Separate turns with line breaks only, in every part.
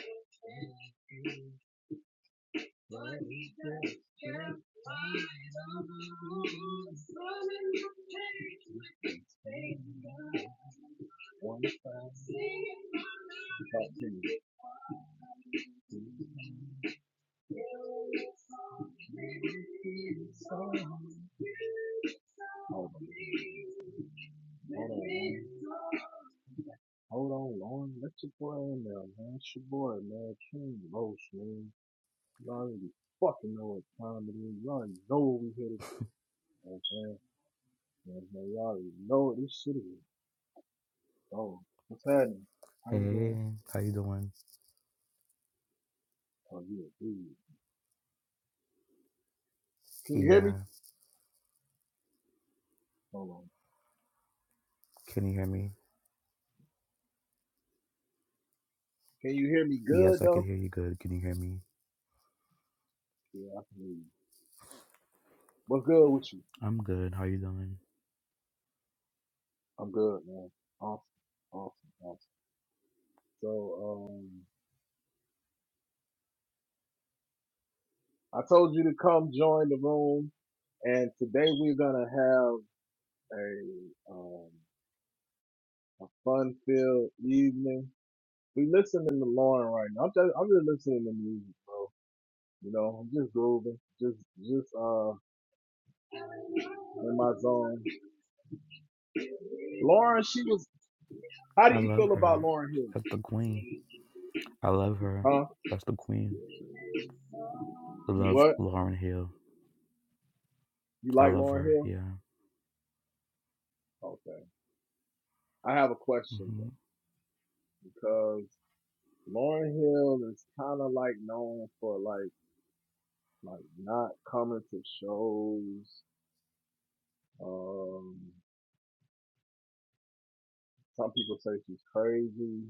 Hold on, hold on. Hold on, Lauren. That's your boy in there, man. It's your boy, man. King Los, man. You already fucking know what time it is. You already know what we here to do. You know what I'm saying? You know already know this shit is Oh, What's happening? How you
Hey,
doing?
how you doing?
Oh, yeah, dude. Can you hear me?
Yeah,
Hold on.
can you hear me?
Can you hear me good,
Yes, I can
though?
hear you good. Can you hear me?
Yeah, I can hear you. What's good with you?
I'm good. How you doing?
I'm good, man. Awesome. Awesome. Awesome. So, um, I told you to come join the room, and today we're gonna have a, um, a fun-filled evening We listening to Lauren right now. I'm just, I'm just listening to music, bro. You know, I'm just grooving, just, just uh, in my zone. Lauren, she was. How
I
do you
love
feel about
her.
Lauren Hill?
That's the queen. I love her.
Huh?
That's the queen.
You
Love
what?
Lauren Hill.
You
I
like
love
Lauren
her.
Hill?
Yeah.
Okay. I have a question then,
hmm
because Lauren Hill is kind of like known for like, like not coming to shows. Um, some people say she's crazy.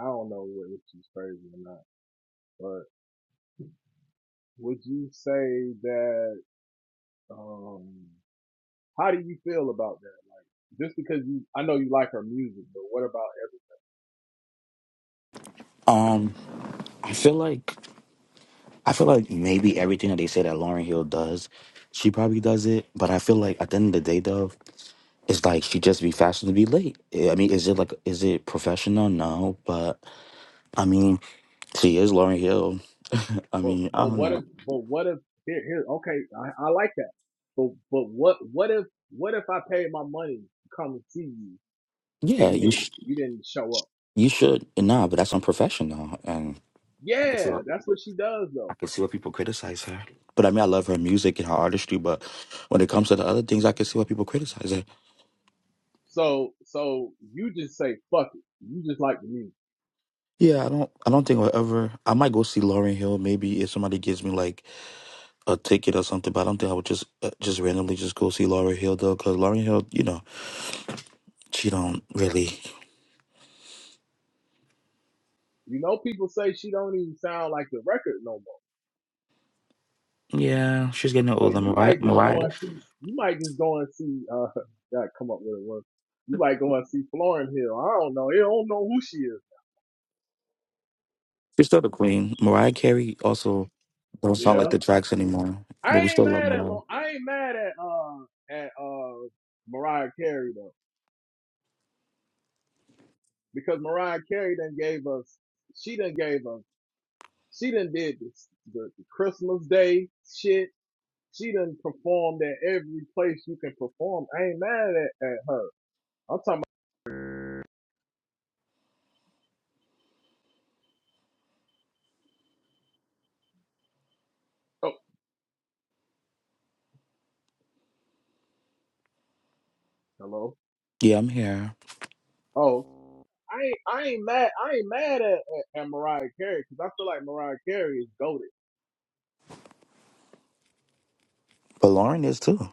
I don't know whether she's crazy or not, but. Would you say that, um, how do you feel about that? Like, just because you, I know you like her music, but what about, if,
Um, I feel like I feel like maybe everything that they say that Lauren Hill does, she probably does it. But I feel like at the end of the day, though, it's like she just be fashioned to be late. I I mean, is it like is it professional? No, but I mean, she is Lauren Hill. I mean,
but,
I
but
don't
what if,
know.
but what if, here, here, okay, I, I like that. But, but what, what if, what if I paid my money to come and see you and
Yeah,
you
you
didn't,
sh-
you didn't show up?
you should nah, but that's unprofessional, and I can
Yeah,
see what,
that's what she does
I
though.
can see why people criticize her. But I mean, I love her music and her artistry, but when it comes to the other things, I can see why people criticize her.
So, so you just say, fuck it. You just like the music.
Yeah, I don't I don't think I'll ever. I might go see Lauren Hill maybe if somebody gives me like a ticket or something, but I don't think I would just uh, just randomly just go see Lauren Hill though, because Lauren Hill, you know, she don't really.
You know, people say she don't even sound like the record no more.
Yeah, she's getting
But
older.
you
Mariah,
might just go
Mariah,
and see. You might just go and see. Uh, gotta come up with a word. You might go and see Florin Hill. I don't know. They don't know who she is.
she's still the queen. Mariah Carey also. Don't sound like
Yeah.
the tracks anymore, but we
I ain't
still love
mad at.
Lauren.
Lo- I ain't mad at. Uh, at uh, Mariah Carey though, because Mariah Carey then gave us. She done gave us. She done did this, the, the Christmas Day shit. She done performed at every place you can perform. I ain't mad at, at her. I'm talking about. Oh, hello.
Yeah, I'm here.
Oh, I ain't, I ain't mad. I ain't mad at, at, at Mariah Carey because I feel like Mariah Carey is goaded.
But Lauren is too.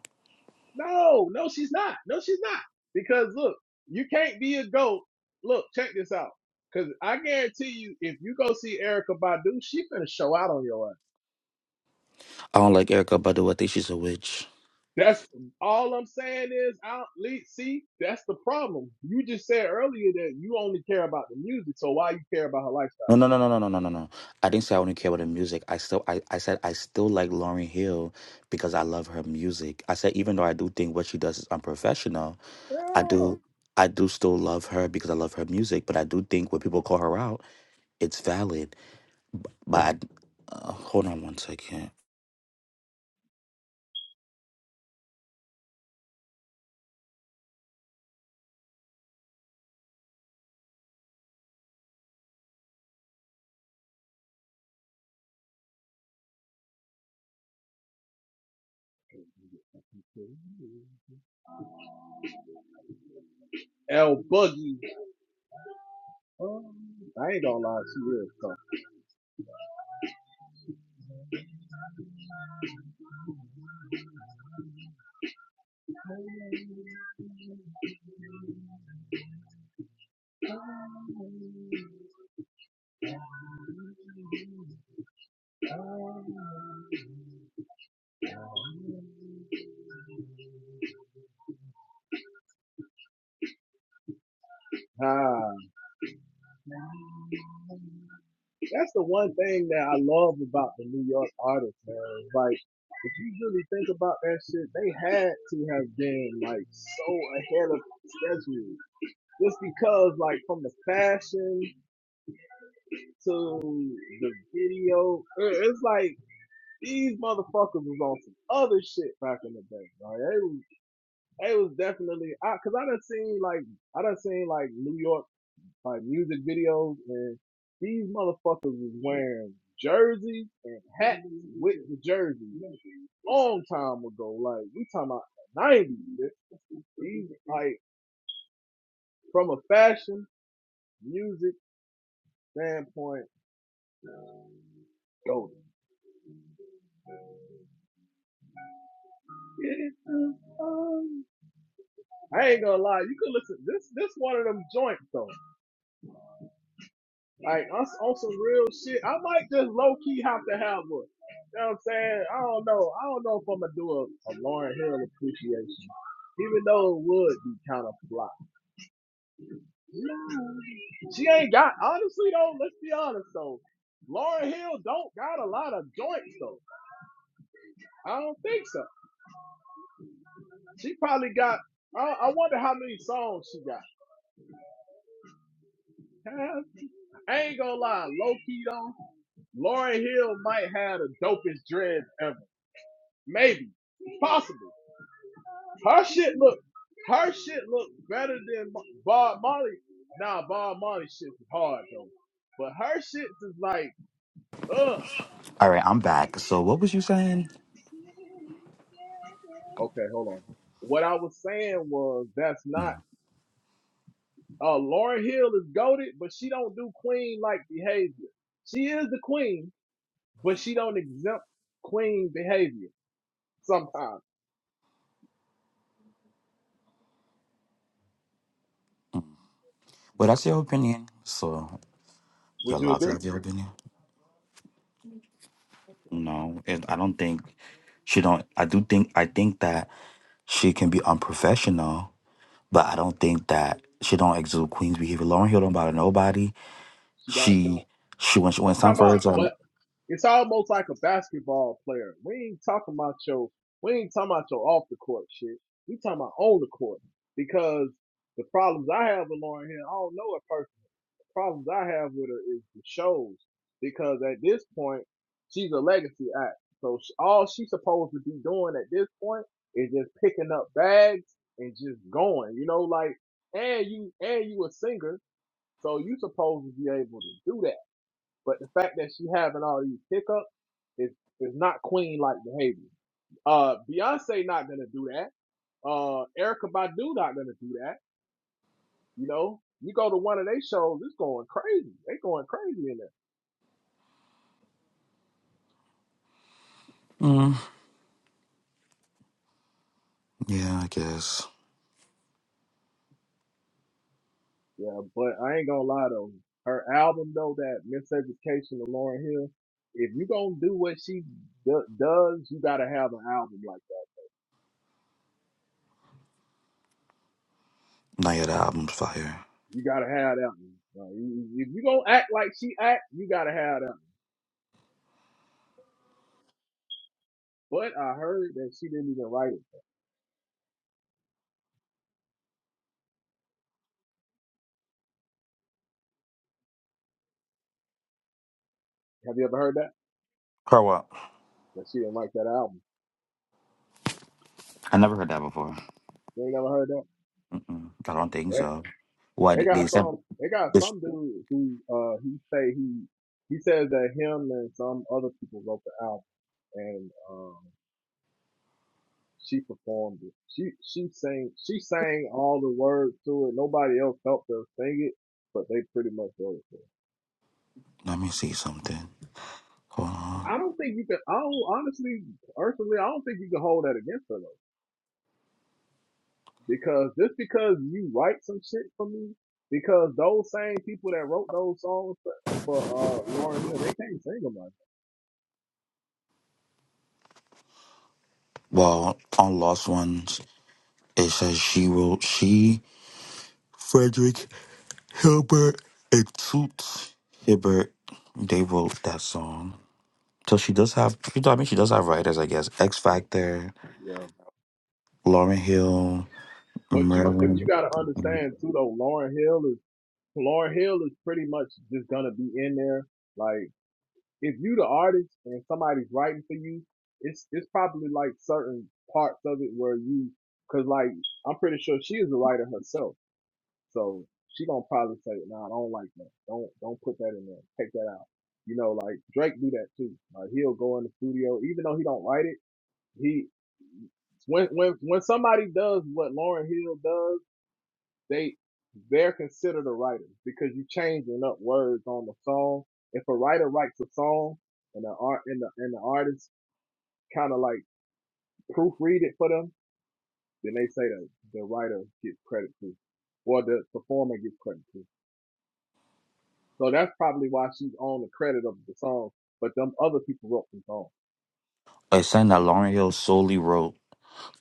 No, no, she's not. No, she's not. Because look, you can't be a goat. Look, check this out. Because I guarantee you, if you go see Erica Badu, she finna show out on your ass.
I don't like Erica Badu. I think she's a witch.
That's all I'm saying is, I don't, le- see, that's the problem. You just said earlier that you only care about the music, so why you care about her
No, no, no, no, no, no, no, no, no. I didn't say I only care about the music. I still, I, I said I still like Lauren Hill because I love her music. I said even though I do think what she does is unprofessional, I
lifestyle?
do, I do still love her because I love her music. But I do think when people call her out, it's valid. But I, uh, hold on one second.
Yeah. El Boogie Um, I ain't gonna lie, she is tough. Um, Ah, that's the one thing that I love about the New York artists, man. Like, if you really think about that shit, they had to have been like so ahead of schedule. Just because, like, from the fashion to the video, it- it's like these motherfuckers was on some other shit back in the day. Like, they was, they was definitely, I, cause I done seen like, I done seen like New York like music videos, and these motherfuckers was wearing jerseys and hats with the jerseys long time ago. Like we talking about the nineties. bitch. These like from a fashion music standpoint, golden. I ain't gonna lie, you could listen. This this one of them joints though. Like on, on some real shit. I might just low key have to have one. You know what I'm saying? I don't know. I don't know if I'm gonna do a, a Lauren Hill appreciation. Even though it would be kind of flop. She ain't got honestly though, let's be honest though. Lauren Hill don't got a lot of joints though. I don't think so. She probably got I, I wonder how many songs she got. Huh? I ain't gonna lie, low key though, Lauren Hill might have the dopest dreads ever. Maybe. Possible. Her shit look, her shit look better than Bob Marley. Nah, Bob Marley shit is hard though, but her shit is like, ugh.
All right, I'm back. So what was you saying?
Okay, hold on. What I was saying was that's not. Uh, Lauren Hill is goaded, but she don't do queen like behavior. She is the queen, but she don't exempt queen behavior sometimes.
Well, that's your opinion. So Your
Would you
Laza,
agree?
have you ever been here? No, it, I don't think she don't. I do think I think that she can be unprofessional, but I don't think that she don't exude queen's behavior. Lauren Hill don't bother nobody.
She don't.
She she when she
I'm
when
talking
some for
about.
her time.
It's almost like a basketball player. We ain't talking about your we ain't talking about your off the court shit. We talking about on the court. Because the problems I have with Lauren Hill, I don't know a person. The problems I have with her is the shows. Because at this point, she's a legacy act. So all she's supposed to be doing at this point is just picking up bags and just going. You know, like and you and you a singer, so you supposed to be able to do that. But the fact that she having all these hiccups is is not queen like behavior. Uh, Beyonce not gonna do that. Uh, Erica Badu not gonna do that. You know, you go to one of their shows, it's going crazy. They going crazy in there.
Mm, yeah, I guess.
Yeah, but I ain't gonna lie though. Her album though, that Miseducation of Lauryn Hill. If you gonna do what she do- does, you gotta have an album like that.
Now yet. That album's fire.
You gotta have that one. Like, you- you- if you gonna act like she act, you gotta have that. One. But I heard that she didn't even write it. Have you ever heard that?
Her what?
That she didn't like that album.
I never heard that before.
You ain't never heard that?
Mm-mm, I don't think
They,
so. What
they
they they
got
said?
some. They got
This.
some dude who uh he say he he says that him and some other people wrote the album and um she performed it. She she sang she sang all the words to it. Nobody else helped her sing it, but they pretty much wrote it. For
Let me see something. Hold on.
her. I don't think you can. I don't honestly, personally, I don't think you can hold that against her. Though. Because just because you write some shit for me, because those same people that wrote those songs for, for uh Lauren Hill, they can't sing them like
Well, on Lost Ones, it says she will. She Frederick Hilbert and Toots Hibbert, they wrote that song. So she does have, she do- I mean, she does have writers, I guess. X Factor,
that. Yeah.
Lauren Hill,
But you but you
Merlin.
gotta understand too though, Lauren Hill is Lauren Hill is pretty much just gonna be in there. Like if you the artist and somebody's writing for you, it's it's probably like certain parts of it where you cause like I'm pretty sure she is a writer herself. So she gonna probably say, "Nah, I don't like that. Don't don't put that in there. Take that out." You know, like Drake do that too. Like he'll go in the studio, even though he don't write it. He when when when somebody does what Lauren Hill does, they they're considered a writer because you changing up words on the song. If a writer writes a song and the art and the and the artist kind of like proofread it for them, then they say that the writer gets credit too, or the performer gets credit too. So that's probably why she's on the credit of the song. But them other people wrote the song.
I saying that Lauren Hill solely wrote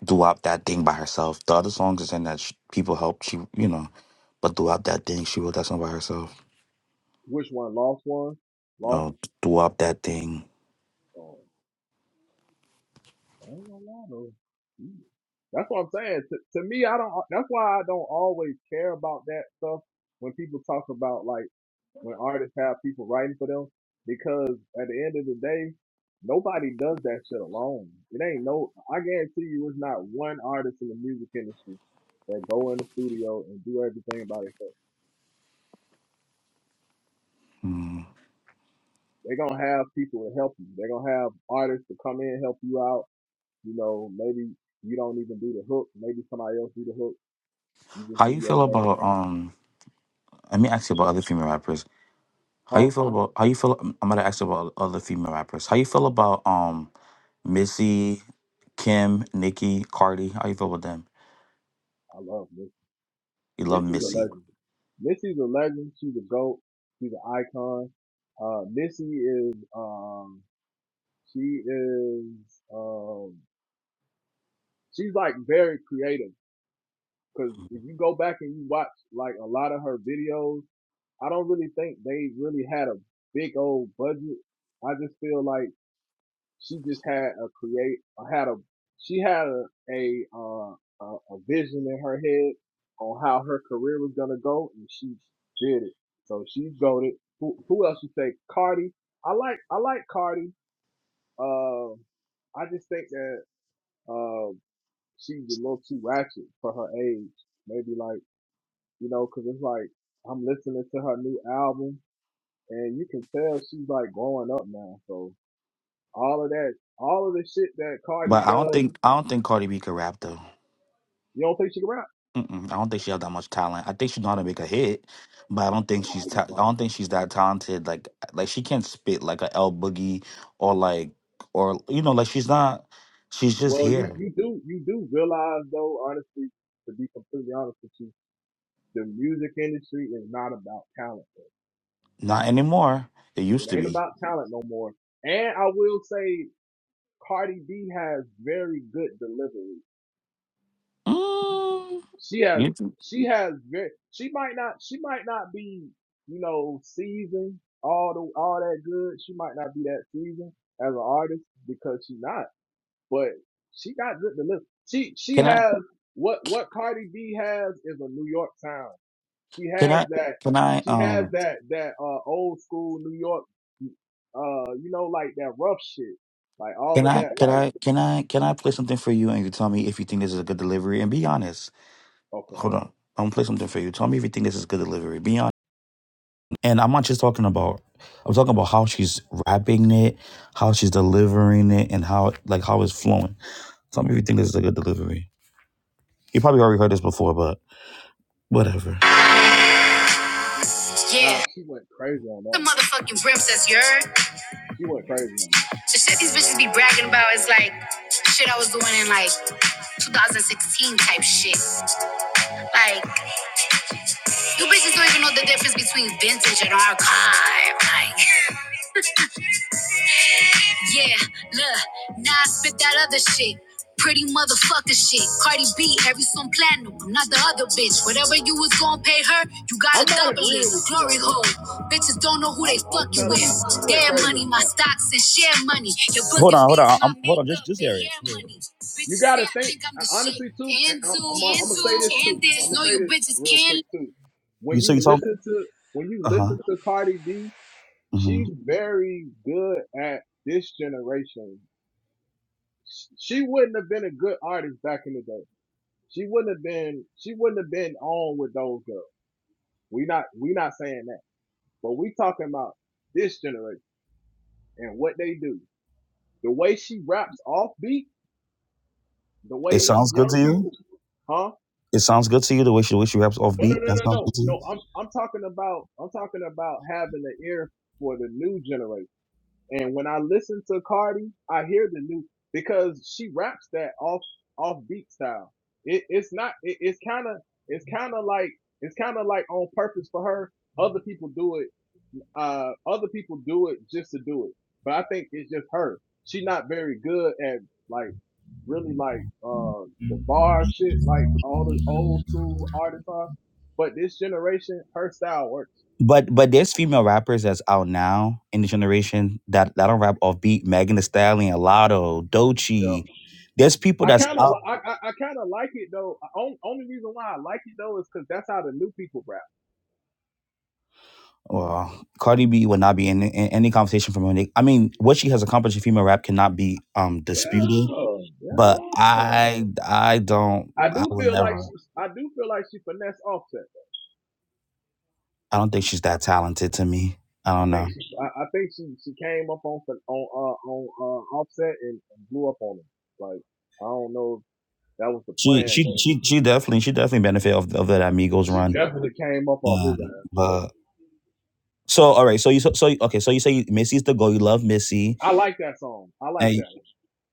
"Do Up That Thing" by herself. The other songs is in that sh people helped. She, you know, but throughout That Thing," she wrote that song by herself.
Which one? Lost one? Lost?
No, "Do Up That Thing."
Oh, I ain't gonna lie though. Mm. That's what I'm saying. To, to me, I don't. That's why I don't always care about that stuff when people talk about like when artists have people writing for them because at the end of the day, nobody does that shit alone. It ain't no. I guarantee you, it's not one artist in the music industry that go in the studio and do everything by themselves.
Hmm.
they're gonna have people to help you. They're gonna have artists to come in help you out. You know, maybe you don't even do the hook. Maybe somebody else do the hook. You just
How
do
you
your
feel
thing.
about um? Let me ask you about other female rappers. How
Huh?
you feel about how you feel? I'm gonna ask you about other female rappers. How you feel about um Missy, Kim, Nicki, Cardi? How you feel about them?
I love Missy.
You love
Missy's a
Missy,
legend. Missy's a legend. She's a goat. She's an icon. Uh, Missy is um, she is um, she's like very creative. Cause
Mm-hmm.
if you go back and you watch like a lot of her videos, I don't really think they really had a big old budget. I just feel like She just had a create, had a, she had a, a, uh, a, a vision in her head on how her career was gonna go, and she did it. So she's goaded. Who, who else you say? Cardi. I like, I like Cardi. Um, I just think that um she's a little too ratchet for her age. Maybe like you know, cause it's like I'm listening to her new album, and you can tell she's like growing up now. So all of that, all of the shit that Cardi
but I don't
does
think I don't think Cardi B can rap though.
You don't play Chicken Rock?
Mm-mm, I don't think she has that much talent. I think she know how to make a hit, but I don't think
Nah,
she's
you
ta- I don't
bugging
think
out,
she's
bro.
that talented. Like like she can't spit like a L Boogie or like or you know like she's not. She's just
Well, you,
here,
you do, you do realize though, honestly, to be completely honest with you, the music industry is not about talent. Bro.
not anymore. It used
It
to
ain't
be.
about talent no more. And I will say Cardi B has very good delivery.
Mm,
She has,
you-
she has very, she might not, she might not be, you know, seasoned all the, all that good. She might not be that seasoned as an artist because she not. but she got good delivery. She she
can I?
has what what Cardi B has is a New York sound. She
Can
has
I?
that
Can I?
she has
Um.
that that uh old school New York uh you know like that rough shit. Like all
Can
of
I?
that
Can
like
I? Can I? Can I play something for you, and you tell me if you think this is a good delivery? And be honest.
okay.
Hold on. I'm gonna play something for you. Tell me if you think this is good delivery. Be honest. And I'm not just talking about. I'm talking about how she's rapping it, how she's delivering it, and how like how it's flowing. Tell me if you think this is a good delivery. You probably already heard this before, but whatever.
Nah,
Yeah.
she went crazy on that
The
one.
motherfucking princess, you heard?
She went crazy on
The shit these bitches be bragging about is like shit I was doing in like 2016 type shit. Like, you bitches don't even know the difference between vintage and archive. Like, yeah, look, now I spit that other shit. Pretty motherfucker shit. Cardi B, every song platinum. I'm not the other bitch. Whatever you was gonna pay her, you
that.
gotta
I'm not
double it.
agreeing with you
Glory
on this
hole.
one, bro.
Bitches don't know who they
I'm I'm
fucking with.
telling you, she went
Their
crazy
money,
on
my
that.
stocks and share money. Your book Hold on, hold on. I'm, hold on, just just hear it. hair Yeah.
You
Bitches
got
say
to
I
think
think I'm
uh,
the shit.
honestly too. and
And
I'm,
do,
I'm, gonna-
and
I'm gonna
do,
say this too.
and
I'm
this.
gonna
Know
say
you
this
bitches
real
can
quick too. When
You so you
you
talking?
listen to when you
Uh
listen
huh.
to Cardi B,
Mm-hmm.
she's very good at this generation. Sh- She wouldn't have been a good artist back in the day. She wouldn't have been. She wouldn't have been on with those girls. We not. We not saying that. But we talking about this generation and what they do. The way she raps off beat. The
It
way these
sounds good
young
to you.
people, huh?
It sounds good to you the way she the way she raps
No, no,
offbeat.
no,
That
no,
sounds
no,
good to
no.
you.
I'm I'm talking about I'm talking about having an ear for the new generation. And when I listen to Cardi, I hear the new because she raps that off off beat style. It, it's not. It, it's kind of it's kind of like it's kind of like on purpose for her. Other people do it. Uh, other people do it just to do it. But I think it's just her. She's not very good at like really like uh the bar shit, like all the old school artists are. But this generation, her style works.
But but there's female rappers that's out now in the generation that that don't rap offbeat. Megan Thee Stallion, Lotto,
Yeah.
Doechii. There's people
I
that's
kind of,
out.
I, I, I kind of like it though. Only, only reason why I like it though is because that's how the new people rap.
Well, Cardi B would not be in, in any conversation from her. I mean, what she has accomplished in female rap cannot be um
Yeah,
disputed. But
yeah.
I I don't
I
I
do
would
feel like
never.
she, I do feel like she finessed Offset.
I don't think she's that talented to me. I
I
don't know.
think she, I, I think she, she came up on on uh, on uh, Offset and, and blew up on him. Like I don't know if that was the
She
plan,
she
but
she she definitely she definitely benefit of, of that Amigos
she
run.
definitely came up off
Um,
his ass.
but so all right, so you so, so okay, so you say Missy's the goal. You love Missy,
I like that song. I like
and you,
that one.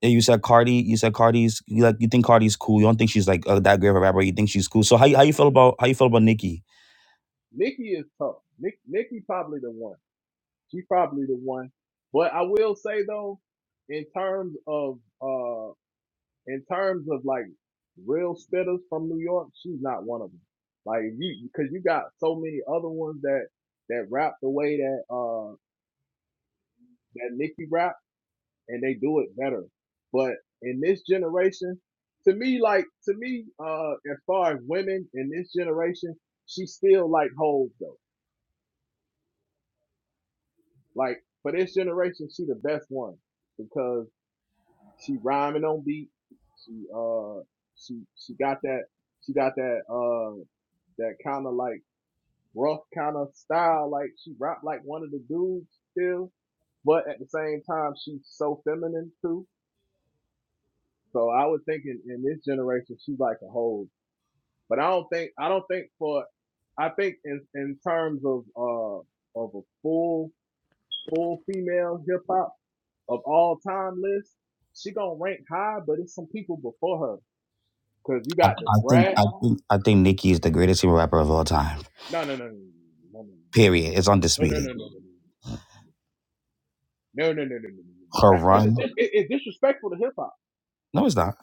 and you said Cardi. You said Cardi's you like you think Cardi's cool. You don't think she's like uh, that great of a rapper. You think she's cool. So how you- how you feel about how you feel about Nicki?
Nikki is tough. Nick, Nikki probably the one. She probably the one. But I will say though, in terms of uh, in terms of like real spitters from New York, she's not one of them. Like you, because you got so many other ones that that rap the way that uh that Nikki rap, and they do it better. But in this generation, to me, like to me, uh, as far as women in this generation, she still like hoes though. Like for this generation, she the best one because she rhyming on beat. She uh she she got that she got that uh that kind of like rough kind of style. Like she rap like one of the dudes still, but at the same time she's so feminine too. So I would think in, in this generation she's like a whole. But I don't think I don't think for I think in in terms of uh of a full full female hip hop. of all time list, she gonna rank high, but it's some people before her. Cause you
I,
got the
I think
Brad.
I think I think Nicki is the greatest female rapper of all time.
No, no, no, no, no,
Period. It's
no, no, no, no,
undisputed.
no, no, no, no, no, no, no, no, no, no. no.
Her
That because it's,
run.
dis- it, it's disrespectful to hip hop.
No, it's not.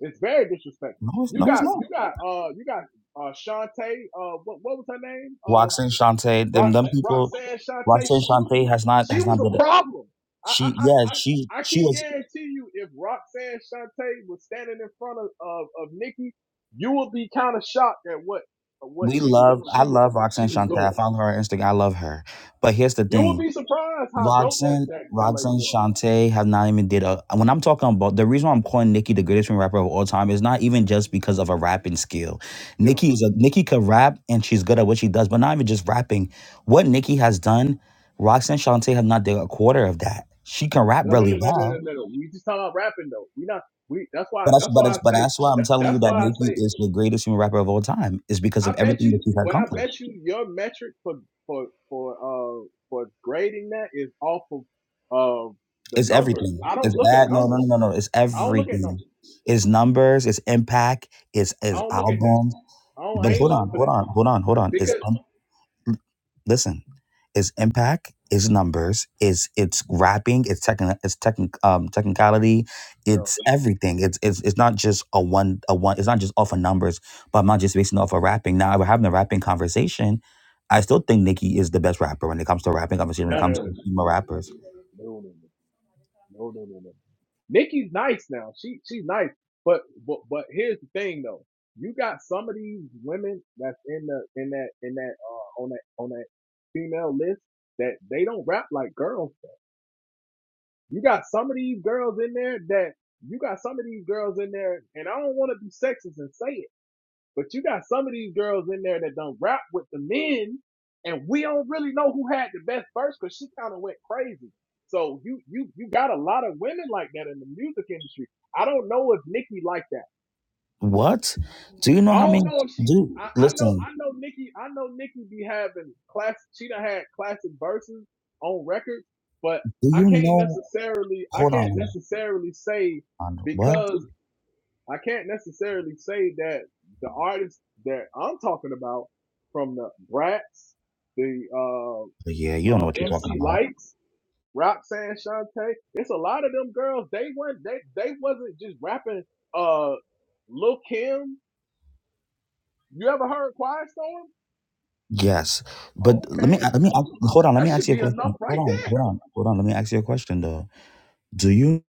It's very disrespectful.
No, it's,
You
no, it's
got,
not.
you got, uh, you got, uh, Shantae. Uh, what, what was her name? Uh,
Roxanne Shante, them them
Roxanne,
people.
Roxanne Shante,
Roxanne
she was a,
Shante has not
she
has
was
not did
a
it.
problem. I I
She
I
yeah she
I I
she
can
was.
guarantee you, if Roxanne Shante was standing in front of of, of Nikki, you would be kind of shocked at what at what
We
she was
love. I
she was
love Roxanne
she was
Shante. I
doing.
follow her on Instagram. I love her. But here's the
You would
thing.
be surprised how dope that
Roxanne,
that that lady
Roxanne
was.
Shante have not even did a. When I'm talking about the reason why I'm calling Nicki the greatest rapper of all time is not even just because of a rapping skill.
Yeah.
Nicki is a Nicki could rap and she's good at what she does, but not even just rapping. What Nicki has done, Roxanne Shante have not did a quarter of that. She can rap
No, no, no,
really
no, no, no,
well,
no. no. We just talking about rapping though. We not. We that's why
but that's
that's
but
why
that's
I
but
say
that's why I'm
that's
telling
that's
you that
why I
Nicki
say
is the greatest human rapper of all time is because
I
of
bet
everything that
you,
she's
but I
accomplished.
bet you your metric for for for uh for grading that is off of uh the
It's
numbers.
everything.
I don't
It's
look at
ad. No, no,
numbers.
no, no. no. It's
I don't look at
everything.
numbers.
It's numbers. It's impact. It's
I
it's
don't look at that.
albums.
I don't. I
But
ain't
hold
looking
on,
for
hold
that
on, hold on, hold on. Is
because
um, listen. It's impact. It's numbers. It's it's rapping. It's techni- It's technic. Um, technicality. It's everything. It's it's it's not just a one a one. It's not just off of numbers. But I'm not just basing it off of rapping. Now we're having a rapping conversation. I still think Nicki is the best rapper when it comes to rapping conversation. When it
no, no, no,
comes
no,
to female rappers.
no, no, no, no, no. no. Nikki's nice now. She she's nice, but but but here's the thing though. You got some of these women that's in the in that in that uh on that on that female list that they don't rap like girls You got some of these girls in there that you got some of these girls in there, and I don't want to be sexist and say it, but you got some of these girls in there that don't rap with the men, and we don't really know who had the best verse because she kind of went crazy. So you you you got a lot of women like that in the music industry. I don't know if Nicki like that.
What? Do you know
I
how
don't
many?
know if she.
Do
I, I know.
listen.
I know Nikki. I know Nikki be having class. She done had classic verses on record, but
Do
I
you
can't
know?
necessarily. I
Hold
can't
on.
necessarily say
on What?
because I can't necessarily say that the artists that I'm talking about from the Brats, the uh,
Yeah, you don't know
uh,
what you're talking
MC
about.
Lights, Roxanne Shante. It's a lot of them girls. They weren't. They they wasn't just rapping. Uh, Lil Kim. You ever heard Quiet Storm?
Yes, but let
Okay,
me let me hold on. Let
that
me ask
should
you a
be
question.
enough
Hold
right
on, hold
there.
on, hold on. Let me ask you a question though. Do you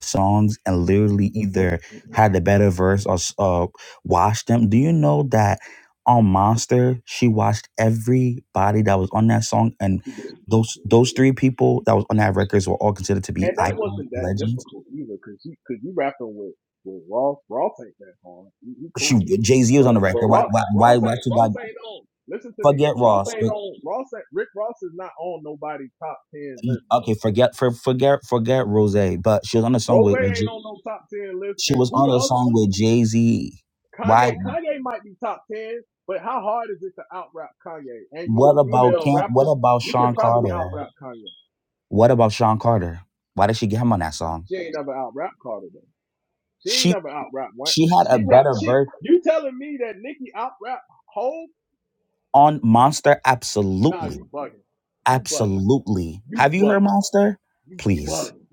songs and literally either had the better verse or s- uh watched them? Do you know that on Monster she watched everybody that was on that song and
She did.
those those three people that was on that records were all considered to be
And that
icon
wasn't that
legends.
difficult either, cause you cause you rapping with with Ross. Ross ain't that hard. He, he
shoot,
cool,
Jay Z was on
but
the
but
record. Why,
Ross
why, why,
Ross
why
ain't
she got
Ross ain't on. Listen to me.
forget
Ross
Ross?
ain't
but-
on. Ross ain't, Rick Ross is not on nobody's top ten list.
Okay,
Bro.
forget, for, forget, forget Rose. But she was on the song
Rose
with, with
ain't
J-
on no top ten list.
she
And
was
who
on
the
the
other
song
one?
with Jay Z. Why?
Kanye. Kanye might be top ten, but how hard is it to out rap Kanye? And you a
What about
female
Camp? What
rapper,
about
you can
Sean
probably out
Carter?
rap Kanye.
What about Sean Carter? Why did she get him on that song?
She ain't never out rap Carter though. She ain't
She
never out rap Wayne.
she had a
She rap.
better
She.
verse
You telling me that Nicki out rap Hov?
on Monster.
Nah,
Absolutely,
you bugging. You bugging.
absolutely.
You
Have you heard
bugging.
Monster?
You
Please.
bugging.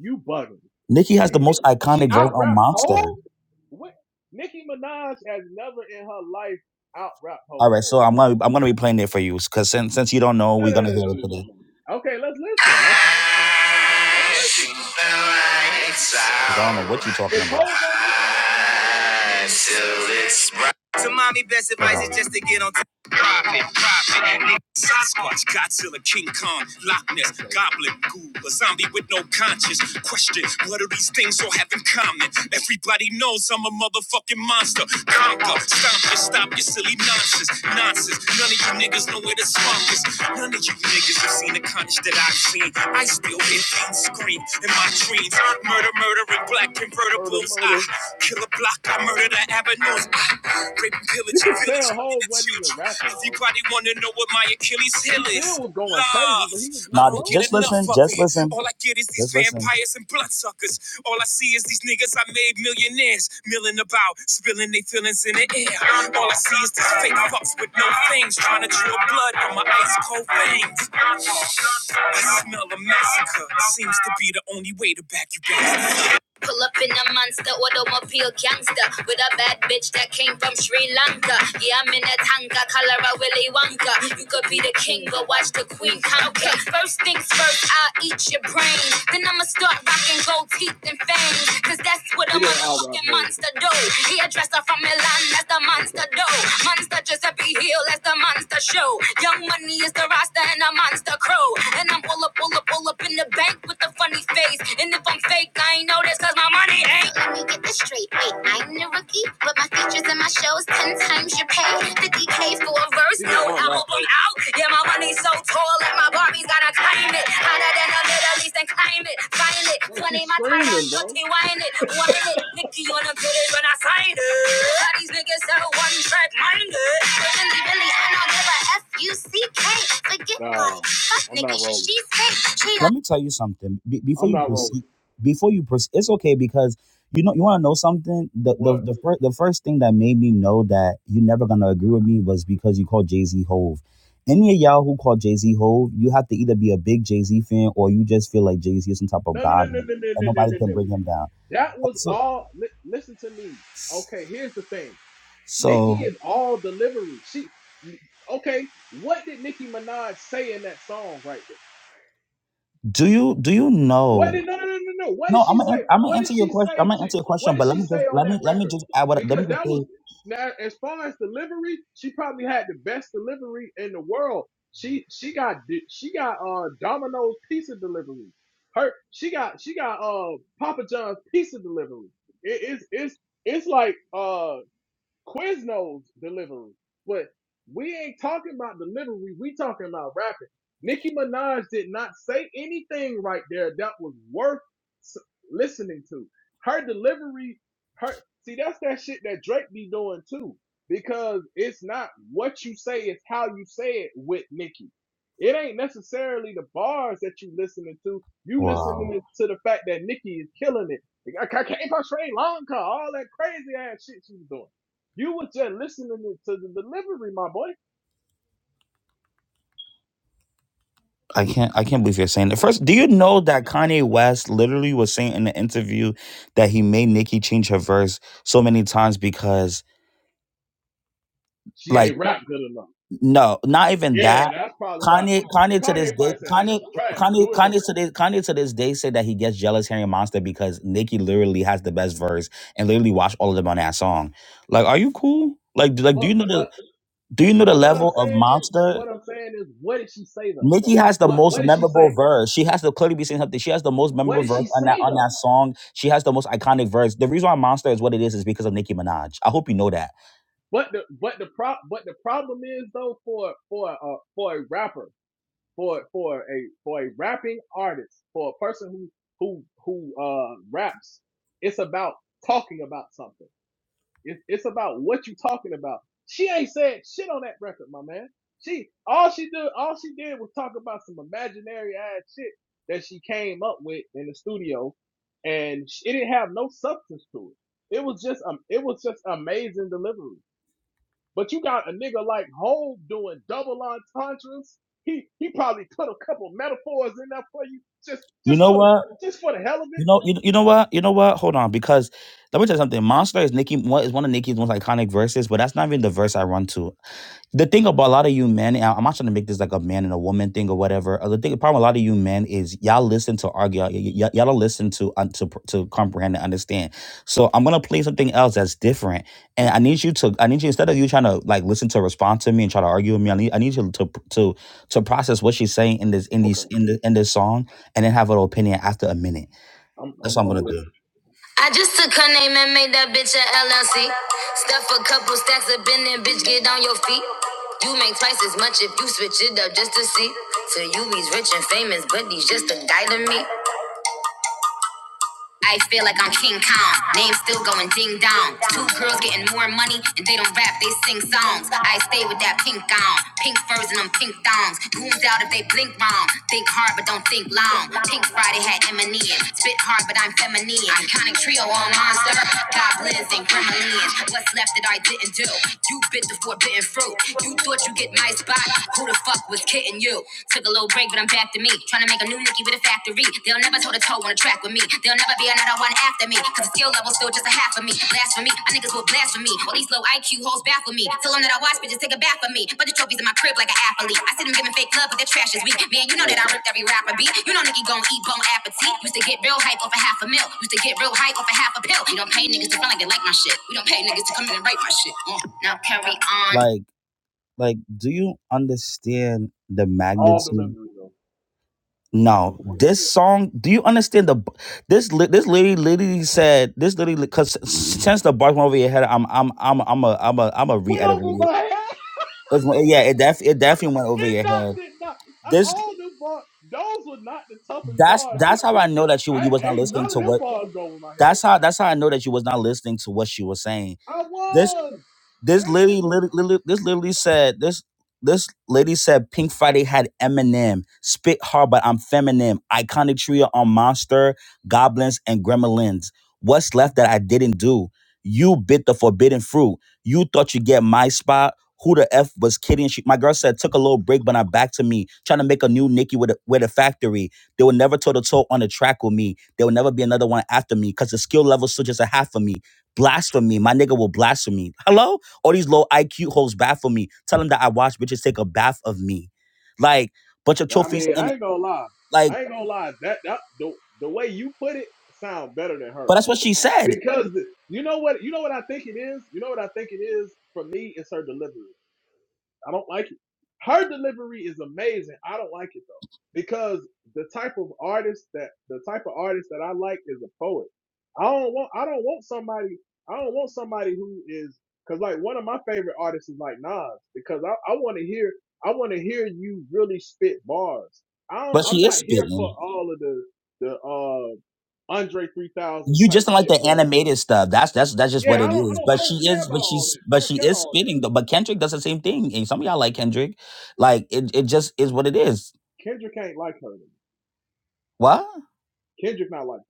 You bugging.
Nicki has the
He-
most
She
iconic verse
out
on
rap
Monster.
Hov? What? Nicki Minaj has never in her life out rap Hov.
All right, so I'm gonna I'm gonna be playing it for you because since since you don't know,
No,
we're
no, no,
gonna
no, no,
hear it
no,
today.
no. Okay, let's listen. Let's let's, let's listen.
'Cause I don't know what you're talking
Is
about.
Hov on this one?
So mommy best advice is just to get on top. Profit, profit, nigga. Sasquatch, Godzilla, King Kong, Loch Ness,
Okay.
Goblin,
um,
Ghoul, a zombie with no conscience. Question, what do these things all have in common? Everybody knows I'm a motherfucking monster. Conquer, stomp it, stop your silly nonsense. Nonsense, none of you niggas know where the swamp is. None of you niggas have seen the carnage that I've seen. I still hear
ooh,
things scream in my dreams. Murder, murdering black
murder,
convertibles. I
murder.
kill a block, I murder the avenues. I rape and
You
pillage a
could
village,
tell
women
Hov
and
wasn't even
children.
rapping, bro.
Everybody wanna know what my Achilles
He
heel is
still was going crazy,
love.
but he was just flowing.
just listen, just it. listen, All I get is these just listen. and bloodsuckers. All I see is these niggas I made millionaires, milling about, spilling their feelings in the air. All I see is these fake fucks with no things, trying to draw blood on my ice cold veins. I smell a massacre. Seems to be the only way to back you back. Pull up in a monster automobile gangster with a bad bitch that came from Sri Lanka. Yeah, I'm in a tanga, color of Willy Wonka. You could be the king, but watch the queen conquer. Okay, First things first, I'll eat your brain. Then I'ma start rocking gold teeth and fangs. Cause Cause that's what a
She didn't out rap
motherfucking
Holcomb.
monster do. He a dresser from Milan, that's the
No
monster
sir.
do. Monster Giuseppe Hill, that's the monster show. Young money is the roster and a monster crew. And I'm pull up, pull up, pull up in the bank with a funny face. And if I'm fake, I ain't noticed cause my money ain't. Let me get this Wait, wait, I'm the rookie, but my features and my shows ten times your pay. 50k for a verse,
She
no
didn't out rap
album
Holcomb.
out. Yeah, my money's so tall that my barbies gotta climb it. Hotter than the Middle East and climb it. Violet,
Bro,
20
she's
my tire,
screaming, bro.
dirty wine it, wine it. Nicky on the bidders when I sign it. All these niggas sell one track minded. Billy, Billy, I don't give a
Nah, I'm not rolling.
let me tell you something Be- before
I'm
you
not rolling.
proceed before you proceed it's okay because you know you want to know something the the
What?
the, first the first thing that made me know that you're never going to agree with me was because you called jay-z hove any of y'all who call jay-z hove you have to either be a big jay-z fan or you just feel like jay-z is some type of
No, no, no,
god
no, no,
and,
no,
and
no, no,
nobody
no,
can
no.
bring him down
That
But
was
so
all. Li- listen to me. Okay, here's the thing.
so
Nicki is all delivery. She, okay. What did Nicki Minaj say in that song right there?
do you do you
What
know
did no no no no no? What
no
did
i'm
she
gonna
say?
i'm gonna
What did
answer your
she
question i'm
say
gonna
to?
answer your
What
question
did
but let
she
me
say
just
on
let
that
me let me
record?
just add what let me
Because
just
that
say
was now as far as delivery, she probably had the best delivery in the world. She she got di- she got uh Domino's pizza delivery. Her she got she got uh Papa John's pizza delivery. It is it's it's it's like uh Quiznos delivery. But we ain't talking about delivery. We talking about rapping. Nicki Minaj did not say anything right there that was worth listening to. Her delivery, her see that's that shit that Drake be doing too. Because it's not what you say, it's how you say it with Nicki. It ain't necessarily the bars that you listening to. You
wow
listening to the fact that Nicki is killing it. Like, I, I can't portray long all that crazy ass shit she was doing. You were just listening to the delivery, my boy.
I can't I can't believe you're saying that. First, do you know that Kanye West literally was saying in the interview that he made Nicki change her verse so many times because
She
like
ain't rap good enough.
no, not even that.
Yeah, that's probably why.
Kanye Kanye to this
Kanye
day
probably said that
Kanye
shit's trash.
Kanye
Do it over.
Kanye to this Kanye to this day said that he gets jealous hearing Monster because Nicki literally has the best verse and literally watched all of them on that song. Like, are you cool? Like, do- like do
But
you know
but
the do you know the
but what I'm
level of
saying is, but
Monster?
what I'm saying is, what did she say though?
Nikki has the
What
most
what did she
memorable
say?
verse. She has to clearly be saying something. She has the most
What
memorable
did she
verse on that
say
on
though?
that song. She has the most iconic verse. The reason why Monster is what it is is because of Nicki Minaj. I hope you know that.
But the but the pro but the problem is though for for uh for a rapper for for a for a rapping artist for a person who who who uh raps, it's about talking about something. It, it's about what you talking about. She ain't said shit on that record, my man. She all she did all she did was talk about some imaginary ass shit that she came up with in the studio, and it didn't have no substance to it. It was just um, it was just amazing delivery. But you got a nigga like Hov doing double entendres. He he probably put a couple metaphors in there for you just
You
just
know
for the
what?
just for the hell of
You
it.
know you, you know what? You know what? Hold on, because let me tell you something. Monster is Nicki what is one of Nicki's most iconic verses, but that's not even the verse I run to. the thing about a lot of you men, and I'm not trying to make this like a man and a woman thing or whatever. uh, The thing, problem, a lot of you men is y'all listen to argue, y'all, y'all y'all don't listen to un to pr- to comprehend and understand. So I'm gonna play something else that's different, and I need you to, I need you instead of you trying to like listen to respond to me and try to argue with me, I need, I need you to to to process what she's saying in this in these
Okay,
in the in this song, and then have an opinion after a minute.
I'm
That's
I'm
what I'm
I'm a
gonna do.
listener.
I just took her name and made that bitch a LLC. Stuff a couple stacks up in there, bitch, get on your feet. You make twice as much if you switch it up just to see. So you he's rich and famous, but he's just a guy to me. I feel like I'm King Kong. Name's still going ding dong. Two girls getting more money and they don't rap, they sing songs. I stay with that pink gown, pink furs and them pink thongs. Goons out if they blink wrong. Think hard but don't think long. Pink Friday had Eminem. Spit hard but I'm feminine. Iconic trio on monster. Goblins and gremlins. What's left that I didn't do? You bit the forbidden fruit. You thought you get my spot. Who the fuck was kidding you? Took a little break, but I'm back to me. Tryna make a new Nicki with a factory. They'll never toe to toe on a track with me. They'll never be another one after me. Cause the skill level's still just a half of me. Blasphemy, my niggas will blasphemy. All these low IQ hoes baffle me. Tell them that I watch bitches take a bath for me. Bunch of trophies in my crib like an athlete. I see them giving fake love, but their trash is weak. Man, you
I
know that
like
I
that
ripped every rapper beat. You know Nicki gon' eat bone appetite. Used to get real hype off a half a mil. Used to get real hype off a half a pill. We don't pay niggas to front like they like my shit. We don't pay niggas to come in and write my shit. Mm. Now carry on. Like, like, do you understand the
all
magnitude?
delivery though. Once
No,
again.
this song. Do you understand the? b- This li- this lady literally said this literally because since the bar went over your head, I'm I'm I'm I'm a I'm a I'm a
went
reiterate
over
it.
my head.
It's, one- yeah, it def it definitely went over
Did
your
not,
head.
did not. I,
This
all them bars, those were not the toughest
that's
bars to,
that's how
to
I know that you
I
you was not
ain't
listening
none of
to
them
what.
bars go over my head.
That's how that's how I know that you was not listening to what she was saying.
I
This.
was.
This
That shit
literally,
was.
literally, literally- this literally said this. This lady said Pink Friday had Eminem, Spit Hard, but I'm feminine. Iconic trio on Monster, Goblins, and Gremlins. What's left that I didn't do? You bit the forbidden fruit. You thought you get my spot. Who the f was kidding? She, my girl said took a little break, but I'm back to me. Trying to make a new Nicki with a, with a factory. They will never toe to toe on the track with me. There will never be another one after me because the skill level still just a half of me blasphemy. My nigga will blaspheme. Hello? All these low IQ hoes baffle me. Tell them that I watch bitches take a bath of me. Like, bunch of
I
trophies
mean,
and
I ain't gonna lie.
like,
I ain't gonna lie. That that the the way you put it sound better than
but
her
that's what she said.
because the- you know what you know what I think it is. You know what I think it is for me. It's her delivery. I don't like it. Her delivery is amazing. I don't like it though because the type of artist that the type of artist that I like is a poet. I don't want I don't want somebody I don't want somebody who is because like one of my favorite artists is like Nas because I, I want to hear I want to hear you really spit bars. I don't,
But
I'm
she is
not here for
spitting.
all of the the uh Andre 3000
You just
type
don't like
shit
the
where
animated stuff. That's that's that's just
yeah
what
I
it
don't I
is.
don't I
But
don't
she
care
is,
about
but
all
she's
that. I
but
don't
she
care about
is
all that.
spitting though. But Kendrick does the same thing. And some of y'all like Kendrick. Like it, it just is what it is.
Kendrick ain't like her.
What?
Kendrick not like that.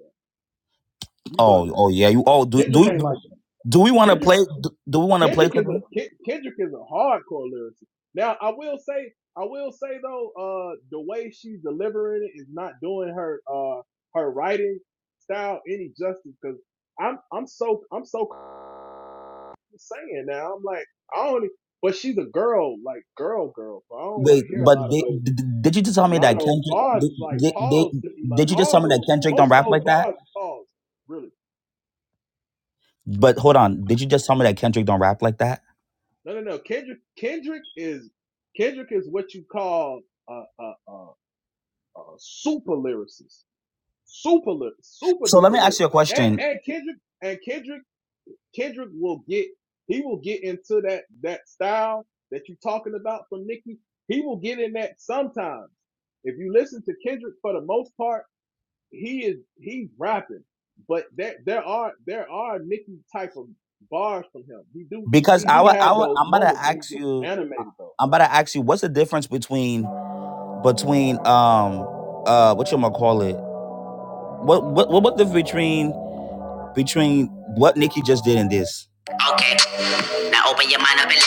You bugging.
Oh, oh yeah. You oh do do
Kendrick
we,
ain't like that.
do we want to
Kendrick
play? Do, do we want to play?
Kendrick
for
is
them?
a Ken- Kendrick is a hardcore lyricist. Now I will say I will say though, uh the way she's delivering it is not doing her uh her writing style any justice because I'm I'm so I'm so saying now. I'm like, I don't e- but she's a girl, like girl girl, so I don't want
Wait,
to hear a
but
lot of
they,
those
did, did you just tell
a
me
lot of
that
those
Kendrick?
bars
Did,
is like
did, did,
pause to me, like
did you just
all
tell
of
me that
those
Kendrick don't
most of
rap
those
like that?
bars is pause, really.
But hold on, did you just tell me that Kendrick don't rap like that?
No, no, no. Kendrick Kendrick is Kendrick is what you call a a a, a super lyricist, super ly- super
So let me
duper lyric.
ask you a
And,
question
and Kendrick and Kendrick Kendrick will get he will get into that that style that you're talking about from Nicki. He will get in that sometimes. If you listen to Kendrick, for the most part he is he's rapping, but there there are there are Nicki type of bars from him. He do
because
he
I
do
wa- I
have
wa-
those
I'm about to
moments when he
ask
gets
you.
animated though.
I'm about to ask you what's the difference between between um uh what you gonna call it? What what what what the between between what Nicki just did and this?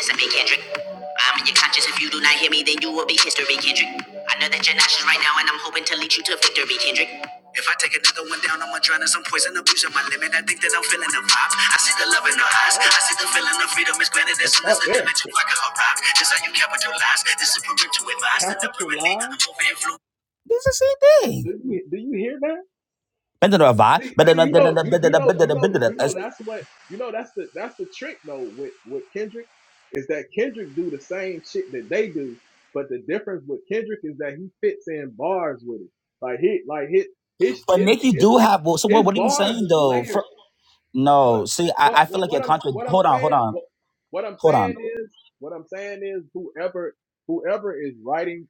Let me Kendrick. I'm in your conscience. If you do not hear me, then you will be history, Kendrick. I know that you're nauseous right now, and I'm hoping to lead you to victory, Kendrick. If I take another one down, I'ma drown in some poison, abusing my limit. I think that I'm feeling the vibes. I see the love in her eyes.
Slow.
I see the feeling of freedom is granted as
Let's
soon as
start
the
there.
dimension fucker arrives. This how you capitalize. This is parental advice. Deliberately,
Capitalize.
I'm over influence. This is the same thing.
Do you do you hear that?
But
See, see, you know, you you know, you know, you know. That's what you know. That's the that's the trick though with with Kendrick is that Kendrick do the same shit that they do, but the difference with Kendrick is that he fits in bars with it. Like he like his his his
Nikki
his,
do have. well, So what?
his
What are you
bars
saying
is
though? For,
layered. But
no, see, I,
but
I feel
what
like
what
you're
I'm
contra.
what I'm
Hold on, hold
saying
on,
what what I'm
hold on.
saying is what I'm saying is whoever whoever is writing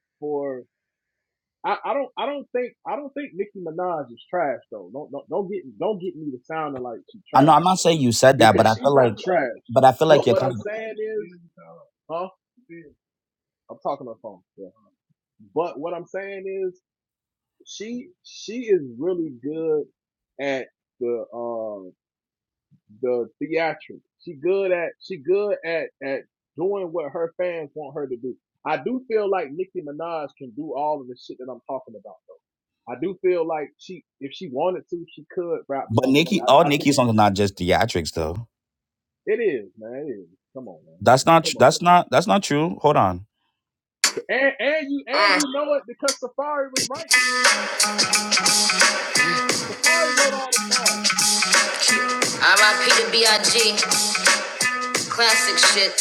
I, I don't I don't think I don't think Nicki Minaj is trash though. Don't don't don't get don't get me to sounding like she's
I know
trash
I'm not saying you said that, but
because
I
she's
feel
not
like,
trash.
but I feel like
But
you're
what I'm
contra.
saying is, huh? I'm talking on the phone. Yeah. But what I'm saying is, she she is really good at the um the theatrics. She good at she good at at doing what her fans want her to do. I do feel like Nicki Minaj can do all of the shit that I'm talking about though. I do feel like she if she wanted to, she could rap
But
normally.
Nikki, all
I, I
Nikki
think she
songs are
could do
not just theatrics though.
it. It is, man. It is. Come on, man.
That's not. tr-
Come on.
That's not. That's not true. Hold on.
And and you and you know it because Safari was writing it. Safari wrote all the bars.
R.I.P. to B.I.G. Classic shit.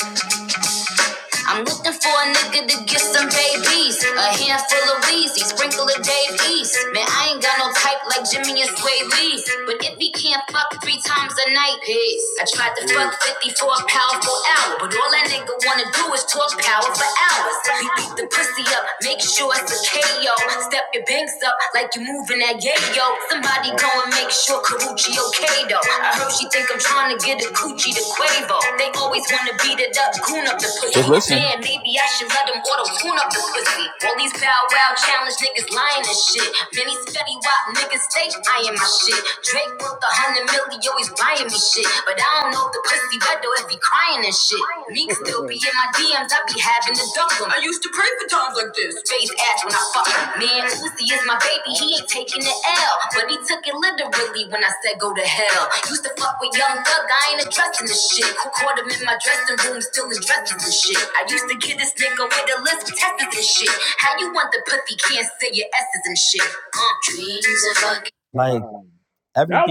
I'm looking for a nigga to get some babies. A handful of Weezy, sprinkle of Dave East. Man, I ain't got no type like Jimmy and Sway Lee. But if he
Ooh,
can't fuck three times a night, peace. I tried to
hey,
fuck 50 for a powerful hour. But all that nigga wanna do is talk power for hours. He beat the
ooh,
pussy up, make sure it's a KO. Step your banks up like you moving that yayo. Somebody Somebody
yeah,
go and make sure Karuchi okay though. I heard she
ooh,
think I'm trying to get a coochie to Quavo. They always
ooh.
wanna beat it up, goon up the pussy. Just listen. Man, maybe I should let them auto tune up the pussy. All these bow wow challenge niggas lying and shit. Many spetty wop niggas stay eyeing my shit. Drake worth a hundred million, always buying me shit. But I don't know if the pussy wet or if he crying and shit. Meek still be in my DMs, I be having to dump them. I used to pray for times like this. Face ass when I fuck him. Man, Lucy is my baby,
Hard.
he ain't taking the L. But he took it literally when I said go to hell. Used to fuck with young thug, I ain't addressing this shit. Caught him in my dressing room, still in dresses and shit. I used to kid this nigga with a list of testers and shit. How you want the pussy, can't say your S's and shit. Uh, dreams are fucking- Like,
that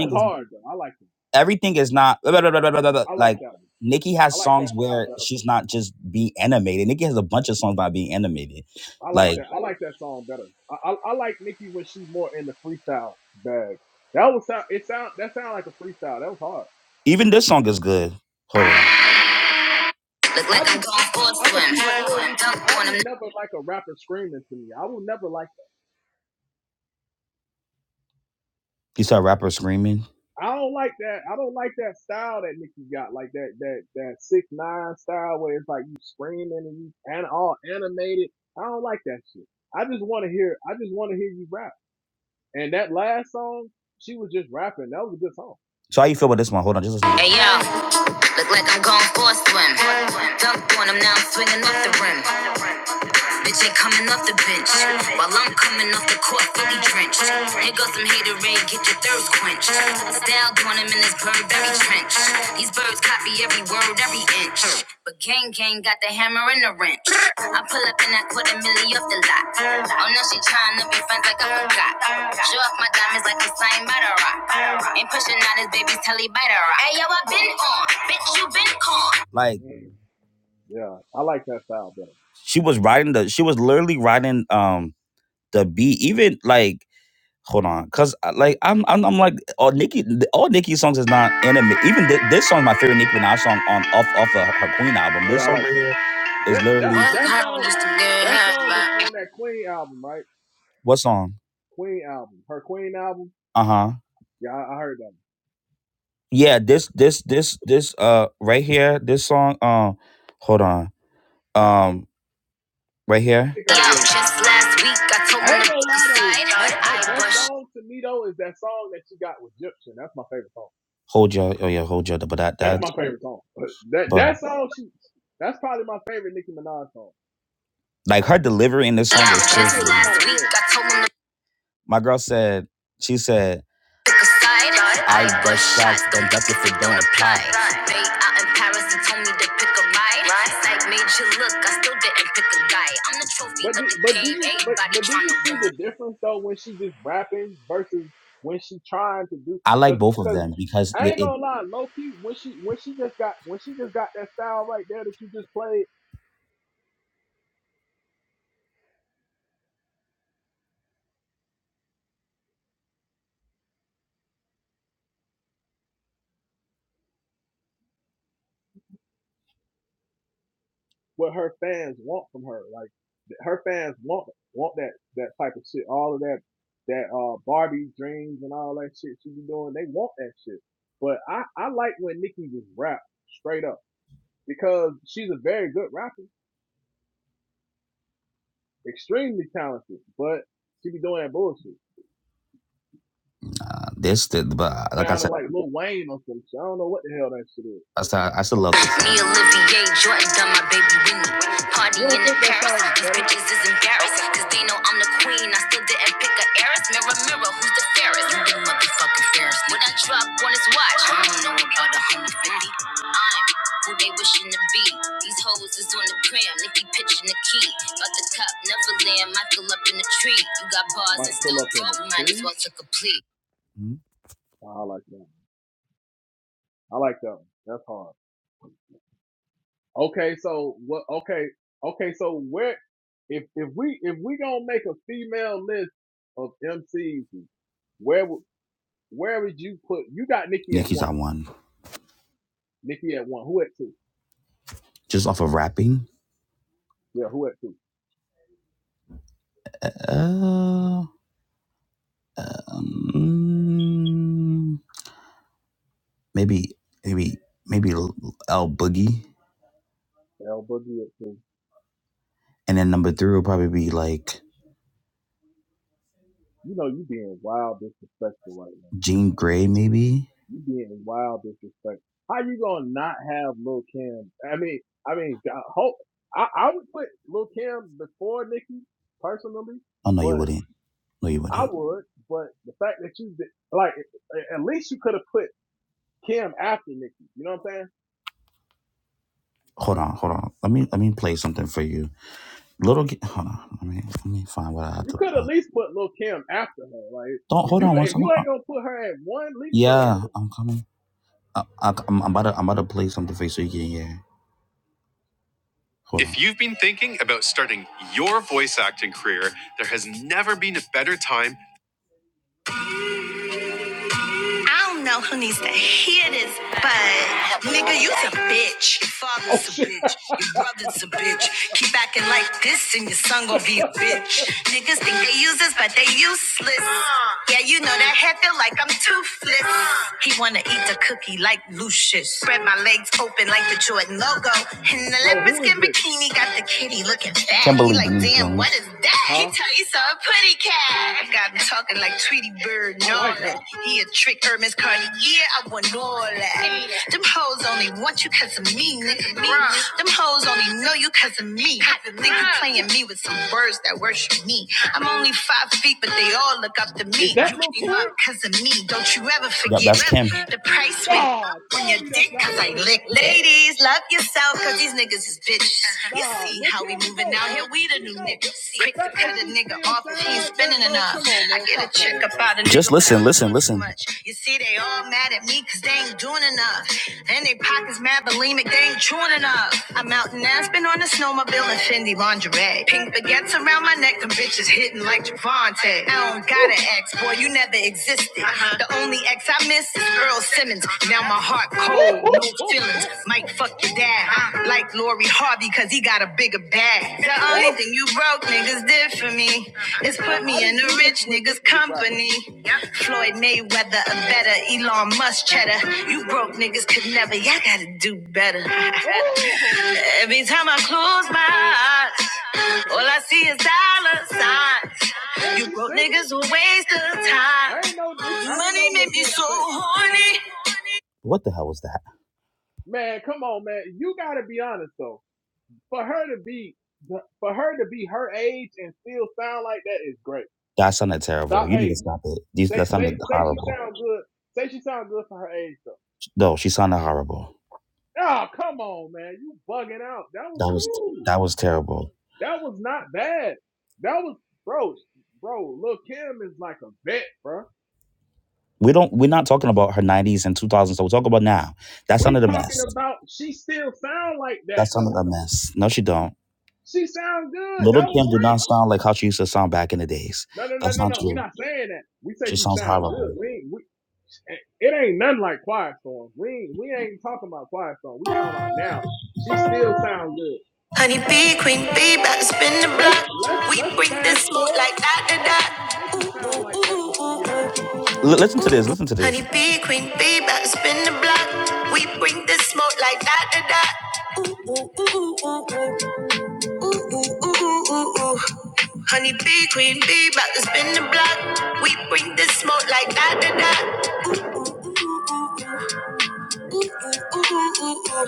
was
is
hard though. I like it.
everything is not blah, blah, blah, blah, blah, blah, blah.
I like
like
that one.
Nikki
I
has
like
songs
that style
where
better for
she's
me.
not just being animated. Nikki has a bunch of songs about being animated.
I like
Like
that. I like that song better. I I, I like Nicki when she's more in the freestyle bag. That was sound. It sound that sound like a freestyle. That was hard.
even this song is good. Hold on. Look like
I
I
just I,
got full
I I'm gonna keep it real
swim.
with you. I
Dunk on
would
'em.
never like a rapper screaming to me. I would never like.
You saw a rapper screaming.
I don't like that. I don't like that style that Nicki got. Like that that that six nine style where it's like you screaming and you and all animated. I don't like that shit. I just want to hear. I just want to hear you rap. And that last song, she was just rapping. That was a good song.
So how you feel about this one? Hold on, just listen. Hey yo, look like I'm going for a swim. Dunk on 'em now, I'm swinging off the rim. Bitch ain't coming off the bench. While I'm coming off the court, fully drenched. Here goes some hater get your thirst quenched. Style doing him in this bird, trench. These birds copy every word, every inch. But gang gang got the hammer and the wrench. I pull up in that quarter milli off the lot. Oh no, she trying to be friends like I forgot. Show off my diamonds like it's signed by the rock. Ain't pushing out his baby's telly by the rock. Hey yo, I been on, bitch, you been con. Like
Mm, yeah, I like that style better.
she was riding the, she was literally riding um The beat, even like hold on, cause I- like I'm I'm, I'm like all Nicki all Nicki songs is not anime. Even thi- this song, my favorite Nicki Minaj song on off off of her, Queen album.
Oh
This
yeah, I
song
like
right
that
here
one.
is
That
literally
that
Work
that
hard
song,
just to get
that
half
song is
back.
on that Queen album, right?
what song?
Queen album, her Queen album.
Uh huh.
Yeah, I, I heard that. One.
Yeah, this this this this uh right here, this song. Um, hold on. Um, right here. Yeah,
Cigarette.
just last week I told
I
him to
ain't
pick
gonna
a
lie though,
side.
her her
I
best
was-
song to me though is that song that she got with Gypsy. That's my favorite song.
Hold your, oh yeah, hold your, but that
That's
that.
my favorite song. That
but.
that song she, that's probably my favorite Nicki Minaj song.
Like her delivery in this song was
That
crazy.
shit was kind of ill.
My girl said, she said, Pick a side. I bust shots, don't duck if it don't apply. Bay out in Paris, he told me to pick a ride. Psych made you look, I still didn't pick a guy. I'm the trophy
But
of
do,
the
but do
game,
you but
everybody
but do you
tryna
see
win me.
the difference though when she just rapping versus when she trying to do
I like
cause
both of
cause
them because
I
they,
ain't
it,
gonna lie, low key when she when she just got when she just got that style right there that you just played, what her fans want from her, like th- her fans want want that that type of shit, all of that that uh Barbie dreams and all that shit she be doing, they want that shit. But I I like when Nicki just rap straight up because she's a very good rapper Extremely talented, but she be doing that bullshit.
uh, this, the, but uh, like I said.
Sounding like Lil Wayne or some shit. I don't know what the hell that shit is.
So I still, I still love this. Me, and Olivier, Jordan, done my baby Winnie. Party
You don't
in
think that
Paris,
song is
these
better?
bitches is embarrassed. Cause they know I'm the queen, I still didn't pick a heiress. Mirror, mirror, who's the fairest? You Big motherfucking fairest. What I drop on his watch, I don't know about a homie 50. I'm who they wishing to be. These hoes is on the gram, Nicki pitching the key. About the cop, never land, Michael up in the tree. You got bars
Might
and
pull
still
up in the
broke, might as
tree.
well took a plea.
Oh, I like that. One. I like that one. That's hard. Okay, so what? Okay, okay, so where? If if we if we gonna make a female list of MCs, where would where would you put? You got Nikki at
Nicki's
one.
I won.
Nikki at one. Who at two?
Just off of rapping?
Yeah, who at two?
Uh Um, maybe, maybe, maybe L- Boogie,
L Boogie at two.
and then number three will probably be like
You know you being wild disrespectful right now.
Jean Grey, maybe.
You being wild disrespect. How you gonna not have Lil Kim? I mean, I mean, God, hope I, I would put Lil Kim before Nicki personally,
Oh no, you
but
wouldn't. No, you
I
wouldn't.
would. But the fact that you did, like, at least you could have put Kim after Nicki. You know what I'm saying?
Hold on, hold on. Let me let me play something for you. Little, G- hold on. Let me let me find what I have
You
to
could at
play.
least put Lil Kim after her. Like,
Don't
if
hold
you
on. One
if
second.
you
Hold on.
ain't gonna put her at one, at least put her at
Yeah,
two.
I'm coming. I, I, I'm, I'm about to I'm about to play something for you so you can hear. Hold if on. you've been thinking about starting your voice acting career, there has never been a better time I don't know who needs to hear this, but nigga, you's a bitch. Your
Oh
father's a
shit!
bitch. Your brother's a bitch. Keep acting like this, and your son gonna be a bitch. Niggas think they use us, but they useless. Yeah, you know that head feel like I'm toothless. He wanna eat the cookie like Lucius. Spread my legs open like the Jordan logo. And the
So
leopard
who is
skin
this?
bikini got the kitty looking fat. Can't believe He like, damn, what is that? He
Huh?
tell you so a pretty cat. I got him talking like Tweety Bird and
I
all
like
that.
her.
He a trick, Hermes Cardi. Yeah, I want all that. Them hoes only want you cause of me, nigga. Bruh. Them hoes only know you cause of me. nigga playing me with some words that worship me. I'm only five feet, but they all look up to
Is
me.
that
You
Lil
came
Kim?
up cause of me. Don't you ever That, forget yeah, that's Kim. the price went up
No,
on your
tell me that's
dick
not
cause
Lil
I
Kim.
licked Ladies, love yourself cause these niggas is bitches. You
Nah,
see
look
how we
him to
moving
go,
out here,
bro.
we the
She the
new
go.
niggas.
The
Quick to
fact that
cut a
she
nigga
still
off if
sound
he's
like that,
spinning
bro.
enough.
Come on,
I
man.
get
Stop
a check
playing, bro.
about a nigga. Just listen, listen, listen. You see, they all mad at me cause they ain't doing enough. And they pockets mad bulimic, they ain't chewing enough. I'm out in Aspen on a snowmobile and Fendi lingerie. Pink baguettes around my neck, them bitches hitting like Javante. I don't got an
Ooh,
ex, boy, you never existed. Uh-huh. The only ex I miss is Earl Simmons. Now my heart cold,
ooh, ooh,
no
ooh,
feelings.
ooh,
Might
ooh,
fuck your
ooh.
dad. I'm like Lori Harvey, cause he got a bigger bag. The only
ooh.
thing you broke niggas did for me
We,
is
I,
put
I
me in
didn't
a
do this
rich
when
niggas
Nikki was rapping.
company. Floyd Mayweather, a better Elon Musk cheddar. You broke
Mm.
niggas could never, y'all gotta do better.
Oh,
Every time I close my eyes,
okay.
all I see is dollar
And
signs. You
she
broke
singing.
niggas a waste of
I
time.
ain't know. Nik- I ain't
Money
know.
made
Lil
me
Kim could
so
sing.
horny. What the hell was that?
Man, come on, man. You gotta be honest though. For her to be, for her to be her age and still sound like that is great.
That sounded terrible.
Stop.
You need to
Hey,
stop it. These
say
that
say
sounded
say she
horrible.
sound good. Say she sound good for her age
No, she sounded horrible.
Oh, come on, man. You bugging out. That was
That was
cool.
that was terrible.
That was not bad. That was, bro, bro, Lil Kim is like a vet, bro.
We don't we're not talking about her nineties and two thousands, so we're talking about now. That
We
sounded a
talking
mess.
about, she still sound like that
That sounded
though.
a mess. No, she don't.
She sound good.
Little
That was
Kim did
great.
not sound like how she used to sound back in the days.
No, no, no,
That's not
no, no. we
true.
not saying that. We say
She
she
sounds
sound good.
horrible.
We, ain't- we it ain't nothing like Quiet Storm. We, ain't- we ain't talking about Quiet Storm. We talking about now. She still sound good.
Honey bee, queen bee, back spin the
Let's,
block.
let's,
We
let's
bring the
fast
smoke
forward.
like that, that, that.
Hopefully Nikki sound like that when she get her
L- listen to this. Listen to this. Honey bee, queen bee, about to spin the block. We bring the smoke like that, da, da. Ooh, ooh, ooh, ooh, ooh, ooh, ooh, ooh, ooh, ooh. Honey bee, queen bee, about to spin the block. We bring the smoke like that, da, da.
age.
Ooh, ooh, ooh, ooh, ooh, ooh.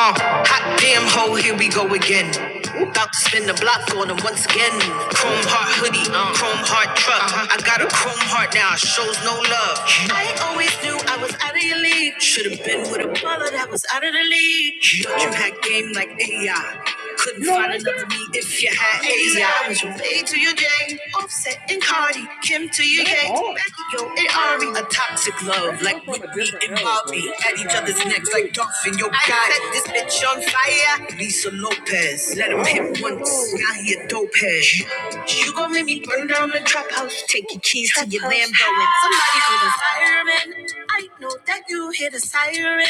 Uh, hot damn hoe, here we go again. About to spin the block on them once again.
Yeah.
Chrome heart hoodie, uh, chrome heart truck. Uh-huh. I got a
Ooh,
chrome heart now, shows no love. I always knew I was out of your league. Should've been with a brother that was out of the league. But
uh,
you had game like AI. Couldn't
You don't
find
like
another
that?
me if you had AIDS. I was from A to your J, Offset and Cardi, Kim to your
That's
Yates,
hard.
Becky, yo, and Ari. A toxic love
Maybe
like
I'm from a
Whitney
different
and
era, bro.
Bobby
This shit
at each
sounds
other's
good to
necks
me.
like Dolphin. Yo, I God, set this bitch on fire. Lisa Lopez, let him
I don't see
hit
nothing wrong
once.
with it.
Now he a dope head. You gon' make me burn down the trap house, take
Ooh.
your keys to your Lambo, and somebody call the fireman. I know that you hear the siren.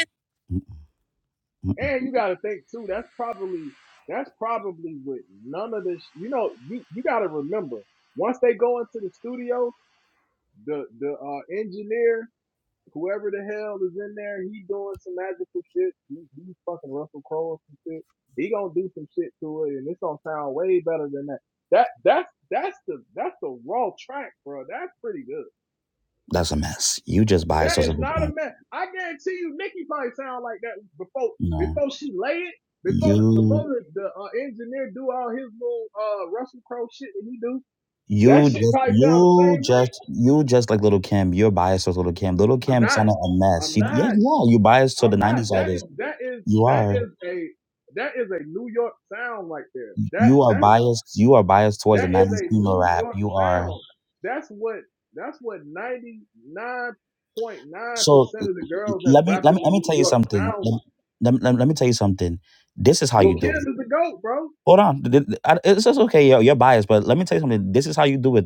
And you gotta think too, that's probably that's probably with none of this you know, you you gotta remember, once they go into the studio, the the uh engineer whoever the hell is in there, he doing some magical shit. He, he fucking Russell Crowe or some shit. He gonna do some shit to it, and it's gonna sound way better than that. That that's that's the that's the raw track, bro. That's pretty good.
That's a mess. You just buy
That
yourself
is
a good
not a
home,
mess. I guarantee you, Nicki probably sound like that before
You know.
before she lay it. Before before
You
the, the uh, engineer do all his little uh, Russell Crowe shit that he do, that
You
shit
just,
probably sound the
you
same way.
just, you just like Little Kim. You're biased with Little Kim. Little
I'm
Kim
not.
sounded a mess.
I'm
She, yeah,
not.
you are. You biased to the
I'm
'90s
not. That is
artists.
that is
You
that
are.
is a that is a New York sound right there. That
You are
that
biased. You are biased towards the
that is
'90s
a
female
New
rap.
York
You are.
sound. That's what that's what ninety nine point nine
So l-
percent of the
l-
girls that's
let me let
rapping
me let
in
me
New
tell you
York
something.
sound
Let,
like.
let, let, me let me tell you something. This is how
Lil
you
Kim
do it.
is the goat, bro.
Hold on. Th- th- I- It's just okay. You're, you're biased, but let me tell you something. This is how you do it,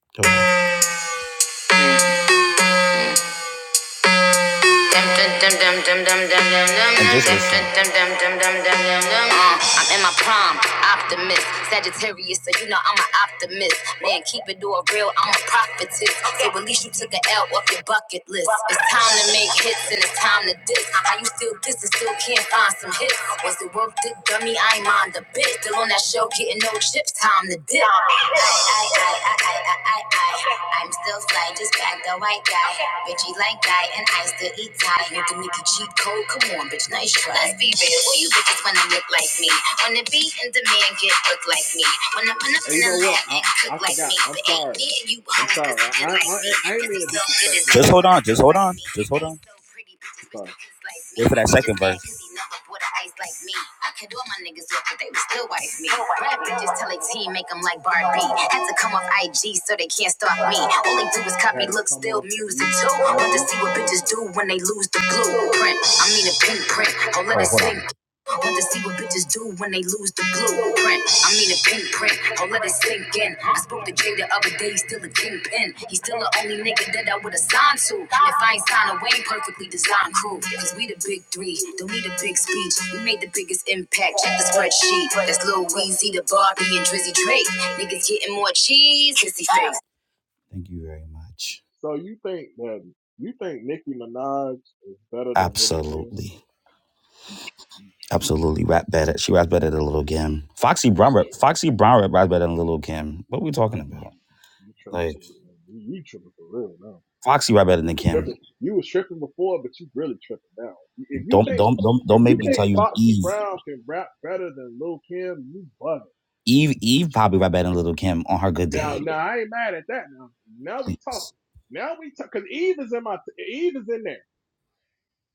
though. Uh, I'm in my prime, optimist, Sagittarius, so you know I'm an optimist. Man, keep it all real, I'm a prophetess. So at least you took an L off your bucket list. It's time to make hits and it's time to diss. How you still diss and still can't find some hits? Was it worth it, dummy? I ain't mind a bit. Still on on that show, getting no chips, time to dip. I, I, I, I, I, I, I, I, I'm still fly, just back the white guy. Bitchy like guy, and I still eat Thai. You can make a cheat code, come on, bitch, nice try. Let's be real, who you bitches wanna look like me? Wanna be in demand, get look like me. Wanna run up
And
in
you
the
know what?
lab and
I
cook
I
like me.
forgot. I'm
But ain't
sorry.
me and you
I'm
hoes, cause
sorry.
he
I
good
I,
like me.
I ain't
Cause
mean to
he's so good
disrespect
as
Nicki
Just hold on. Just hold on. Just hold on.
Minaj.
Wait for that second verse. I could do my niggas up, but they would still wife me. Rap bitches tell a team, make them like Barbie. Had to come off IG so they can't stop me. All they do is copy,
Had it
look,
come
still
off
music
deep.
too.
I
Want to
do.
see what bitches do when they lose the blue print. I mean a pink print. Oh, let us I Want to see what bitches do when they lose the blueprint. I mean a pinprint, I'll let it sink in. I spoke to Jay the other day, he's still a kingpin. He's still the only nigga that I would've signed to. And if I ain't signed away, perfectly designed crew. Cause we the big three, don't need a big speech. We made the biggest impact, check the spreadsheet. That's Lil Weezy, the Barbie, and Drizzy Drake. Niggas getting more cheese, hissy face. Thank you very much.
So you think that you think Nicki Minaj is better than Little Kim?
Absolutely.
You tripping,
Absolutely,
man.
rap better. She raps better than Little Kim. Foxy
You
Brown, rap-
tripping.
Foxy Brown rap raps better than Little Kim. What are we
Nah,
talking
you
about?
tripping. You tripping
Like
for real. You, you tripping for real now.
Foxy rap better
You
than
was
Kim.
tripping. You was tripping before, but you really tripping now. If you
Don't
think
don't don't
if
don't make
you
me
think
tell you
Foxy
Eve.
Brown can rap better than Lil Kim, you bugging.
Eve Eve probably rap better than Little Kim on her good
Now,
day.
now I ain't mad at that. Now, now we talking.
Please.
Now we talk because Eve is in my Eve is in there.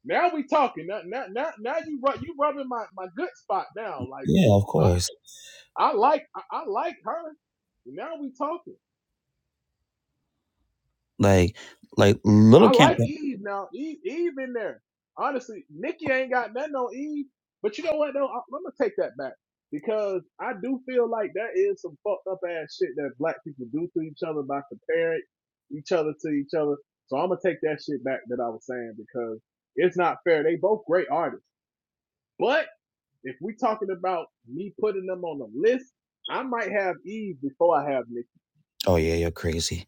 Now we talking. Now, now, now, now you rub you rubbing my my good spot now. Like
Yeah, of course.
I, I like I, I like her. Now we talking.
Like like Little
I
Kim.
like Eve now. Eve, Eve in there. Honestly, Nikki ain't got nothing on Eve. But you know what though? I, I'm gonna take that back because I do feel like there is some fucked up ass shit that black people do to each other by comparing each other to each other. So I'm gonna take that shit back that I was saying because it's not fair. They both great artists, but if we talking about me putting them on the list, I might have Eve before I have Nikki.
Oh yeah, you're crazy.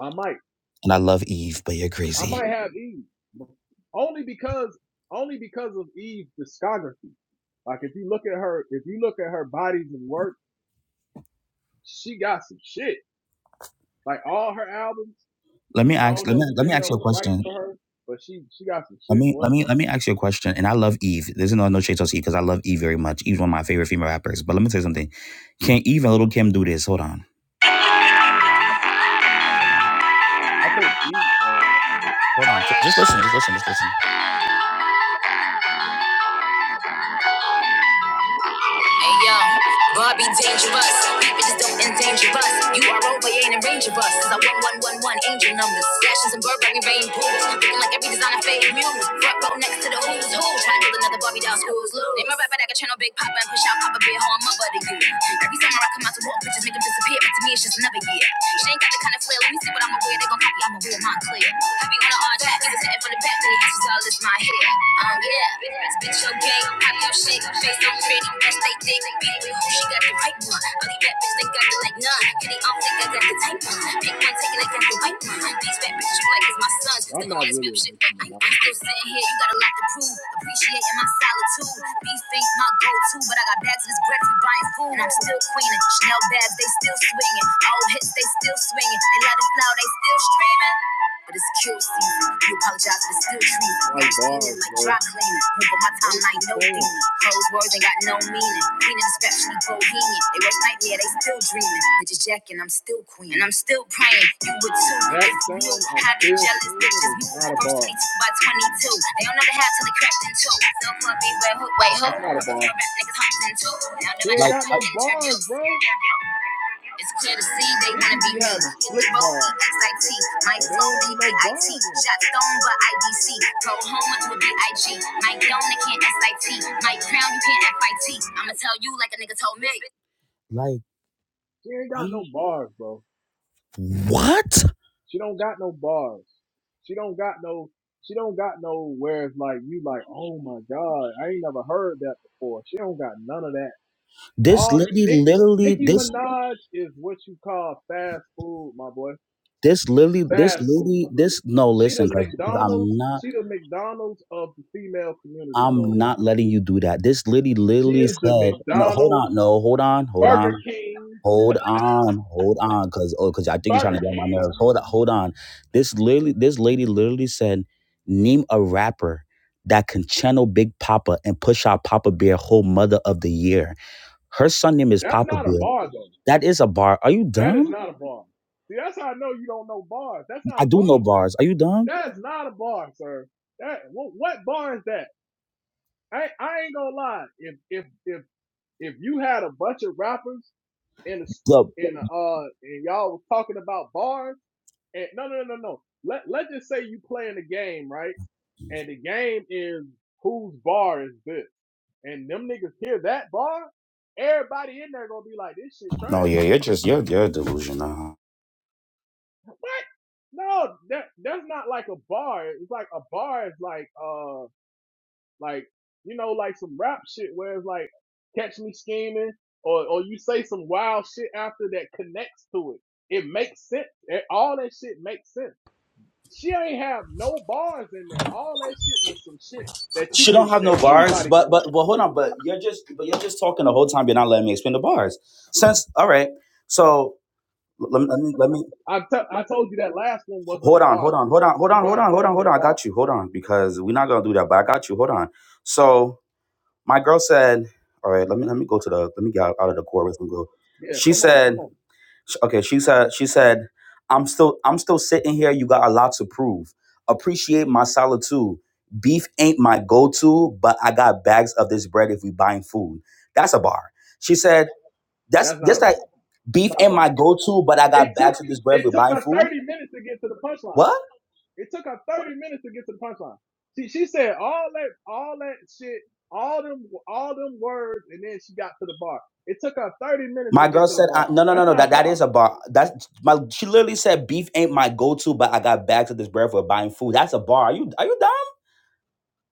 I might.
And I love Eve, but you're
I
crazy.
might have Eve, but only because only because of Eve's discography. Like if you look at her, if you look at her bodies and work, she got some shit. Like all her albums,
Let me
I
ask.
don't
Let me
know who
let
the
me ask
hell
you a
was writing
question.
for her, but she she got some
Let
shit,
me
boy.
let me let me ask you a question. And I love Eve. There's no no shade to Eve because I love Eve very much. Eve's one of my favorite female rappers. But let me tell you something. Can Eve and Little Kim do this? Hold on.
I think Eve. Man,
Hold on. Just listen. Just listen. Just listen. Hey yo, Barbie dangerous. Bitches don't endanger us. You are over, you ain't a range of us. Cause I want one one one angel numbers. Fashions and Burberry rain pools. Looking like every designer fade muse. Front row next to the who's who. Trying to build another Barbie down schools loose. Name a rapper that can channel Big Papa and push out Papa Bear. How I'm up to you. Every summer I come out to walk, bitches make 'em disappear. To me, it's just another year. She ain't got the kind of flair. Let me see what I'ma wear. They gon' copy I'ma wear mine clear. I be on the odd track, even sitting from the back to the ashes all is my hair. Um, yeah, spit your game, pop your shit, face on pretty, that's they dick. Beat it with who she got the right one. Only that bitch, they got the like none. Hitting off, think I got the type one. Dick not taking it against the white one. These fat bitches you like is my sons. Still
I'm
on
not
this
really
rap
a
shit that
Nicki
I ain't.
Minaj
i still
fan.
sitting here, you got a lot to prove. Appreciating my solitude. Beef ain't my go-to, but I got bags of this bread, we buying food. And I'm still queening. Chanel bags, they still swinging. Old hits, they still swinging. They let it flow, they still streaming but it's cure season. You apologize for still treason.
I
Got
like
me steaming
bars,
like dry
bro.
cleaning. Move on my
What is she
timeline, no
saying?
demon. Closed words ain't got no meaning. Queen of deception, bohemian. They worst nightmare, they still dreaming. Bitches jacking, I'm still queen. And I'm still praying. You would
This
too,
exact
if you knew
time I'm
how they
still
jealous
screaming
bitches
is
move.
not a
First
bar.
22 by 22. They don't know the how till they cracked in two. So club beware, hook, wait, hook.
That's
Rap,
not a bar.
niggas humped in two. Now they're
She
my
ain't
like,
got no bars, bro.
interviews. It's clear to see they wanna
Nicki
be
be
me.
having
Hit
slick
the road,
bars.
EXIT. My
But there
flow,
don't be
they
no
BIT.
bars in it.
Shot stone, but IDC. Go home until BIG. My dome, can't SIT. My crown, you can't FIT. am going to tell you like a nigga told me. Like,
She ain't
are
got
you.
no bars, bro.
What?
She don't got no bars. She don't got no. She don't got no. Where it's like you like, oh my god, I ain't never heard that before. She don't got none of that.
This
All
lady
Nick
literally,
Nicki
this.
Minaj is what you call fast food, my boy.
This literally, this
Fast food.
lady, this no.
She the
Listen, because
McDonald's.
I'm not,
She the McDonald's of the female community, bro.
I'm not letting you do that. This lady
She
literally
is the
said, "No, hold
McDonald's,
on, no, hold on, hold on."
Burger King,
Hold on, hold on, cause oh, cause I think you're trying to
Burger
get on my nerves.
King.
Hold on, hold on. This literally, this lady literally said, "Name a rapper that can channel Big Papa and push out Papa Bear whole mother of the year." Her son name is
That's
Papa
not a
Bear.
bar though.
That is a bar. Are you
That is
dumb?
not a bar. See, that's how I know you don't know bars. That's not
I
a
do
bar.
know bars. Are you dumb?
That is not a bar, sir. That what, what bar is that? I I ain't gonna lie. If if if if you had a bunch of rappers in a s-
Look,
in a, uh and y'all was talking about bars and no no no no no. Let let's just say you playing a game right, and the game is whose bar is this, and them niggas hear that bar, everybody in there gonna be like this shit trash.
no, yeah, you're just you're you're delusional.
What? No, that that's not like a bar. It's like a bar is like uh like you know like some rap shit where it's like catch me scheming or or you say some wild shit after that connects to it. It makes sense. It, all that shit makes sense. She ain't have no bars in there. All that shit was some shit that you
She don't
can
have
that
no bars,
anybody can
but but
write.
but hold on, but you're just but you're just talking the whole time. You're not letting me explain the bars. Since all right, so let me let me let me
I t- I told you that last one wasn't a
Hold on,
bar
hold
though,
on, hold
so
on, hold
you
on, hold
gotta
on, hold
tell
on,
me
hold
a
on. I
bar.
got you. Hold on, because we're not gonna do that. But I got you. Hold on. So my girl said, "All right, let me let me go to the let me get out, out of the chorus and go."
Yeah,
She
come on, come
said,
on.
sh- "Okay." She said, "She said, I'm still I'm still sitting here. You got a lot to prove. Appreciate my solitude. Beef ain't my go-to, but I got bags of this bread if we buying food. That's a bar." She said, "That's
That's not a
just like
bar. It's
beef
not a
ain't
bar.
my go-to, but I
It
got
took
bags of this bread if
it
we
took
buying
her
food."
30 minutes to get to the punchline.
What?
It took her 30 minutes to get to the punchline. She she said all that all that shit, all them all them words, and then she got to the bar. It took her 30 minutes to
My
get
girl
to the
said, I,
bar.
"No, no, no,
That's
no.
not a
That that
bar.
is a bar. That's my." She literally said, "Beef ain't my go-to, but I got bags of this bread for buying food. That's a bar. Are you are you dumb?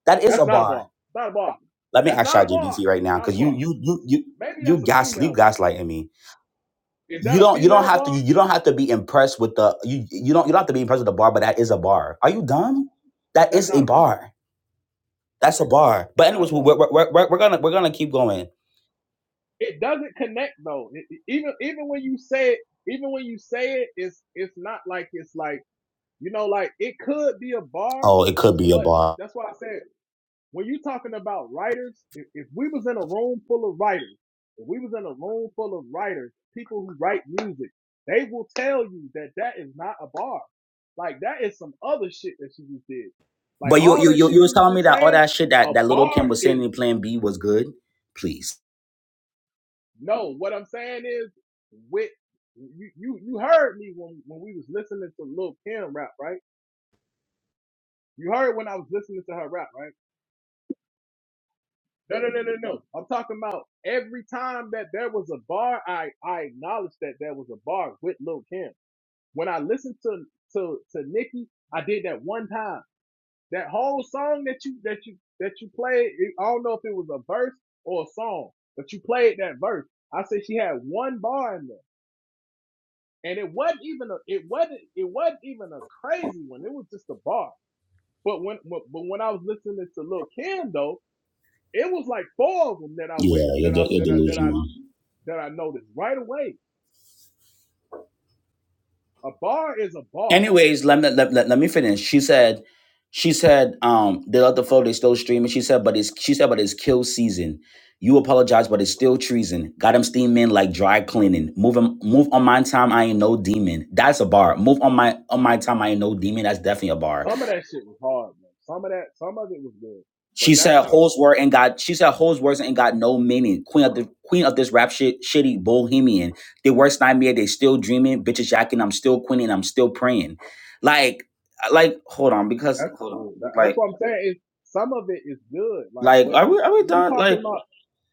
That is
That's
a
not a
bar.
bar. It's not a bar.
Let me
That's
ask
not a bar.
ChatGPT right
It's
now,
not a
because you
bar.
you you you
Maybe
you
that's a
gas you
female bar.
gaslighting me.
Is
You
that a
don't you don't
female
have to
bar?
you don't have to be impressed with the you you don't you don't have to be impressed with the bar, but that is a bar. Are you dumb? That
That's
is a
not a bar.
bar. That's a bar. But
It's not a
anyways, we're
bar.
we're, we're, we're we're gonna we're gonna keep going.
It doesn't connect though. It- it- even even when you say it, even when you say it, it's it's not like it's like You know, like it could be a bar,
Oh, it could be a
but
bar.
that's why I said when you're talking about writers, if, if we was in a room full of writers, if we was in a room full of writers, people who write music, they will tell you that that is not a bar. Like that is some other shit that you just did. Like
But you
all
you
that
you
shit
you was
you were
telling me
just
that all
saying,
that shit
a
that that little Kim
bar
was saying
is
in Plan B was good. Please.
no. What I'm saying is with you, you, you heard me when when we was listening to Lil Kim rap, right? You heard when I was listening to her rap, right? No, no, no, no, no. I'm talking about every time that there was a bar, I I acknowledged that there was a bar with Lil Kim. When I listened to to to Nicki, I did that one time. That whole song that you that you that you played, it- I don't know if it was a verse or a song, but you played that verse. I said she had one bar in there, and it wasn't even a it wasn't it wasn't even a crazy one. It was just a bar. But when but but when I was listening to Lil Kim though, it was like four of them that I went that I that I that I that I noticed right away. A bar is a bar.
Anyways, let me let, let, let me finish. She said, she said, um, they let the flow, they still streaming. She said, but it's she said, but it's kill season. You apologize, but it's still treason. Got them steaming like dry cleaning. Move on, move on my time, I ain't no demon. That's a bar. Move on my on my time, I ain't no demon. That's definitely a bar.
Some of that shit was hard, man. Some of that, some of it was good, but
She
that's
said
not a.
hoes were and got she said hoes was and got no meaning. Queen of the queen of this rap shit shitty bohemian. The worst nightmare, they still dreaming, bitches jacking, I'm still queening, I'm still praying. Like like hold on, because
That's
hold on.
cool. That- that's
Like
what I'm saying. Is some of it is good, like,
like
but
are we are we
if you
done? Like.
talking about,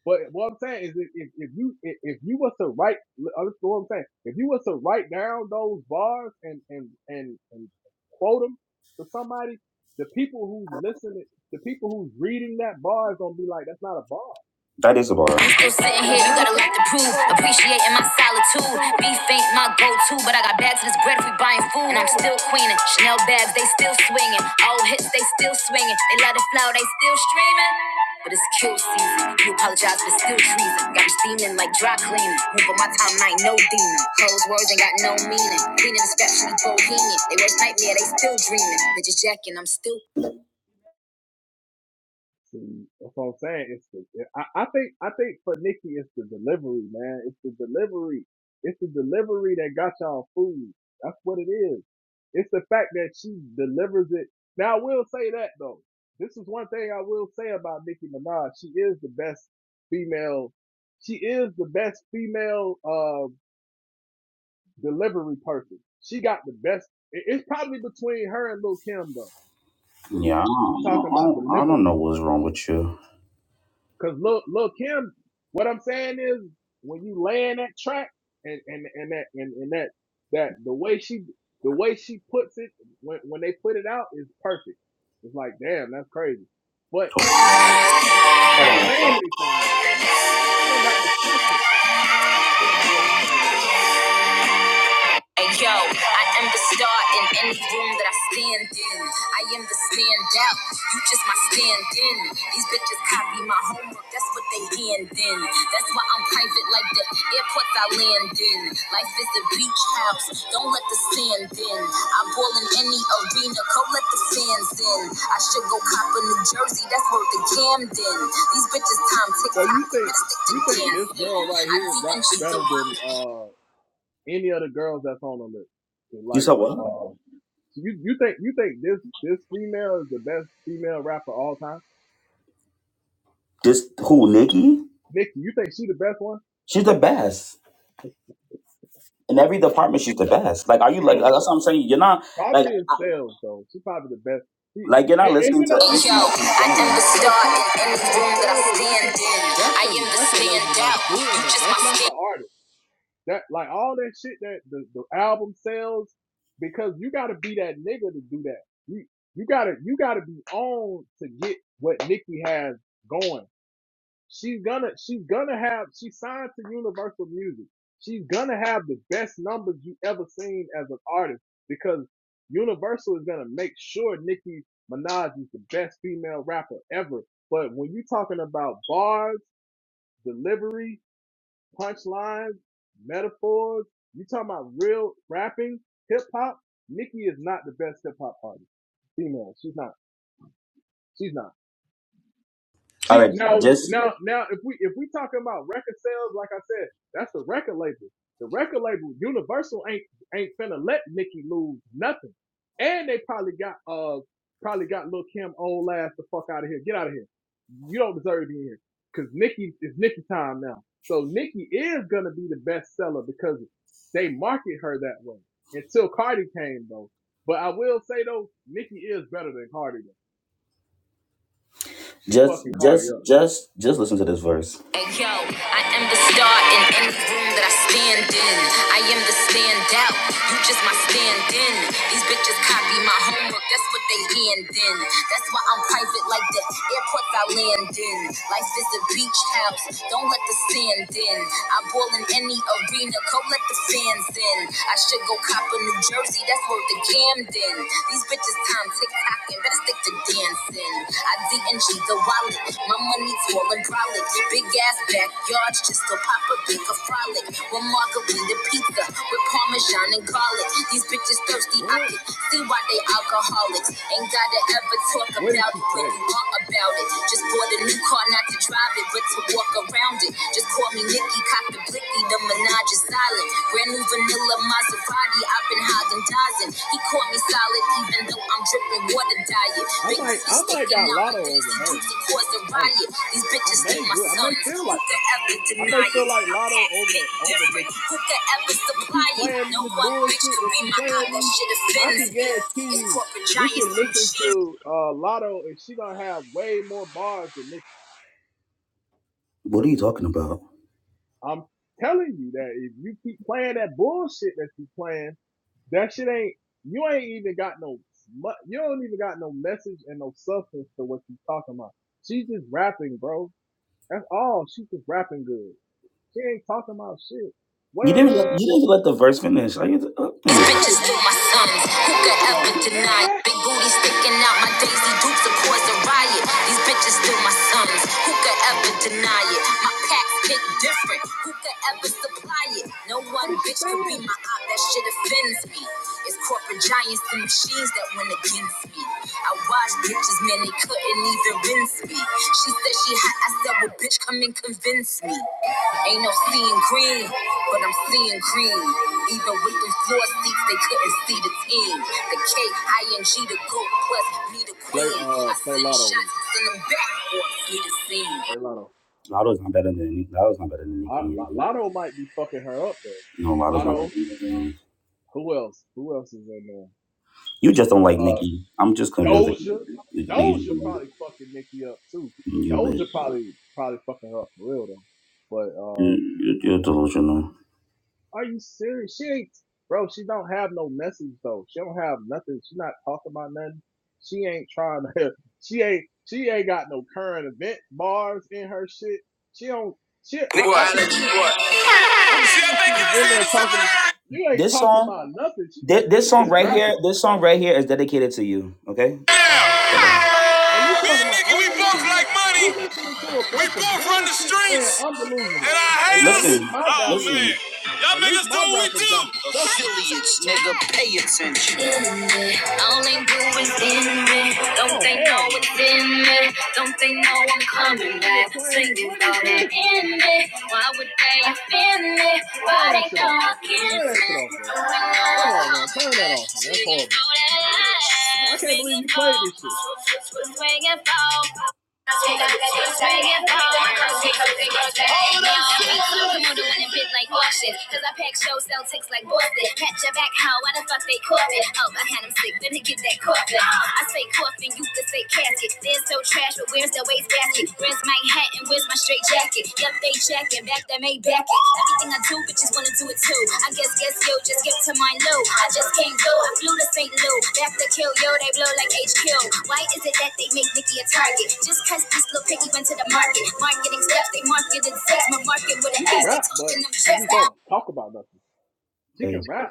but what I'm saying is, if, if, if you if, if you was to write, understand what I'm saying? If you was to write down those bars and and and and quote them to somebody, the people who's listening, the people who's reading that bar is gonna be like, that's not a bar.
That is about bar. I'm still sitting here,
That's
you
not a
got a lot to
bar.
prove. Appreciating my solitude. Beef ain't my go to, but I got bags of this bread if we buying food. And I'm still queening. Chanel bags, they still swinging. Old hits, they still swinging. They love the flow, they still streaming. But it's kill season. You apologize, but it's still treason. Got me steaming like dry cleaning. Move on my time, I ain't no demon. Close words ain't got no meaning. Cleaning the scraps, you be bohemian. They worst nightmare, they still dreaming. Bitches jacking, I'm still
See, that's what I'm saying. It's the I, I think I think for Nikki it's the delivery, man. It's the delivery. It's the delivery that got y'all food. That's what it is. It's the fact that she delivers it. Now I will say that though. This is one thing I will say about Nicki Minaj. She is the best female. She is the best female uh delivery person. She got the best. it- It's probably between her and Lil Kim though. We're talking about delivery. Cause look, look, Kim, what I'm saying is when you lay in that track and, and, and that, and, and that, that the way she, the way she puts it when, when they put it out is perfect. It's like, damn, that's crazy. But she's not, she's not saying anything though. She, she don't got no substance to what she's saying.
Hey, yo, I am the star in any room that I stand in. I am the stand You just my stand in. These bitches copy my homework. That's what they hand in. That's why I'm private like the airports I land in. Life is a beach house. Don't let the sand in. I ball in any arena. Come let the fans in. I should go cop a New Jersey. That's where the Camden. These bitches time tick
So you think,
Let's stick to
you think this
dancing.
girl right
I D
here
M G
raps
the
better than,
wallet.
uh, any other girls that's on the list.
You
Like,
saw what?
uh, You you think you think this this female is the best female rapper of all time?
This who Nikki?
Nikki, you think she the best one?
She's the best in every department. She's the best. Like, are you like?
Hell
That's
no.
what I'm saying. You're not like
Probably in sales though. She probably the best. She,
like you're not
and, and
listening
you
to
know
Yo,
and you know too
anything
you know too
she's I am the saying. star in any
when they
room that
sell
I
the record,
stand in.
that's
I
the
am the
record label that's
standout.
doing that. That's
my
not the
stand.
artist. That like all that shit that the, the album sells because you got to be that nigga to do that. You you gotta you gotta be on to get what Nikki has going. She's gonna she's gonna have she signed to Universal Music. She's gonna have the best numbers you ever seen as an artist because Universal is gonna make sure Nicki Minaj is the best female rapper ever. But when you're talking about bars, delivery, punchlines, metaphors, you talking about real rapping, hip hop, Nicki is not the best hip hop artist. Female. She's not. She's not.
All
She
right,
now
just
now now if we if we talking about record sales, like I said, that's the record label. The record label, Universal ain't ain't finna let Nicki lose nothing. And they probably got uh probably got Lil Kim old ass the fuck out of here. Get out of here. You don't deserve to be here. Cause Nicki is Nicki time now. So Nicki is gonna be the best seller because they market her that way. Until Cardi came though. But I will say though, Nicki is better than Cardi though. She
Just,
fucking Cardi
just,
up.
just, just listen to this verse. Hey, yo, I am the star in any room that I stand in. I am the standout. You just my stand-in. These bitches copy my homework. That's what they hand in. That's why I'm private like the airports I land in. Life is a beach house. Don't let the sand in. I ball in any arena. Go let the fans in. I should go cop a New Jersey. That's worth the Camden. These bitches time tick tocking, better stick to dancing. I DNG the wallet, my money tall and brolic. Big ass backyards, just to pop a big a frolic. One margarita pizza with parmesan and garlic. These bitches thirsty, I
What?
can see why they alcoholics. Ain't gotta ever talk
What did
about
she
it when
say?
you want about it. Just bought a new car, not to drive it, but to walk around it. Just call me Nick cocked the blicky, the Minaj is solid. Brand new vanilla Maserati, I've been Hagen dazing. He caught me solid, even though I'm dripping water diet.
I
Big
might,
booty
I might
sticking
got
out my
Lotto over
Daisy
her,
Duke to
man.
cause a
Honestly,
riot. These
I
bitches still
may
my
do. I may
sons.
feel
Who
like
could
that.
ever
I
deny
may feel
it?
like
My
Lotto
packs kick
over over
different.
Nikki.
Who could ever
You
supply
keep
it?
playing me
No
this
one bitch
bullshit
could
that
be
she
my
playing
op. That
me.
shit
I
offends
can
me.
guarantee
It's
you,
corporate
we
giants
can
and
listen
cheese.
to uh, Lotto, and she gonna have way more bars than Nikki.
What are you talking about?
I'm telling you that if you keep playing that bullshit that you playing, that shit ain't. You ain't even got no. mu- You don't even got no message and no substance to what you talking about. She's just rapping, bro. That's all. She just rapping good. She ain't talking about shit.
You didn't
What?
let, you didn't let the verse finish. Are you? Uh, anyway.
Why?
Bitches through
What?
my
What?
sons. Who
What is
could
she gonna
ever
keep doing
deny? it?
that?
Big booty sticking out. My Daisy Dukes are cause a riot. These bitches still my sons. Who could ever deny it? My packs hit different. Who could ever supply it? No
What
one
is she
bitch could be
saying?
my op. That shit offends me. It's corporate giants and machines that when against me. I watched pictures, man, they couldn't even rinse me. She said she hot, I said, well, bitch, come and convince me. Ain't no seeing green, but I'm seeing green. Even with them floor seats, they couldn't see the team. The K-I-N-G, the goat, plus me, the
Play
queen. I
uh play
send
Lotto though.
shots, send them back, or see the scene.
Play Lotto.
Better than Nicki. That was not better than
Lot-
Nicki.
Lotto might be fucking her up
No,
though.
Lotto's not
Lotto.
better than Nicki.
Who else? Who else is in there?
You just don't like
Uh,
Nicki. I'm just convinced that you,
Doja.
that you, don't
Doja
like-
probably fucking Nikki up too.
Nicki. you
Doja
wish.
probably probably fucking her up for real though. But uh.
You, you- are delusional.
Are you serious? She ain't, bro. She don't have no message though. She don't have nothing. She not talking about nothing. She ain't trying to. She ain't. She ain't got no current event bars in her shit. She don't. She. I, I can see it. I can see if she was in there talking. You ain't
This
talking
song,
about nothing. She just.
this
She
this song
just
right here,
rapping.
this song right here is dedicated to you. Okay. Yeah.
And you
Me
talking
and
about
Nikki,
I'm
we both
delusional.
like money.
You listening to a
We
bunch of
both run the
bullshit saying
streets.
I'm delusional.
And I
At,
hate
at
us.
least
Listen,
my
Oh, listen.
rappers.
man. Y'all
At
make
least
us do
my
what we
rappers got some
do.
substance.
Affiliates, nigga, pay attention. All they do is in me. Don't
Oh
they know
hell no.
it's in me? Don't they know I'm
This
coming back?
nigga playing.
Singing
What is
for that
this?
in me. Why would they offend me? Why
Turn that
they
shit
go
off, bro. Turn
against
that
me?
shit off, bro.
Don't they know
Come
I'm
on, man.
coming
Turn that
back?
off, man. That's
Singing
horrible.
for
I
that.
can't believe
Swinging
you played this shit.
for, swinging for
No.
like Washington, cause I pack show sell ticks like Boston. Catch your back, how? Why the fuck they coughing? Oh, I had them sick, then they get that coughing. I say coffin, you can say casket. They're so trash, but where's the wastebasket? Where's my hat and where's my straight jacket? Yep, they checking, back that may back it. Everything I do, bitches wanna do it too. I guess, guess yo, just get to my low. I just can't go, I flew to St. Louis. Back to kill, yo, they blow like HQ. Why is it that they make Nicki a target? Just cause this little piggy went to the market. Marketing stuff, they marketed sex. My market with an
She can
ass, they
rap, but
talking them
she
checks
just
now.
don't talk about nothing. She can
Hey,
rap.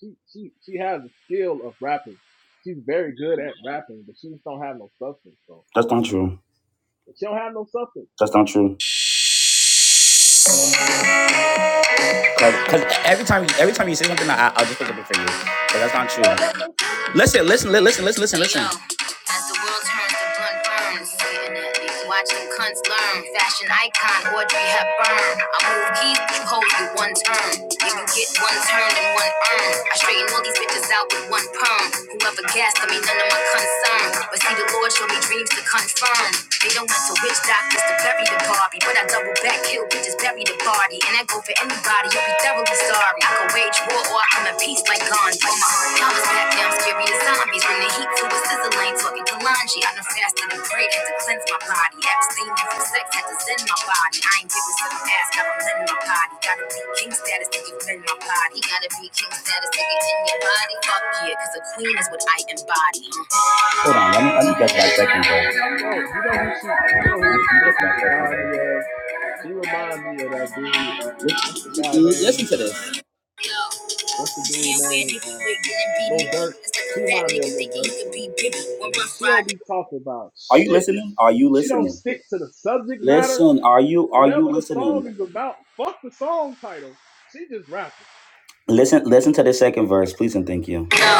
She she she has the skill of rapping. She's very good at rapping, but she just don't have no substance, bro.
that's not true.
If she don't have no substance,
That's not true. Cause, 'cause every time, every time you say something, I, I'll
she
do you.
don't got no substance.
listen, listen. As the world turns to blunt burns, sitting at these watching cunts learn. Fashion icon Audrey Hepburn. I move keys, you hoes with one turn. You can get one turn and one earn. I straighten all these bitches out with one perm. Whoever guessed, I mean none of my concern. But see, the Lord showed me dreams to confirm. They don't went to witch doctors to bury the Barbie, but I double back, kill bitches, bury the body, and I go for anybody. You'll be thoroughly sorry. I can wage war or I can be He's like Gandhi. Counter stack down, scary as zombies. From the heat to the sizzle, talking Kalanji. I done fasted and prayed to cleanse my body. Abstain from sex, had to zen my body. I ain't giving some ass, gotta lend my body. Gotta be king status to get in my body. Gotta be king status to get in your body. Fuck yeah, cause a queen is what I embody. Hold on, let me, let me get that second though. Let me, let me
You know, you know who she, you know who
get
Nicki
that second
remind me
though.
of. She reminds me of that dude. Uh, what's the guy name? Uh,
Yo.
what's the
You
dude
can't wear
name?
Nikki
Uh,
wig and be
Lil
Nikki.
Durk.
It's like a
She
fat
remind me
nigga
of Lil
thinking he
Durk,
could
bro.
be Biggie. One rough
She
ride.
don't be talking about
Are you
shit.
listening? Are you
She don't
listening?
stick to the subject matter.
Listen. Are you are you
Whatever the song
listening?
is about, fuck the song title. She just rapping.
Listen. Listen to the second verse, please and thank you. No,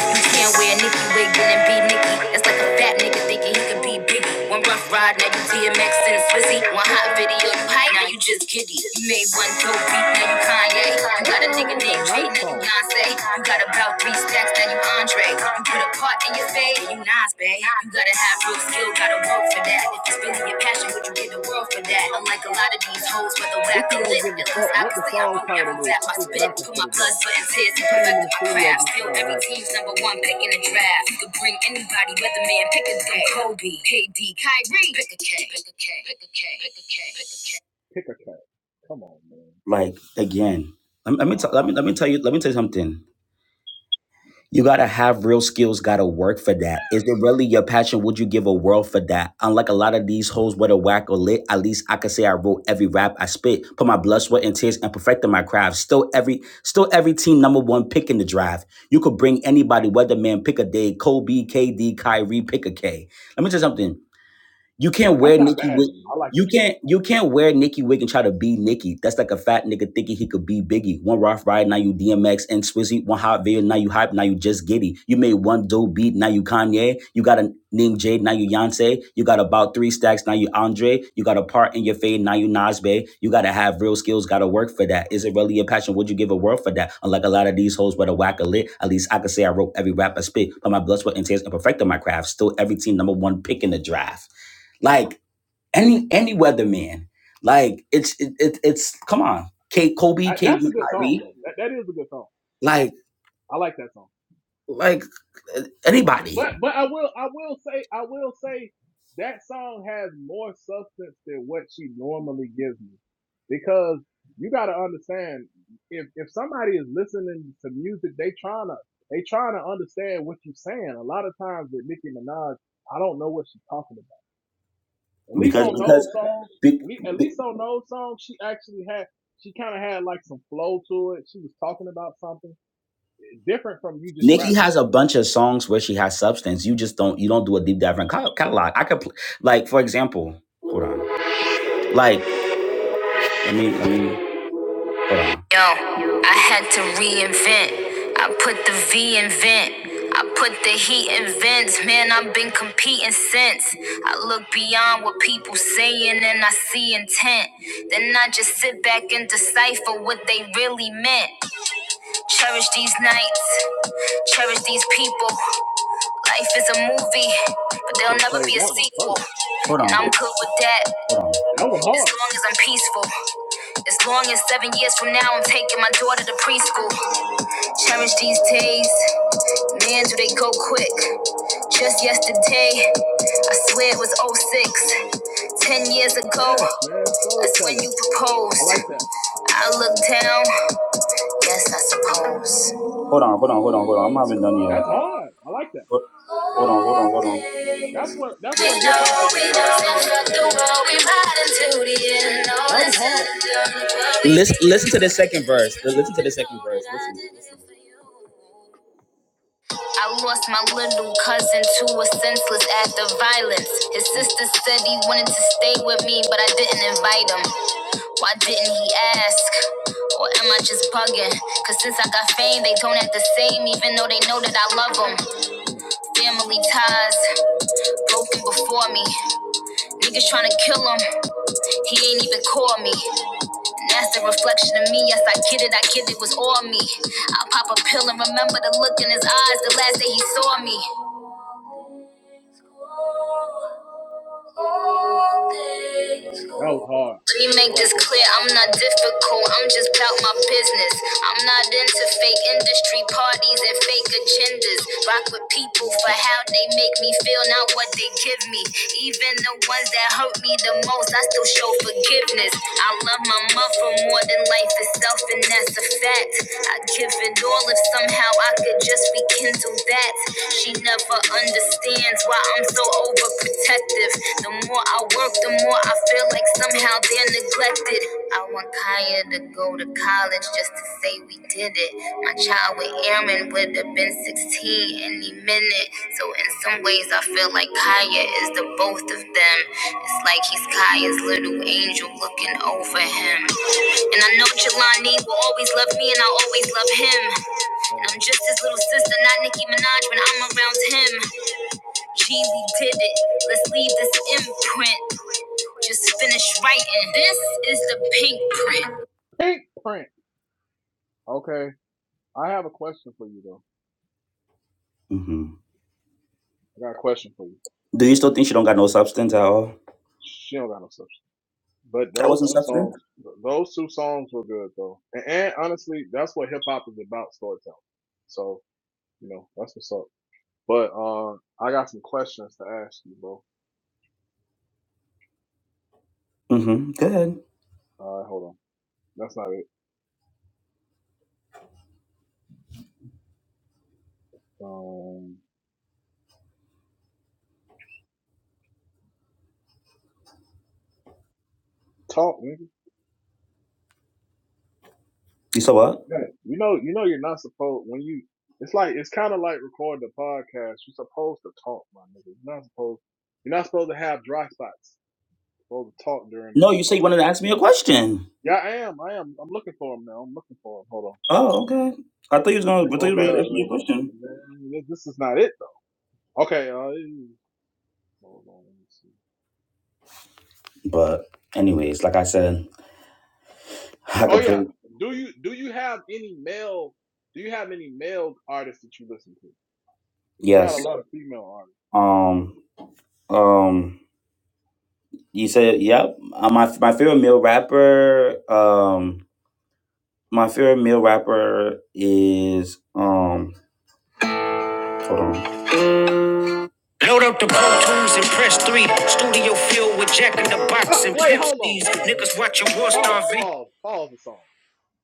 you can't wear Nikki wig and be Nikki. That's like a
What that
fat
got to
nigga
do with
thinking he
that
could be
song?
big. One rough ride, now you DMX and Swizzy. One hot video, you hype, now you just giddy. You made one dope beat, now you Kanye. You
That
got a
sounds
nigga
like a
named Jay,
nice
now you
song.
Beyonce. You got about three stacks, now you Andre. You put a part in your fade, you Nas, babe. You gotta have real skill, gotta work for that. If it's really your passion, would you give the world for that? Unlike a lot of these hoes, whether whack
Nicki
or lit,
don't give a
at least
fuck
I
what
can
the
say I
song
wrote
title
every rap
is. She
I
just
spit.
rapping
Put
for
my
the
blood,
day.
sweat, and tears to
She came
perfect
in the
my
studio
craft.
just
Still
started
every
rapping.
team's number one pick in the draft. You could bring anybody, whether man, pick a day. Kobe, KD, Kyrie, pick a K, pick a K, pick a K, pick a K, pick a K.
Pick a cat. Come on, man.
Like again, let me let me,
Nah.
t- let me let me tell you let me tell you something. You gotta have real skills, gotta work for that. Is it really your passion? Would you give a world for that? Unlike a lot of these hoes, whether whack or lit, at least I can say I wrote every rap I spit. Put my blood, sweat, and tears and perfected my craft. Still every still every team number one pick in the draft. You could bring anybody, weatherman, pick a day, Kobe, KD, Kyrie, pick a K. Let me tell you something. You can't
That's
wear
not
Nikki
bad.
Wick.
Though. I like
You
that song.
can't you can't wear Nikki Wick and try to be Nikki. That's like a fat nigga thinking he could be Biggie. One Rough Rider, now you DMX and Swizzy. One hot video, now you hype, now you just giddy. You made one dope beat, now you Kanye. You got a name Jade, now you Yonsei. You got about three stacks, now you Andre. You got a part in your fade, now you Nas Bay. You gotta have real skills, gotta work for that. Is it really your passion? Would you give a word for that? Unlike a lot of these hoes with a whack a lit, at least I could say I wrote every rap I spit. Put my blood, sweat, and tears and perfected my craft. Still every team number one pick in the draft like any any weatherman. Like it's it, it, it's come on, K Kobe,
I,
KD,
that's a good song
Kyrie,
though. That that is a good song.
like
I like that song.
like uh, anybody
But but I will I will say I will say that song has more substance than what she normally gives me. Because you gotta understand if if somebody is listening to music, they trying to they trying to understand what you're saying. A lot of times with Nicki Minaj, I don't know what she's talking about. At least
because
on
because
those songs,
be,
at least, at least on those songs, she actually had she kind of had like some flow to it. She was talking about something It's different from you just
Nikki
rapping.
has a bunch of songs where she has substance. You just don't you don't do a deep dive in catalog. I could pl- like for example, hold on, like I mean I mean. Yo, I had to reinvent. I put the V in vent. I put the heat in vents. Man, I've been competing since. I look beyond what people saying and I see intent. Then I just sit back and decipher what they really meant. Cherish these nights, cherish these people. Life is a movie, but
You should
there'll
have
never be
played
a
that one
sequel.
first.
Hold on. And I'm good with that. Hold on.
That one hard.
As long as I'm peaceful. As long as seven years from now I'm taking my daughter to preschool. Cherish these days, man, do they go quick. Just yesterday, I swear it was oh 06. Ten years ago,
Yes, man.
that's when
Storytelling.
you
I
proposed.
like that.
I look down, yes, I suppose. Hold on, hold on, hold on, hold on. I'm not even done yet.
That's hard. I like that.
Hold on, hold on, hold on. We
That's what that's what hip
know
hop is
we
about, telling a
took the
story, bro.
road, we ride until the end. All
That
is
was
said
hard.
and done. Listen, listen to the second verse. Listen to the second I lost my little cousin to a senseless act of violence. His
Mm,
sister said he wanted to stay with me, but I didn't invite him. Why didn't he ask? Or am I just bugging? Cause since I got fame, they don't act the same, even though they know that I love them.
mm.
Family ties, broken before me. Niggas tryna kill him, he ain't even call me. And that's the reflection of me, yes, I get it, I get it was all me. I pop a pill and remember the look in his eyes the last day he saw me.
that was hard.
Let me
I
make
like
this
that.
clear, I'm not difficult, I'm just about my business. I'm not into fake industry parties and fake agendas. Rock with people
Real
for
talk.
how they make me feel, not what they give me. Even the ones that hurt me the most, I still show forgiveness. I love my mother more than life itself, and that's a fact. I'd give it all if somehow I could just rekindle that. She never understands why I'm so overprotective. The more I work, the more I feel like somehow they're neglected. I want Kaya to go to college just to say we did it. My child with Aaron would have been 16 any minute. So, in some ways, I feel like Kaya is the both of them. It's like he's Kaya's little angel looking over him. And I know Jelani will always love me, and I will always love him. And
Hold
I'm
on.
just his little sister, not Nicki Minaj when I'm around him. Gee, we did it. Let's leave this imprint. Just finish writing. This is the pink print.
Pink print. Okay. I have a question for you though.
hmm
I got a question for you.
Do you still think she don't got no substance at all?
She don't got no substance. But
That
those
wasn't
two
substance?
songs those two songs were good though. And, and honestly, that's what hip hop is about, storytelling. So, you know, that's what's up. But uh I got some questions to ask you, bro.
Mm-hmm. Good.
All right, hold on. That's not it. Um, talk, nigga.
You said what?
Yeah. You know, you know, you're not supposed when you. It's like it's kind of like recording a podcast. You're supposed to talk, my nigga. You're not supposed. You're not supposed to have dry spots. You're supposed to talk during the.
No, you said you wanted to ask me a question.
Yeah, I am. I am. I'm looking for him now. I'm looking for him. Hold on.
Oh, okay. I thought you was
I'm
gonna.
look,
I thought you were
okay.
gonna
uh,
ask me a question.
man, this, this is not it though. Okay. Uh, hold on. Let me see.
But anyways, like I said, I
Oh
could play.
yeah. Do you do you have any male? Do you have any male artists that you listen to? 'Cause You got a
Yes.
lot of female artists.
Um. Um. You said yep. Uh, my my favorite male rapper. Um. My favorite male rapper is um. Hold on. Load up the Pro Tools and press three. Studio filled with Jack in the
Uh,
Box and
wait, hold on,
Pepsi's.
hold on, hold on.
Niggas watching War
Pause,
Star
pause, pause the song.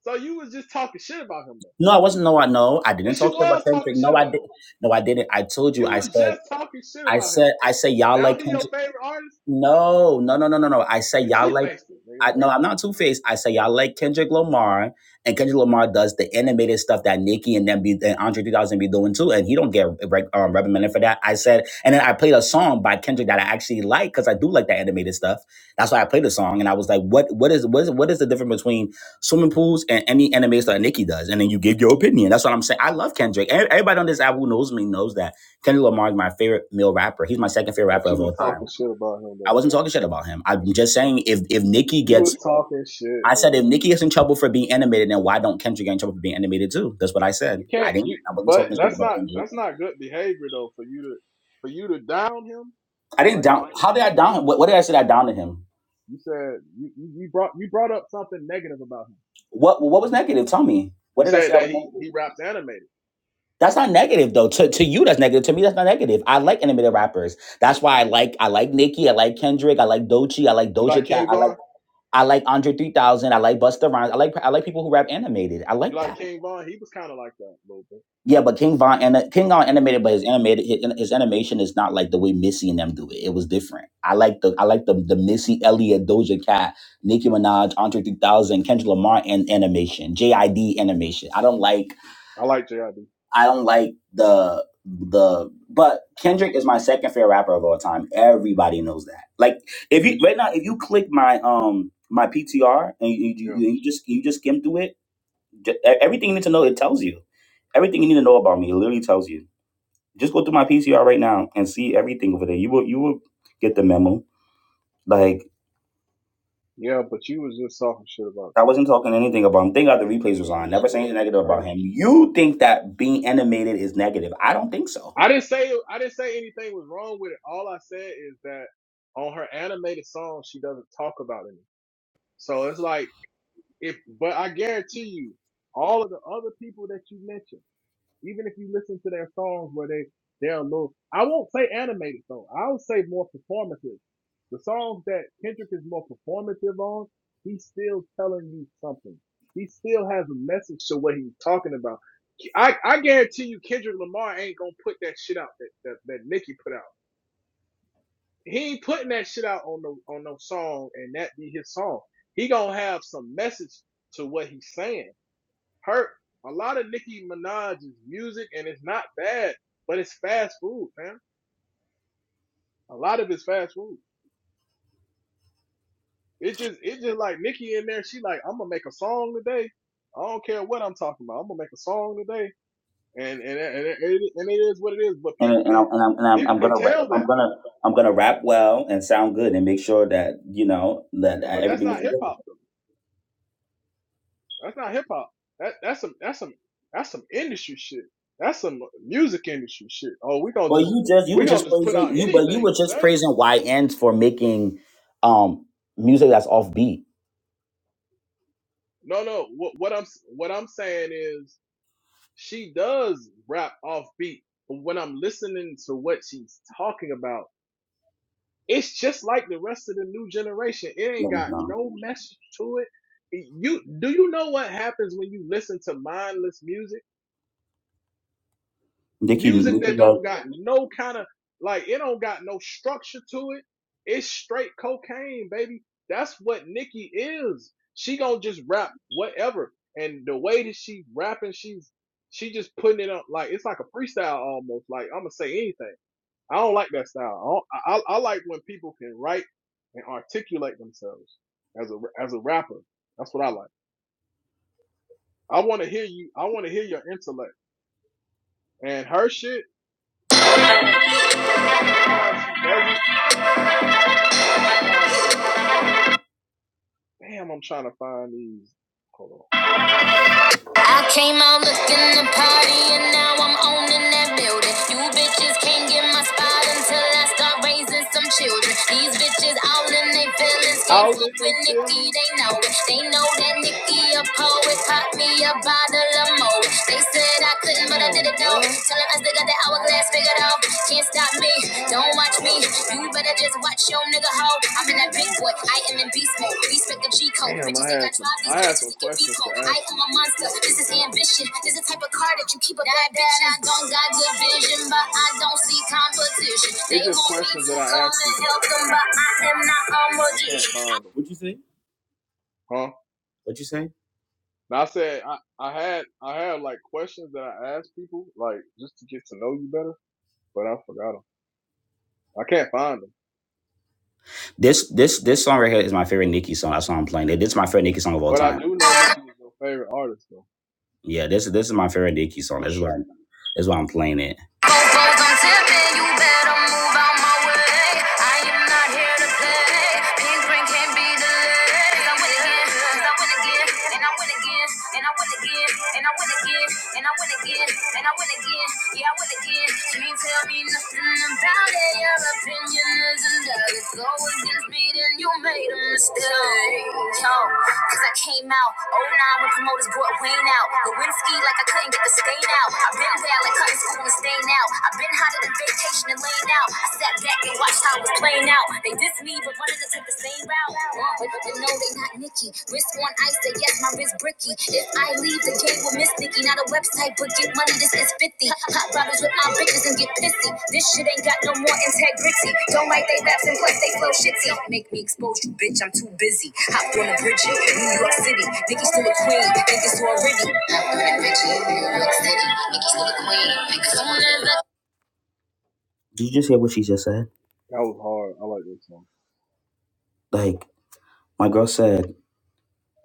So you was just talking shit about him, though.
No, I wasn't. No, I no, I didn't
Yes, you
talk shit about
was talking
Kendrick.
shit
No, I
about
did.
him.
No, I didn't. I told you.
You
I
was
said.
just talking shit
I
about him.
said. I said y'all
Now
like
he your
Kendrick.
favorite artist.
No, no, no, no, no, no. I said
You
y'all
two
like.
faced it,
I
nigga.
no, I'm not two faced. I say y'all like Kendrick Lamar, and Kendrick Lamar does the animated stuff that Nicki and then be and Andre 3000 be doing too, and he don't get um, reprimanded for that. I said, and then I played a song by Kendrick that I actually like because I do like that animated stuff. That's why I played the song, and I was like, what what is what is what is the difference between swimming pools and any animated stuff that Nicki does? And then you give your opinion. That's what I'm saying. I love Kendrick. Ev- Everybody on this app who knows me knows that Kendrick Lamar is my favorite male rapper. He's my second favorite
But
rapper of
you was
all time.
talking shit about him,
I
though.
wasn't talking shit about him.
Yes,
I'm
you
just
was.
saying if if Nicki
You
gets
was talking shit,
I said
nigga.
if Nicki gets in trouble for being animated, then why don't Kendrick get in trouble for being animated too? That's what I said.
You
I
can't.
didn't.
You,
I wasn't
but
talking shit
that's
about
not
Kendrick.
that's not good behavior though for you to for you to down him
I didn't
like that.
down.
It's
How did I
not good
down him? What,
behavior.
what did I say? I downed to him.
You said you you you brought you brought up something negative about him.
What What was negative? Tell me. What
You
did I
said
say? I
that
was
he
negative?
he raps animated.
That's not negative though. To, to you, that's negative. To me, that's not negative. I like animated rappers. That's why I like I like Nicki. I like Kendrick. I like Dochi. I like
You like
Doja Cat.
King
I like
Von?
I like Andre 3000. I like Busta Rhymes. I like I like people who rap animated. I
You
like that.
like King Von? He was kind of like that a little bit.
Yeah, but King Von and King Von animated, but his animated his his animation is not like the way Missy and them do it. It was different. I like the I like the the Missy Elliott, Doja Cat, Nicki Minaj, Andre 3000, Kendrick Lamar and animation, JID animation. I don't like
I like JID.
I don't like the the but Kendrick is my second favorite rapper of all time. Everybody knows that. Like if you
Kendrick.
right now if you click my um my PTR and you
Yeah.
you, you just you just skim through it, j- everything you need to know it tells you. Everything you need to know about me it literally tells you. Just go through my PCR right now and see everything over there. You will you will get the memo. Like
Yeah, but you was just talking shit about
I
Kendrick.
wasn't talking anything about him. Thank God the replays was
She
on. Never
was.
say anything negative
I
about
heard
him.
you.
You think that being animated is negative? I don't think so.
I didn't say I didn't say anything was wrong with it. All I said is that on her animated song, she doesn't talk about it. So it's like if, but I guarantee you, all of the other people that you mentioned. Even if you listen to their songs where they they're a little, I won't say animated though. I'll say more performative. The songs that Kendrick is more performative on, he's still telling you something. He still has a message to what he's talking about. I, I guarantee you Kendrick Lamar ain't gonna put that shit out that, that, that Nicki put out. He ain't putting that shit out on no on no song and that be his song. He gonna have some message to what he's saying hurt. A lot of Nicki Minaj's music, and it's not bad, but it's fast food, man. A lot of it's fast food. It just, it just like Nicki in there. She like, I'm gonna make a song today. I don't care what I'm talking about. I'm gonna make a song today, and and and it, and it is what it is. But people
And and
can,
I'm and I'm, and I'm,
people
I'm
can
gonna
tell that
I'm gonna
though.
I'm gonna rap well and sound good and make sure that you know that uh,
But that's
everything
not
is
hip
good.
hop though. That's not hip hop. That that's some that's some that's some industry shit. That's some music industry shit. Oh, we gonna
But
just
you just you
we
were
gonna
just
just put
praising
out
you, but you
anything
were just
today
praising YNs for making um music that's offbeat. beat.
No, no. What, what I'm what I'm saying is she does rap offbeat, but when I'm listening to what she's talking about, it's just like the rest of the new generation. It ain't
No,
got
no.
no message to it. You do you know what happens when you listen to mindless music?
Nicki,
music that
Nicki,
don't got no kind of like it don't got no structure to it. It's straight cocaine, baby. That's what Nikki is. She gonna just rap whatever, and the way that she rapping, she's she just putting it up like it's like a freestyle almost. Like I'm gonna say anything. I don't like that style. I, don't, I I I like when people can write and articulate themselves as a as a rapper. That's what I like. I want to hear you. I want to hear your intellect and her shit. Sometimes sometimes she does it. But most times not. Damn, I'm trying to find these. Hold on.
I came out looking the party and now I'm owning that building. You bitches can't get my spot until I start raising
Hold
some children. These bitches all in their feelings can't
on. Out
fuck
in they
with Nikki,
feelings.
they know it. They know that Nikki a poet, pop me a bottle of Moet. They said I couldn't, but I did
Damn,
it though.
bro.
Tell 'em I still got that hourglass figured out.
Hold
Can't stop me, don't watch me. You better just watch your nigga hoe. I'm in that big boy, I am in beast mode. Respect the G code,
on. Damn,
bitches
I
ain't got
had some.
drive these
I had
bitches.
some
ain't can
questions
repo.
to
I
ask
am
you,
a monster. This is
but
ambition. This is the type of car that you keep up that bitch. I don't got good
I can't
vision, but
find
I
them.
don't see competition.
It's
They
just
want me
questions
to
that I
come
ask
and
people.
help them, but I am not a
I can't
magician.
find them.
What you say?
Huh?
What you say?
Now I said I, I had I had like questions that I asked people like just to get to know you better, but I forgot them. I can't find them.
This this this song right here is my favorite Nicki song. That's why I'm playing it. This is my favorite Nicki song of all
But I
time.
do know Nicki is your favorite artist though,
Yeah, this this is my favorite Nicki song.
for
That's why
sure.
that's why I'm playing it. couldn't get the stain out. I've been bad like cutting school and staying out. I've been hotter than vacation and laying out. I sat back and watched how it was playing out. They dissed me, but wanted to take the same route. Uh, But, but no, they not Nikki. Wrist on ice, they yes, my wrist bricky. If I leave, the game will miss Nikki. Not a website, but get money, this is 50. Pop bottles with my bitches and get pissy. This shit ain't got no more integrity. Don't like they raps and plus they flow shitty. Make me expose you, bitch, I'm too busy. Hopped on a bridge in New York City. Nikki still a queen, think it's already. Did you just hear what she just said?
That was hard. I like this song.
Like, my girl said,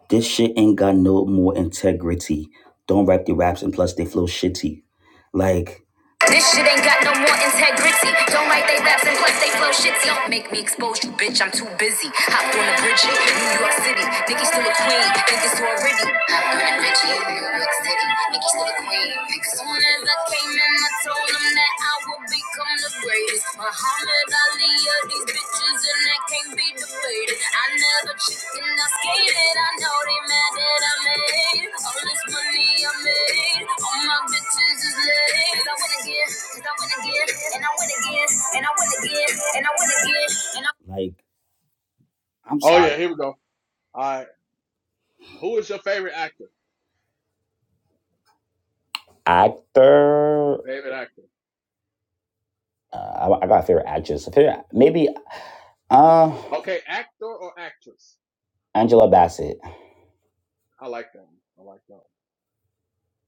this shit ain't got no more integrity. Don't rap the raps and plus they flow shitty. Like, this shit ain't got no more integrity. Don't like they raps and plus they flow shitty. Don't make me expose you, bitch. I'm too busy. Hopped on the bridge, New York City. Nikki still a queen. Think it's already. Hopped on the bridge, York Soon as I came in, I told them that I would become the greatest. Muhammad Ali of these bitches, and that can't be debated. I never chicken, I skated. I know they mad that I made all this money I made. All my bitches is laid. 'Cause I win again, 'cause I win again, and I win again, and I win again, and I win again, and I. Like, I'm
Oh yeah,
sorry,
here we go. All right. Who is your favorite actor?
actor.
Favorite actor.
Uh, I, I got a favorite actress. A favorite, maybe uh,
Okay, actor or actress?
Angela Bassett.
I like that one. I like that one.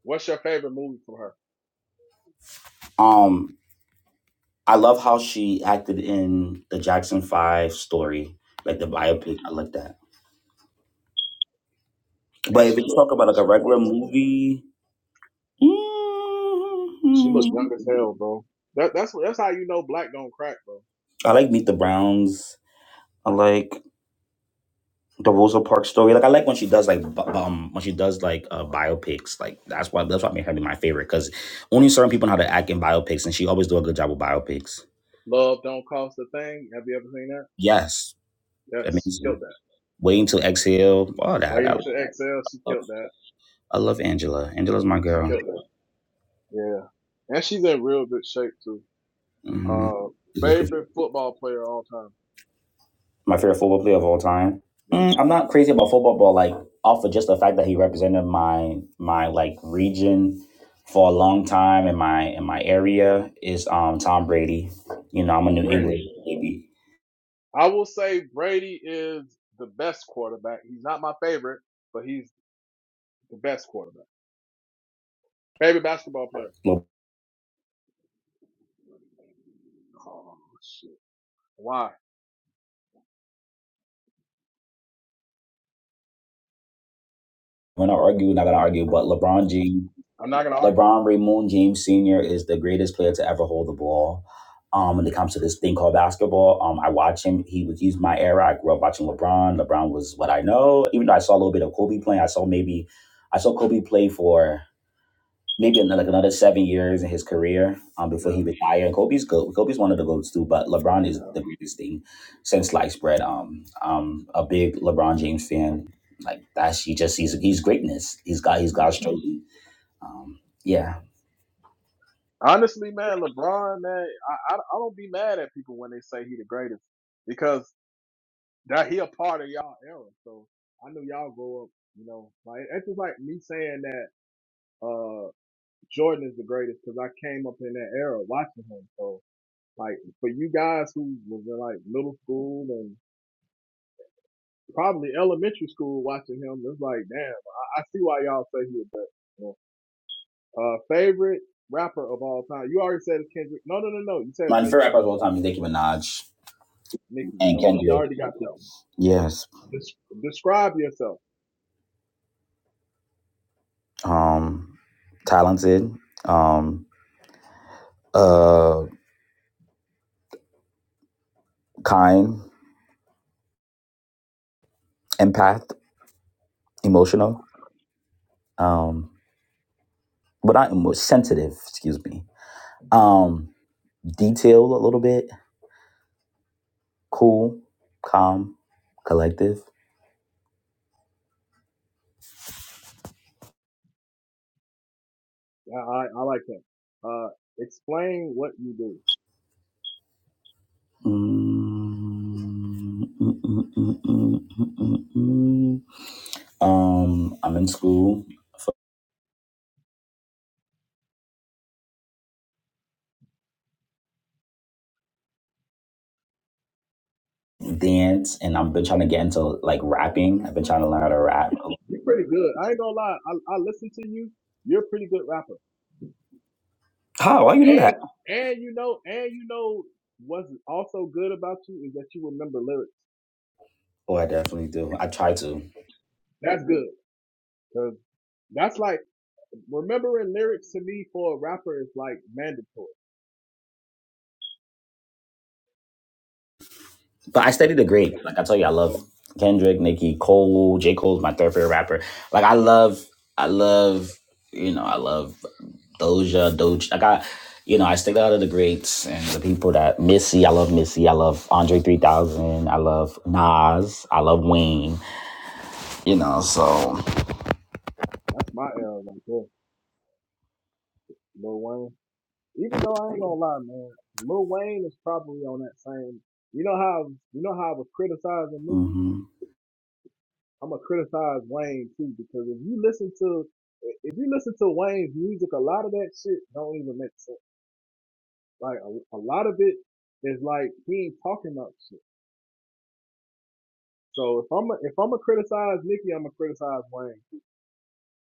What's your favorite movie from her?
Um, I love how she acted in the Jackson Five story, like the
You know,
biopic. I like that. But
and
if
she
you
looks
talk
like
about like a
she's like
regular
twenty.
movie,
She
mm,
looked young as hell, bro. That, that's that's how you know black don't crack, bro.
I like Meet the Browns. I like the Rosa Parks story. Like I like when she does like bu- um when she does like uh, biopics. Like that's why that's what made her be my favorite because only certain people know how to act in biopics, and she always do a good job with biopics.
Love don't cost a thing. Have you ever seen that?
Yes,
Yes, she killed
amazing.
that.
Waiting to exhale, all that.
Waiting
I
to exhale, she
love,
killed that.
I love Angela. Angela's my
She
girl.
killed that. Yeah, and she's in real good shape too.
hmm
Uh, favorite football player of all time.
My favorite football player of all time.
Yeah,
Mm, I'm not crazy about football, but like off of just the fact that he represented my my like region for a long time in my in my area is um Tom Brady. You know, I'm a New
Brady.
England baby.
I will say Brady is the best quarterback. He's not my favorite, but he's the best quarterback. Favorite basketball player.
Le-
Oh shit. Why?
We're not arguing, not gonna argue, but LeBron James
I'm not gonna argue. with
LeBron Raymond James Sr. is the greatest player to ever hold the ball. Um, when it comes to this thing called basketball, um, I watch him. He was he's my era. I grew up watching LeBron. LeBron was what I know. Even though I saw a little bit of Kobe playing, I saw maybe I saw Kobe play for maybe another, like another seven years in his career um, before he
you.
retired. And Kobe's good. Kobe's one of the goats too, but LeBron
Yeah,
is
yeah,
the greatest thing since sliced bread. Um, I'm a big LeBron James fan. Like that's he just he's he's greatness. He's got he's
yeah.
God's trophy. Um, yeah.
Honestly, man, LeBron, man, I, I I don't be mad at people when they say he the greatest because that he a part of y'all era. So I know y'all grow up, you know. Like it's just like me saying that uh Jordan is the greatest because I came up in that era watching him. So Like for you guys who was in like middle school and probably elementary school watching him, it's like, damn, I, I see why y'all say he was best. You know? Uh, favorite rapper of all time. You already said it's Kendrick. No, no, no, no. You said it's
My
Nicki.
favorite rappers of all time is Nicki Minaj
Nicki.
and
So we
Kendrick.
already got that.
Yes.
Des- describe yourself.
Um, talented, um, uh, kind, empath, emotional, um, but not emo- sensitive. Excuse me. Um, detailed a little bit. Cool, calm, collective.
I, I, I like that. Uh, explain what you do.
Mm, mm, mm, mm, mm, mm, mm, mm. mm, mm. Um, I'm in school, dance, and I've been trying to get into like rapping. I've been trying to learn how to rap. a
You're pretty good. I ain't gonna lie. I, I listen to you. You're a pretty good rapper.
How? Why you know that?
And and you know and you know what's also good about you is that you remember lyrics.
Oh, I definitely do. I try to.
That's good. Cause that's like remembering lyrics to me for a rapper is like mandatory.
But I studied the grade. Like I tell you, I love
So
Kendrick, Nicki, Cole, J. Cole's my third favorite rapper. Like I love, I love, you know, I love Doja, Doge. Like I, you know, I stick out of the greats and the people that Missy. I love Missy. I love Andre 3000. I love Nas. I love Wayne. You know, so.
that's my L right there, Lil Wayne. Even though I ain't gonna lie, man, Lil Wayne is probably on that same. You know how you know how I was criticizing Nicki.
hmm
I'm gonna criticize Wayne too because if you listen to if you listen to Wayne's music, a lot of that shit don't even make sense. Like a, a lot of it is like he ain't talking about shit. So if I'm a, if I'm gonna criticize Nicki, I'm gonna criticize Wayne.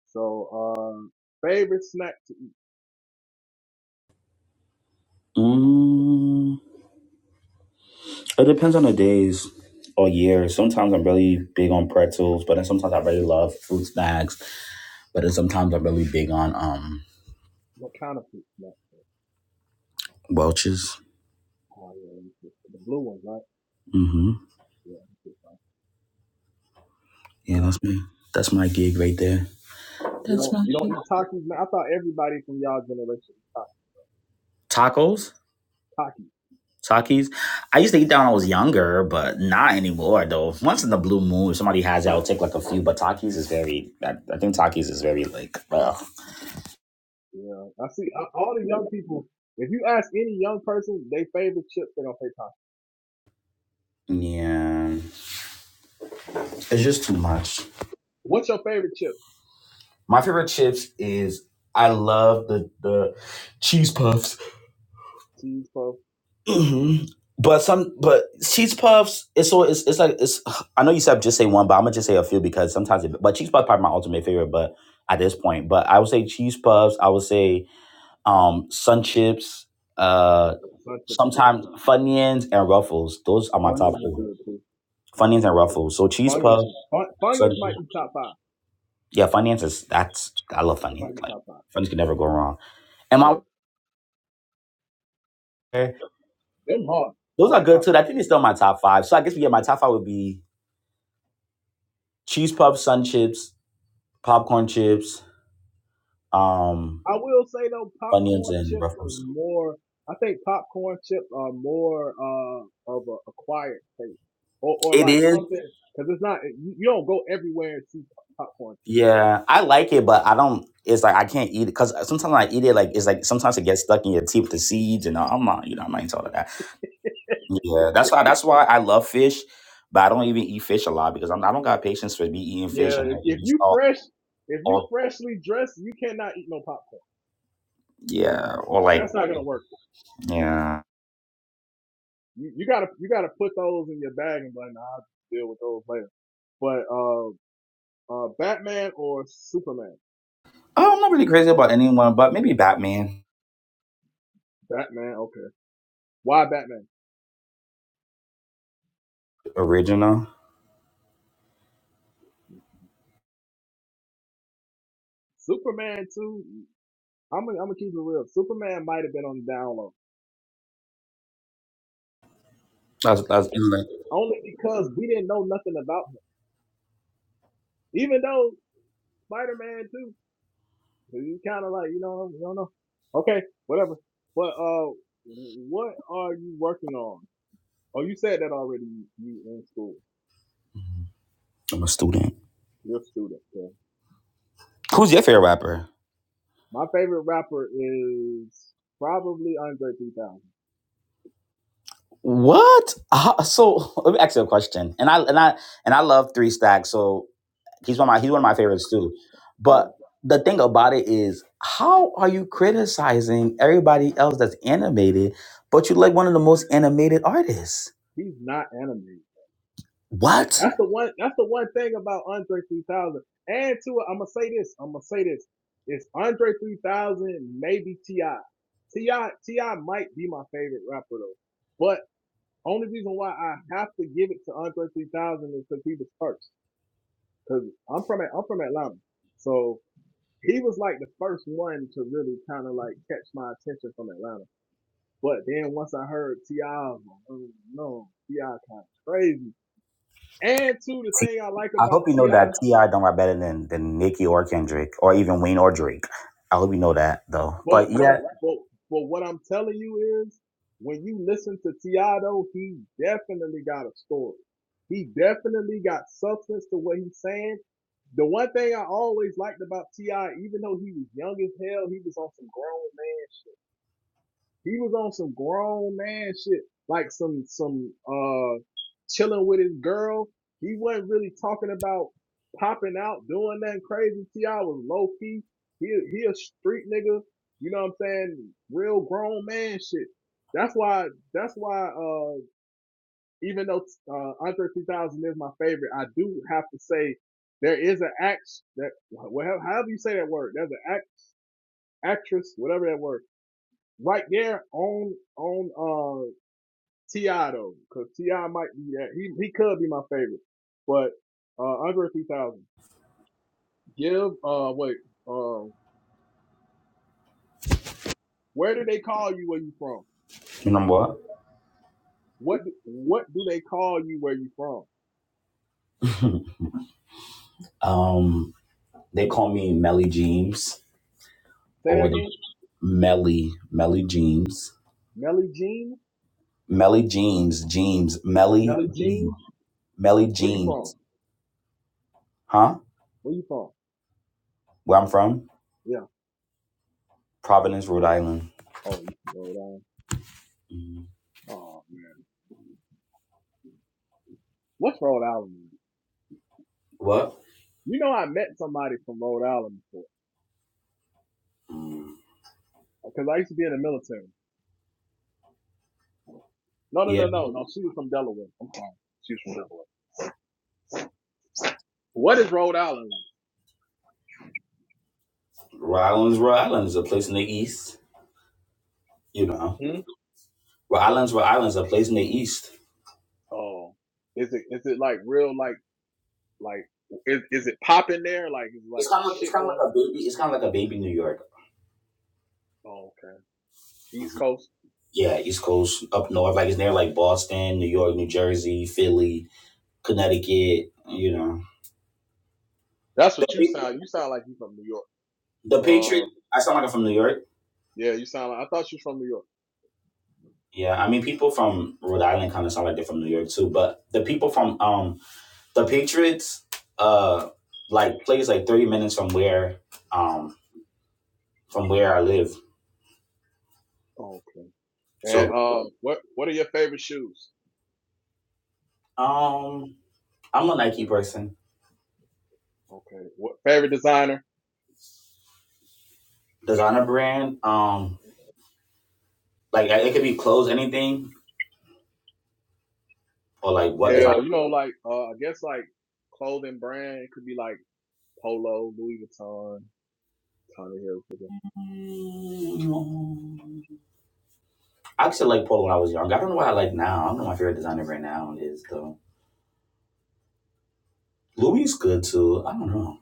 So, um, favorite snack? To,
It depends on the days or years. Sometimes I'm really big on pretzels, but then sometimes I really love fruit snacks. But then sometimes I'm really big on um
what kind of food snack?
Welch's.
Oh, yeah, let me see. the blue ones, right?
Mm-hmm.
Yeah, let me see if I I
Yeah,
like
that's
that.
me. That's my gig right there.
You
That's
don't
my
you don't
shit.
eat Takis now. I thought everybody from y'all generation eat ta-
Tacos?
Takis.
Takis? I used to eat that when I was younger, but not anymore though. Once in the blue moon, if somebody has it, I'll take like a few. But Takis is very I, I think Takis is very like ugh.
Yeah, I see I, all the young people. If you ask any young person, they favorite chips, they gonna say Takis.
Yeah. It's just too much.
What's your favorite chip?
My favorite chips is I love the the cheese puffs.
Cheese puff.
hmm But some but cheese puffs it's so it's it's like it's I know you said just say one, but I'm gonna just say a few because sometimes it, but cheese puffs probably my ultimate favorite, but at this point. But I would say cheese puffs, I would say um sun chips, uh
Yeah, Sun chips are good.
sometimes Funyuns and Ruffles. Those are my top
Funyuns are
four.
good too.
Funyuns
Like,
and Ruffles. So cheese
Funyuns,
puffs,
is- Fun-
sun
Funyuns might
chips.
be top five.
yeah, Funyuns is that's I love
It
Funyuns.
might be
Like
top five.
Funyuns can never go wrong. And
Yeah,
my
them hard. I
Those are
like
good too. I
popcorn
think
chips.
it's still my top five. So I guess we get my
Yeah.
top five would be cheese puffs, sun chips, popcorn chips, um,
I will say though,
onions,
popcorn
and
chips is
ruffles.
more. I think popcorn chips are more uh, of a acquired taste, or or
It
like
is.
something because it's not. You you don't go everywhere and see pop- popcorn chips.
Yeah, I like it, but I don't. It's like I can't eat it because sometimes I eat it, like it's like sometimes it gets stuck in your teeth with the seeds, and I'm not, you know, I'm not into all of that. Yeah, that's why. That's why I love fish, but I don't even eat fish a lot because I'm, I don't got patience for me eating fish
Yeah,
and
If, if
just
you
all,
fresh, if you
all,
freshly dressed, you cannot eat no popcorn.
yeah, or like,
That's not gonna work.
yeah.
You, you gotta you gotta put those in your bag and be like, nah, I'll deal with those later. But uh, uh, Batman or Superman?
Oh, I'm not really crazy about anyone, but maybe Batman
Batman, okay. Why Batman?
original.
Superman too. I'm gonna, I'm gonna keep it real. Superman might have been on the down low,
That's that's inland.
only because we didn't know nothing about him. Even though Spider Man too, he's kind of like you know you don't know. Okay, whatever. But uh, what are you working on? Oh, you said that already. You in school?
I'm a student.
You're a student. So.
Who's your favorite rapper?
My favorite rapper is probably Andre 3000.
What? Uh, so let me ask you a question. And I and I and I love Three Stacks. So he's one of my he's one of my favorites too.
Yeah,
But the thing about it is, how are you criticizing everybody else that's animated, but you like one of the most animated artists?
he's not animated.
What?
That's the one. That's the one thing about Andre 3000. And to I'm gonna say this. I'm gonna say this. It's Andre 3000, maybe Ti. Ti Ti might be my favorite rapper though. But only reason why I have to give it to Andre 3000 is because he was first. Because I'm from I'm from Atlanta, so he was like the first one to really kind of like catch my attention from Atlanta. But then once I heard Ti, was like, oh no, Ti kind of crazy. And two, the thing I like
I
about
hope you know
Ti
that Ti don't rap better than than Nicki or Kendrick or even Wayne or Drake. I hope you know that though.
But
But
what,
yeah,
I- but, but what I'm telling you is, when you listen to Tiago, he definitely got a story. He definitely got substance to what he's saying. The one thing I always liked about Ti, even though he was young as hell, he was on some grown man he was on some grown man shit, like some some uh chilling with his girl. He wasn't really talking about popping out, doing nothing crazy. Ti was low key. He he a street nigga. You know what I'm saying? Real grown man shit. That's why. That's why. Uh, even though uh, Andre 3000 is my favorite, I do have to say there is an act that well, however you say that word. There's an act, actress, whatever that word, right there on on uh Ti though, because Ti might be that he he could be my favorite, but uh, Andre 3000. Give uh wait um where do they call you where you from?
you know what?
What what do they call you where you from?
um, they call me Melly James.
Say that
or
again.
Melly Melly Jeans.
Melly Jean.
Melly Jeans, Jeans, Melly
Melly
Jean-
Jean.
Melly
Where you from?
Jeans. Huh?
Where you from?
Where I'm from?
Yeah.
Providence, Rhode Island.
Oh, you from Rhode Island.
Mm.
Oh man, what's Rhode Island? mean?
What?
You know I met somebody from Rhode Island before
Mm.
because I used to be in the military. No no
Yeah.
no no no. She was from Delaware. I'm sorry. She was from Delaware. What is Rhode Island
Rhode Island's Rhode Island is a place in the east. You know.
like? Hmm?
Rhode Island's Rhode Island's a place in the east.
Oh, is it is it like real like like is is it popping there? Like is like
It's
some
kinda it's
shit
kinda like
going?
a baby it's kinda like a baby New York.
Oh, okay. East Coast.
Yeah, East Coast, up north, like it's near like Boston, New York, New Jersey, Philly, Connecticut, you know.
That's
The,
what you
Patri-
sound. You sound like you from New York.
the Patriot
Um,
I sound like I'm from New York.
yeah, you sound like I thought you was from New York.
Yeah, I mean, people from Rhode Island kind of sound like they're from New York too, but the people from um the Patriots uh like plays like thirty minutes from where um from where I live.
Oh, okay. And
So
um, what what are your favorite shoes?
um I'm a Nike person.
Okay. What favorite designer?
Designer brand um like it could be clothes, anything or like what design.
Yeah, you know, like uh, I guess like clothing brand it could be like Polo, Louis Vuitton, Tommy Hilfiger.
Mm, I actually like Polo when I was young. I don't know what I like now. I don't know what my favorite designer brand now is though. Louis good too. I don't know.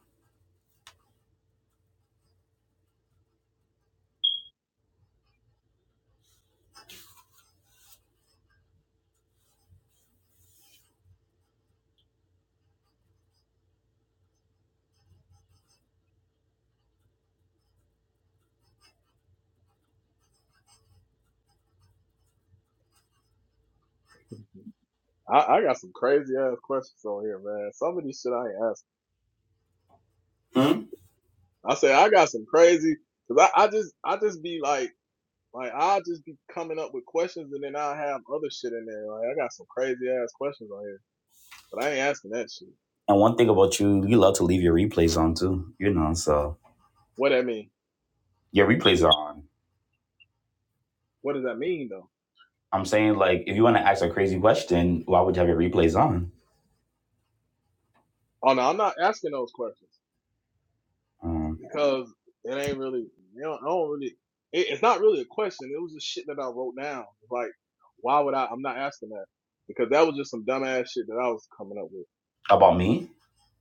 I I got some crazy ass questions on here, man. Some of these shit I ain't asking.
Hmm?
I say I got some crazy because I, I just I just be like like I just be coming up with questions and then I have other shit in there. Like I got some crazy ass questions on here, but I ain't asking that shit.
And one thing about you, you love to leave your replays on too, you know, so
What that mean?
your replays are on.
What does that mean though?
I'm saying, like, if you want to ask a crazy question, why would you have your replays on?
Oh no, I'm not asking those questions because it ain't really you know I don't really it, it's not really a question. It was just shit that I wrote down. Like why would I? I'm not asking that because that was just some dumbass shit that I was coming up with.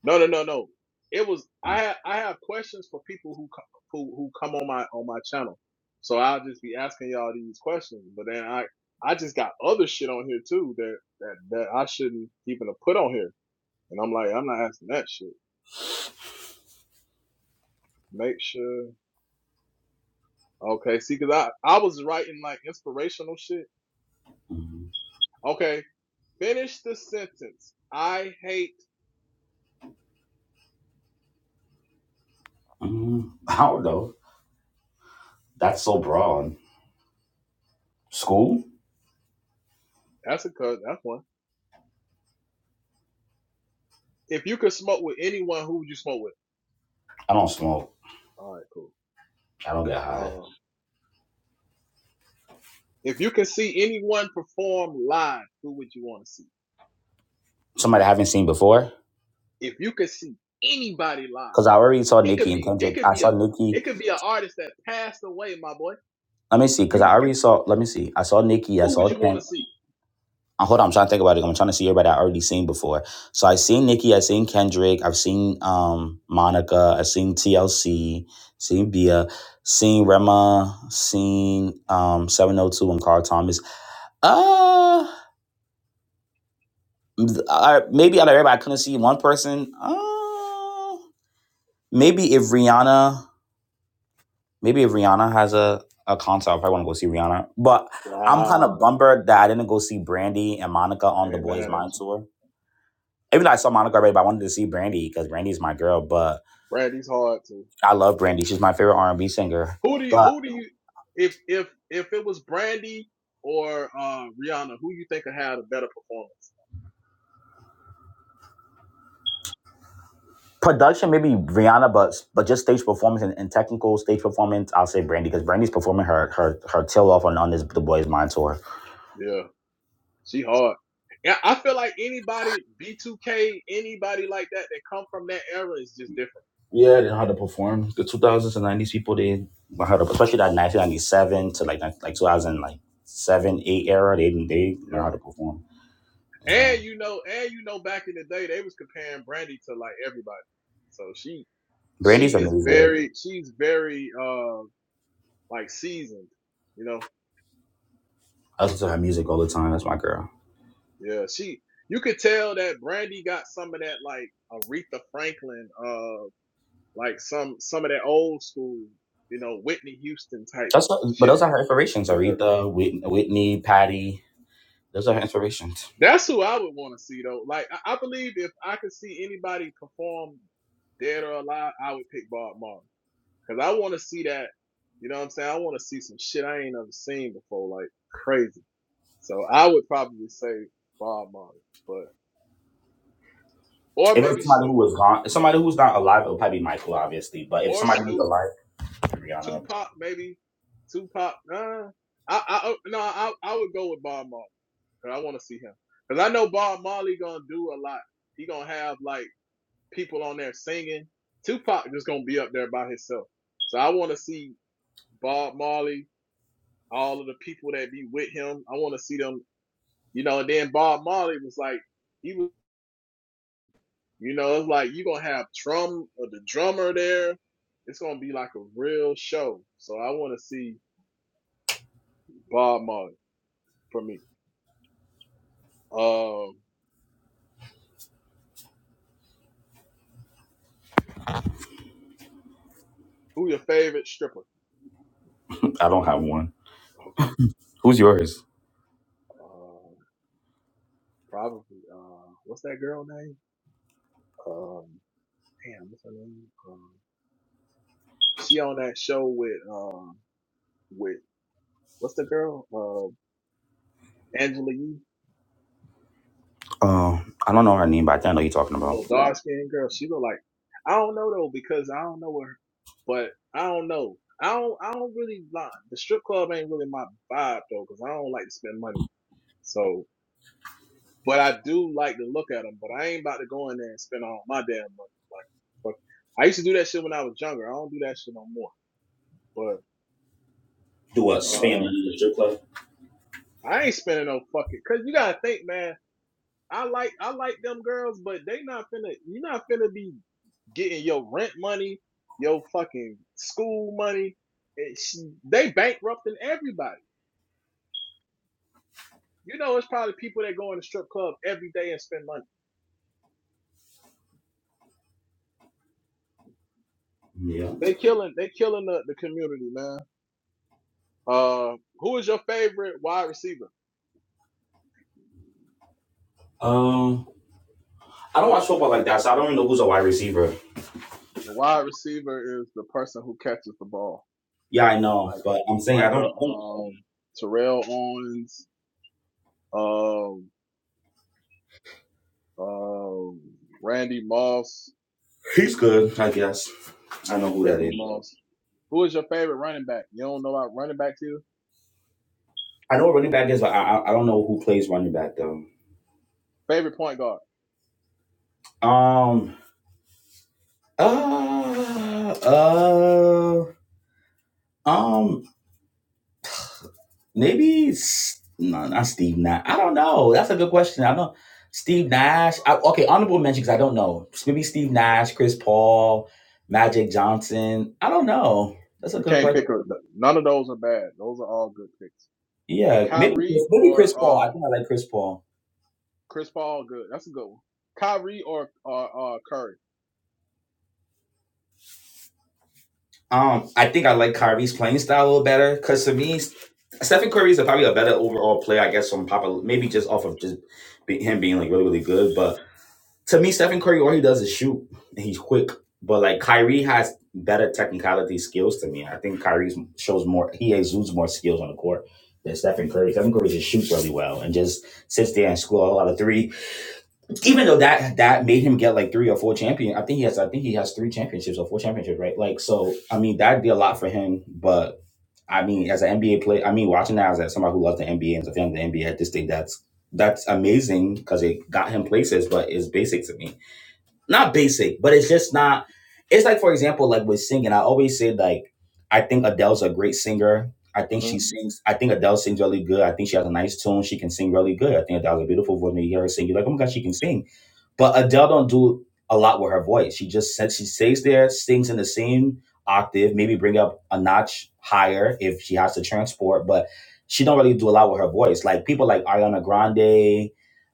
No, no, no, no. It was I. ha- I have questions for people who co- who who come on my on my channel, so I'll just be asking y'all these questions. But then I I just got other shit on here too that that that I shouldn't even have put on here, and I'm like I'm not asking that shit. Make sure okay. See, cause I I was writing like inspirational shit.
Mhm.
Okay, finish the sentence. I hate.
Mhm. I don't know. That's so broad. School?
That's a cuz. That's one. If you could smoke with anyone, who would you smoke with?
I don't smoke.
All right,
I don't get high.
cool. If you could see anyone perform live, who would you want to see?
Somebody I haven't seen before?
If you could see anybody live,
Because I already saw
it
Nikki
could
and
be it
Kendrick.
could
I
be a
saw Nikki.
it could be an artist that passed away, my boy.
Let me see. Because I
You
already saw, let me see. I saw Nikki. I
who would
saw
you
Kendrick.
want to see?
Uh, Hold on, I'm trying to think about it. I'm trying to see everybody I already seen before. So I seen Nicki, I seen Kendrick, I've seen um Monica, I've seen TLC, seen Bia, seen Rema, seen um 702 and Carl Thomas. Uh, uh maybe out of everybody I couldn't see one person. Uh, maybe if Rihanna, maybe if Rihanna has a, a concert, I probably want to go see Rihanna. But I'm kind of
Wow.
bummed that I didn't go see Brandy and Monica on
I
the
ain't
Boys
mad
Mind
at you.
tour. even though I saw Monica already, but I wanted to see Brandy because Brandy's my girl. But
Brandy's hard too.
I love Brandy; she's my favorite R and B singer.
Who do you
But
who do you if if if it was Brandy or uh Rihanna, who you think would have a better performance?
production, maybe Rihanna, but but just stage performance and, and technical stage performance, I'll say Brandy because Brandy's performing her her her tail off on on this The Boys Mind tour.
Yeah. She hard. Yeah, I feel like anybody B2K, anybody like that that come from that era is just
Yeah, they know how to perform. The two thousands and nineties people they know how to, especially that nineteen ninety seven to like like two thousand like seven eight era. They they know
different.
how to perform. Yeah,
And you know, and you know, back in the day, they was comparing Brandy to like everybody. So she, she
Brandy's
is
amazing.
very, she's very, uh, like seasoned. You know,
I listen to her music all the time. That's my girl.
yeah. She, you could tell that Brandy got some of that like Aretha Franklin, uh, like some some of that old school, you know, Whitney Houston type
That's what, but those
shit
are her inspirations.
with her.
Aretha, Whitney, Whitney, Patty. Those are her inspirations.
That's who I would want to see though. Like I, I believe if I could see anybody perform, dead or alive, I would pick Bob Marley. Cause I want to see that. You know what I'm saying? I want to see some shit I ain't ever seen before, like crazy. So I would probably say Bob Marley, but or
If
maybe
it's somebody who
Snoop
was gone, if somebody who's not alive, it'll probably be Michael, obviously. But if
or
somebody who's
Snoop,
alive, Rihanna.
Tupac maybe, Tupac. Nah, I I oh, no, I I would go with Bob Marley. Cause I want to see him. Cause I know Bob Marley gonna do a lot. He gonna have like people on there singing. Tupac just gonna be up there by himself. So I want to see Bob Marley, all of the people that be with him. I want to see them You know, and then Bob Marley was like, he was, you know, it's like you're gonna have Trum or the drummer there. It's gonna be like a real show. So I wanna see Bob Marley for me. Um who your favorite stripper?
I don't have one.
Okay.
Who's yours?
Um probably uh what's that girl name? Um damn, what's her name? Um she on that show with um with what's the girl? Uh Angela Yee.
Um, I don't know her name, but I think I know who you're talking
The
about.
little dark skinned girl, she look like I don't know though because I don't know her, but I don't know. I don't. I don't really like the strip club ain't really my vibe though because I don't like to spend money. So, but I do like to look at them. But I ain't about to go in there and spend all my damn money. Like, fuck. I used to do that shit when I was younger. I don't do that shit no more.
Do a
But
spam in
uh,
the strip club?
I ain't spending no fucking. Cause you gotta think, man. I like I like them girls, but they not finna you're not finna be getting your rent money, your fucking school money. And sh they bankrupting everybody. You know, it's probably people that go in the strip club every day and spend money.
Yeah.
They killing they killing the, the community, man. Uh, who is your favorite wide receiver?
Um, I don't watch football like that, so I don't even know who's a wide receiver.
The wide receiver is the person who catches the ball,
Yeah, I know,
like
but I'm saying I
like
don't.
a
I don't-
um, Terrell Owens, um, um, Randy Moss,
He's good, I guess. I know who that
Randy
is.
Moss. Who is your favorite running back? You don't know about running backs either?
I know what running back is, but I I, I don't know who plays running back though.
Favorite point guard?
Um. Uh, uh, um, maybe S- no, not Steve Nash. I don't know. That's a good question. I don't. Steve Nash. I, okay, honorable mention because I don't know. Maybe Steve Nash, Chris Paul, Magic Johnson. I don't know. That's a
You
good
can't
question.
pick a, none of those are bad. Those are all good picks.
Yeah, maybe
Kyrie
maybe
or
Chris Paul.
uh
I think I like Chris Paul.
Chris Paul, good. That's a good one. Kyrie or or uh, Curry.
Um, I think I like Kyrie's playing style a little better because to me, Stephen Curry is probably a better overall player. I guess from Papa, maybe just off of just be, him being like really really good, but. to me, Stephen Curry, all he does is shoot, and he's quick. But like Kyrie has better technicality skills to me. I think Kyrie shows more. He exudes more skills on the court than Stephen Curry. Stephen Curry just shoots really well and just sits there and scores a lot of three. Even though that that made him get like three or four champion, I think he has. I think he has three championships or four championships, right? Like so, I mean that'd be a lot for him. But I mean, as an NBA player, I mean watching that as somebody who loves the NBA and is a fan of the NBA, I just think that's that's amazing because it got him places, but it's basic to me not basic, but it's just not. It's like, for example, like with singing, I always say like, I think Adele's a great singer. I
uh
think she
You
sings. I think Adele sings really good. I think she has a nice tone. She can sing really good. I think Adele has a beautiful voice. When you hear her sing, you're like, oh my god, she can sing. But Adele don't do a lot with her voice. She just said she stays there, sings in the same octave, maybe bring up a notch higher if she has to transport, but she don't really do a lot with her voice. Like people like Ariana Grande,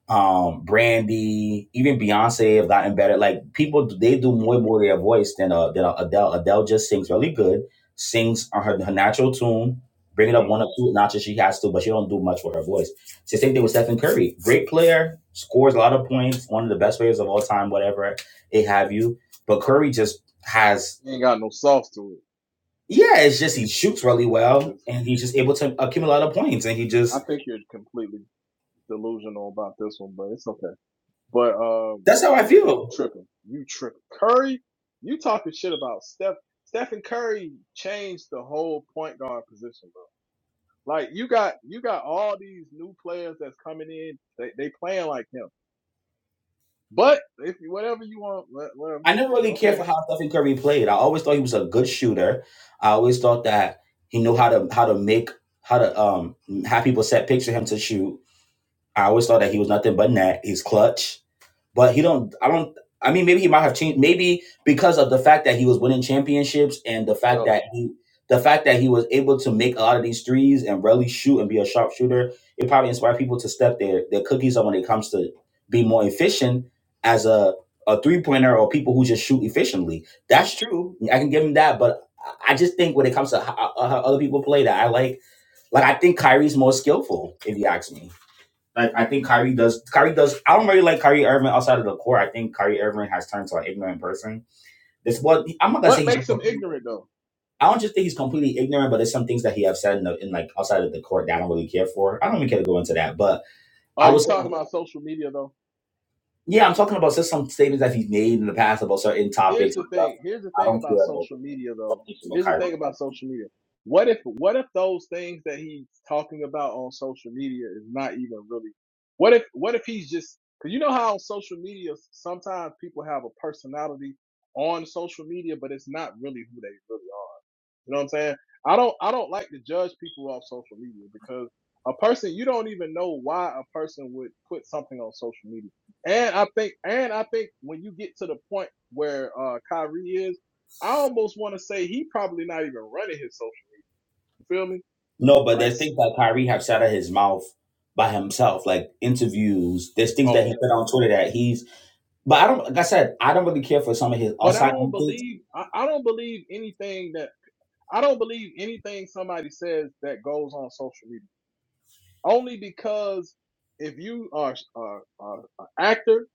um, Brandy, even Beyonce have gotten better. Like people they do more more with their voice than uh than uh, Adele. Adele just sings really good, sings on her, her natural tune, bringing up
know,
one or two notches she has to, but she don't do much with her voice. It's the same thing with Stephen Curry. Great player, scores a lot of points, one of the best players of all time, whatever they have you. But Curry just has,
he ain't got no sauce to it.
yeah, it's just he shoots really
It's
well
just,
and he's just able to accumulate a lot of points. And he
I
just,
think you're completely delusional about this one, but it's okay. But um,
that's how I
yeah, because you
feel.
tripping, you tripping. Curry, you talking shit about Steph. Stephen Curry changed the whole point guard position, bro. Like you got you got all these new players that's coming in. They they playing like him. But if you whatever you want, let, let 'em-
I never really cared
Okay.
for how Stephen Curry played. I always thought he was a good shooter. I always thought that he knew how to how to make how to um have people set picture him to shoot. I always thought that he was nothing but net. He's clutch. but he don't i don't i mean maybe he might have changed maybe because of the fact that he was winning championships and the fact
Yeah.
that he the fact that he was able to make a lot of these threes and really shoot and be a sharpshooter it probably inspired people to step their their cookies up when it comes to be more efficient as a a three pointer or people who just shoot efficiently that's true i can give him that but i I just think when it comes to how, how other people play that i like like i think kyrie's more skillful if you ask me like I think Kyrie does. Kyrie does. I don't really like Kyrie Irving outside of the court. I think Kyrie Irving has turned to an ignorant person. This what I'm not gonna
What
say he's.
makes them ignorant though?
I don't just think he's completely ignorant, but there's some things that he has said in, the, in like outside of the court that I don't really care for. I don't even care to go into that, but
Are
I
you
was.
talking about social media though?
Yeah, I'm talking about just some statements that he's made in the past about certain
Here's
topics
the
and stuff.
thing. Here's the
I
thing
don't
about
care about,
social media though.
don't
Here's the
care about
thing about
Kyrie.
social media. What if what if those things that he's talking about on social media is not even really? What if what if he's just because you know how on social media sometimes people have a personality on social media, but it's not really who they really are. You know what I'm saying? I don't I don't like to judge people off social media because a person you don't even know why a person would put something on social media. And I think and I think when you get to the point where uh Kyrie is, I almost want to say he probably not even running his social. You feel me?
No, but
Like
there's
s-
things that Kyrie have said out of his mouth by himself, like interviews. There's things that he
oh
put
okay.
on Twitter that he's. But I don't. Like I said, I don't really care for some of his
But I
outside
don't
things.
believe I, I don't believe anything that I don't believe anything somebody says that goes on social media. Only because if you are are, are an actor,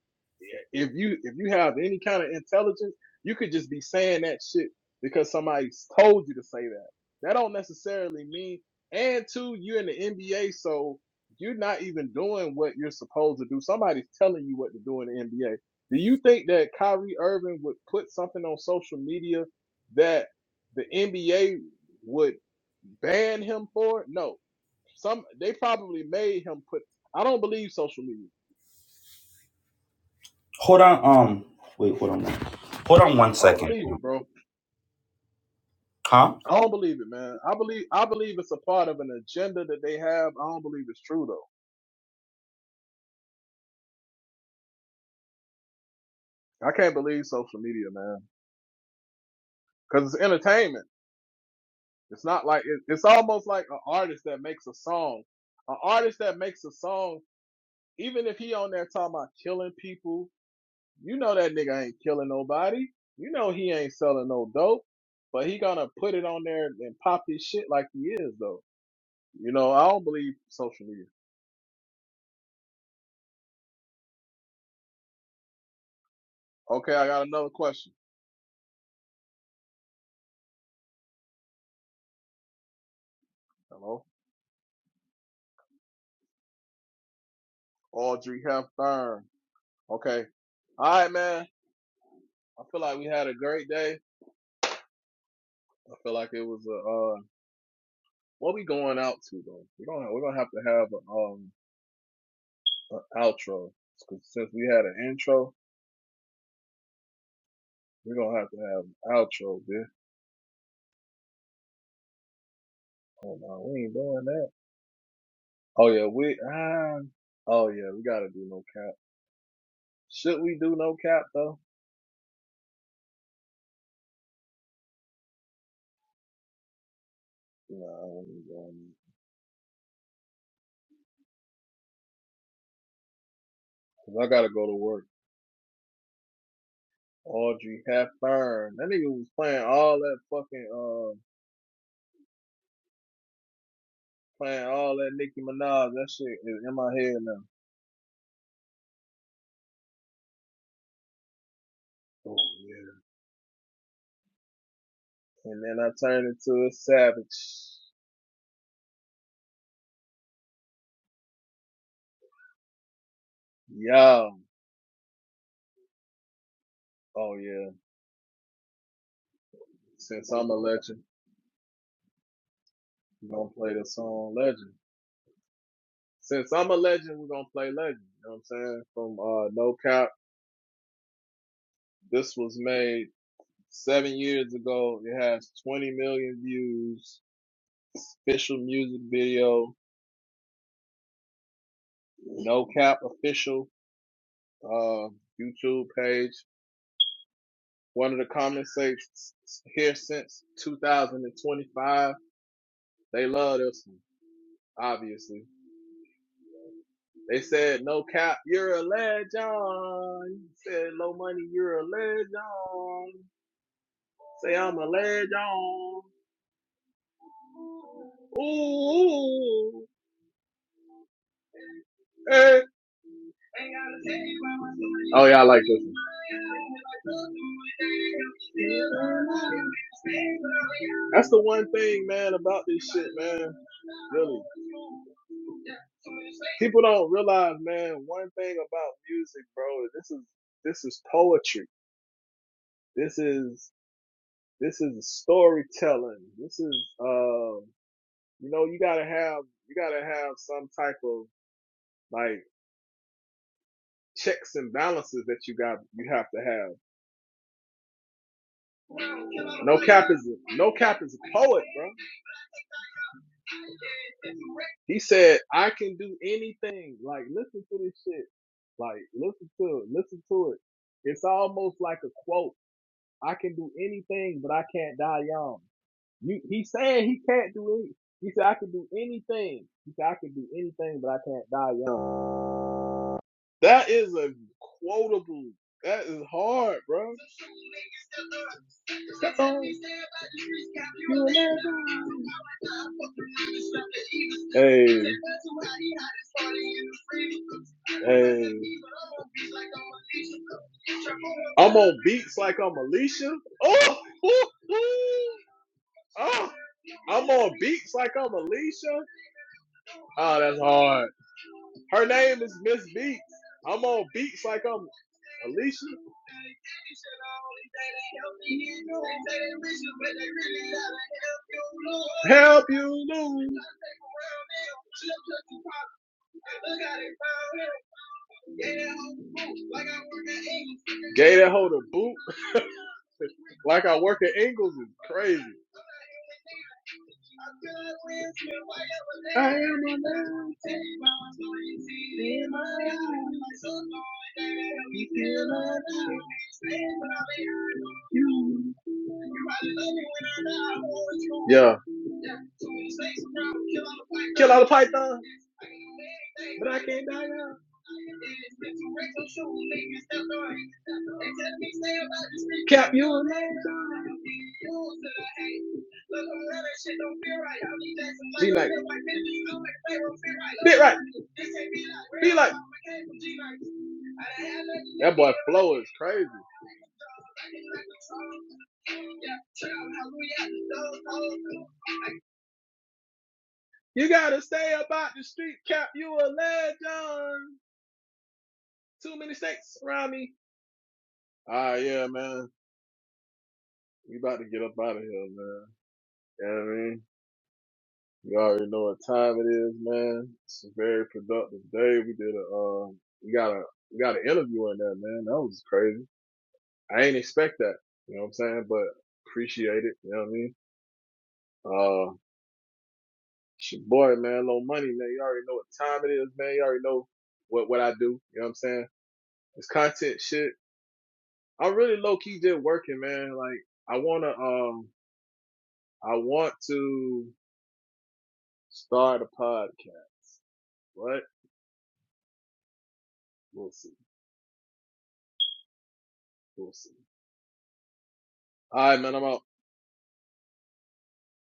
yeah, if you if you have any kind of intelligence, you could just be saying that shit because somebody told you to say that. That don't necessarily mean. And two, you're in the NBA, so you're not even doing what you're supposed to do. Somebody's telling you what to do in the NBA. Do you think that Kyrie Irving would put something on social media that the NBA would ban him for? No some they probably made him put. I don't believe social media.
Hold on. Um. Wait. Hold on. Hold on one
I don't
second.
believe it, bro.
Huh?
I don't believe it, man. I believe I believe it's a part of an agenda that they have. I don't believe it's true though. I can't believe social media, man, because it's entertainment. It's not like it, it's almost like an artist that makes a song. An artist that makes a song, even if he on there talking about killing people, you know that nigga ain't killing nobody. You know he ain't selling no dope, but he gonna put it on there and pop his shit like he is though. You know, I don't believe social media. Okay, I got another question. Hello, Audrey Hepburn. Okay, all right, man. I feel like we had a great day. I feel like it was a. Uh, what we going out to though? We don't. We're gonna have to have a, um an outro 'Cause since we had an intro, we're gonna have to have an outro. Bitch. Hold on, we ain't doing that. Oh yeah, we. Uh, oh yeah, we gotta do no cap. Should we do no cap though? No, I ain't doing it. 'Cause I gotta go to work. Audrey Hepburn. That nigga was playing all that fucking uh playing all that Nicki Minaj. That shit is in my head now. Oh yeah. And then I turned into a savage. Yeah. Oh yeah. Since I'm a legend, we're gonna play the song Legend. Since I'm a legend, we're gonna play Legend. You know what I'm saying? From uh No Cap. This was made seven years ago. It has twenty million views. Official music video. No cap official uh, YouTube page. One of the comments say, here since 2025. They love this one, obviously. They said, no cap, you're a legend. You said, low money, you're a legend. Say, I'm a legend. Ooh, hey. Oh yeah, I like this one. That's the one thing, man, about this shit, man. Really, people don't realize, man. One thing about music, bro, is this is this is poetry. This is this is storytelling. This is, um, you know, you gotta have you gotta have some type of like checks and balances that you got you have to have. No cap is a, no cap is a poet, bro. He said, "I can do anything." Like, listen to this shit. Like, listen to it. Listen to it. It's almost like a quote. I can do anything, but I can't die young. You, he said he can't do it. He said I can do anything. He said I can do anything, but I can't die young. That is a quotable. That is hard, bro. Hey. Hey. I'm on beats like I'm Alicia. Oh, oh, oh. oh. I'm on beats like I'm Alicia. Oh, that's hard. Her name is Miss Beats. I'm on beats like I'm Alicia. Help you lose. Gay that hoe to boot. Like I work at Ingles is crazy. I am a man. Yeah. Kill all the pythons, but I can't die. now. Cap, you a there? Be like, be right, be like. That boy flow is crazy. You gotta stay about the street, Cap. You a legend. Too many snakes around me. Ah, yeah, man. We about to get up out of here, man. You know what I mean? You already know what time it is, man. It's a very productive day. We did a, um, we got a, we got an interview in there, man. That was crazy. I ain't expect that. You know what I'm saying? But appreciate it. You know what I mean? Uh, it's your boy, man. Low money, man. You already know what time it is, man. You already know what, what I do. You know what I'm saying? It's content shit. I'm really low key just working, man. Like, I wanna, um, I want to Start a podcast. What? We'll see. We'll see. All right, man. I'm out.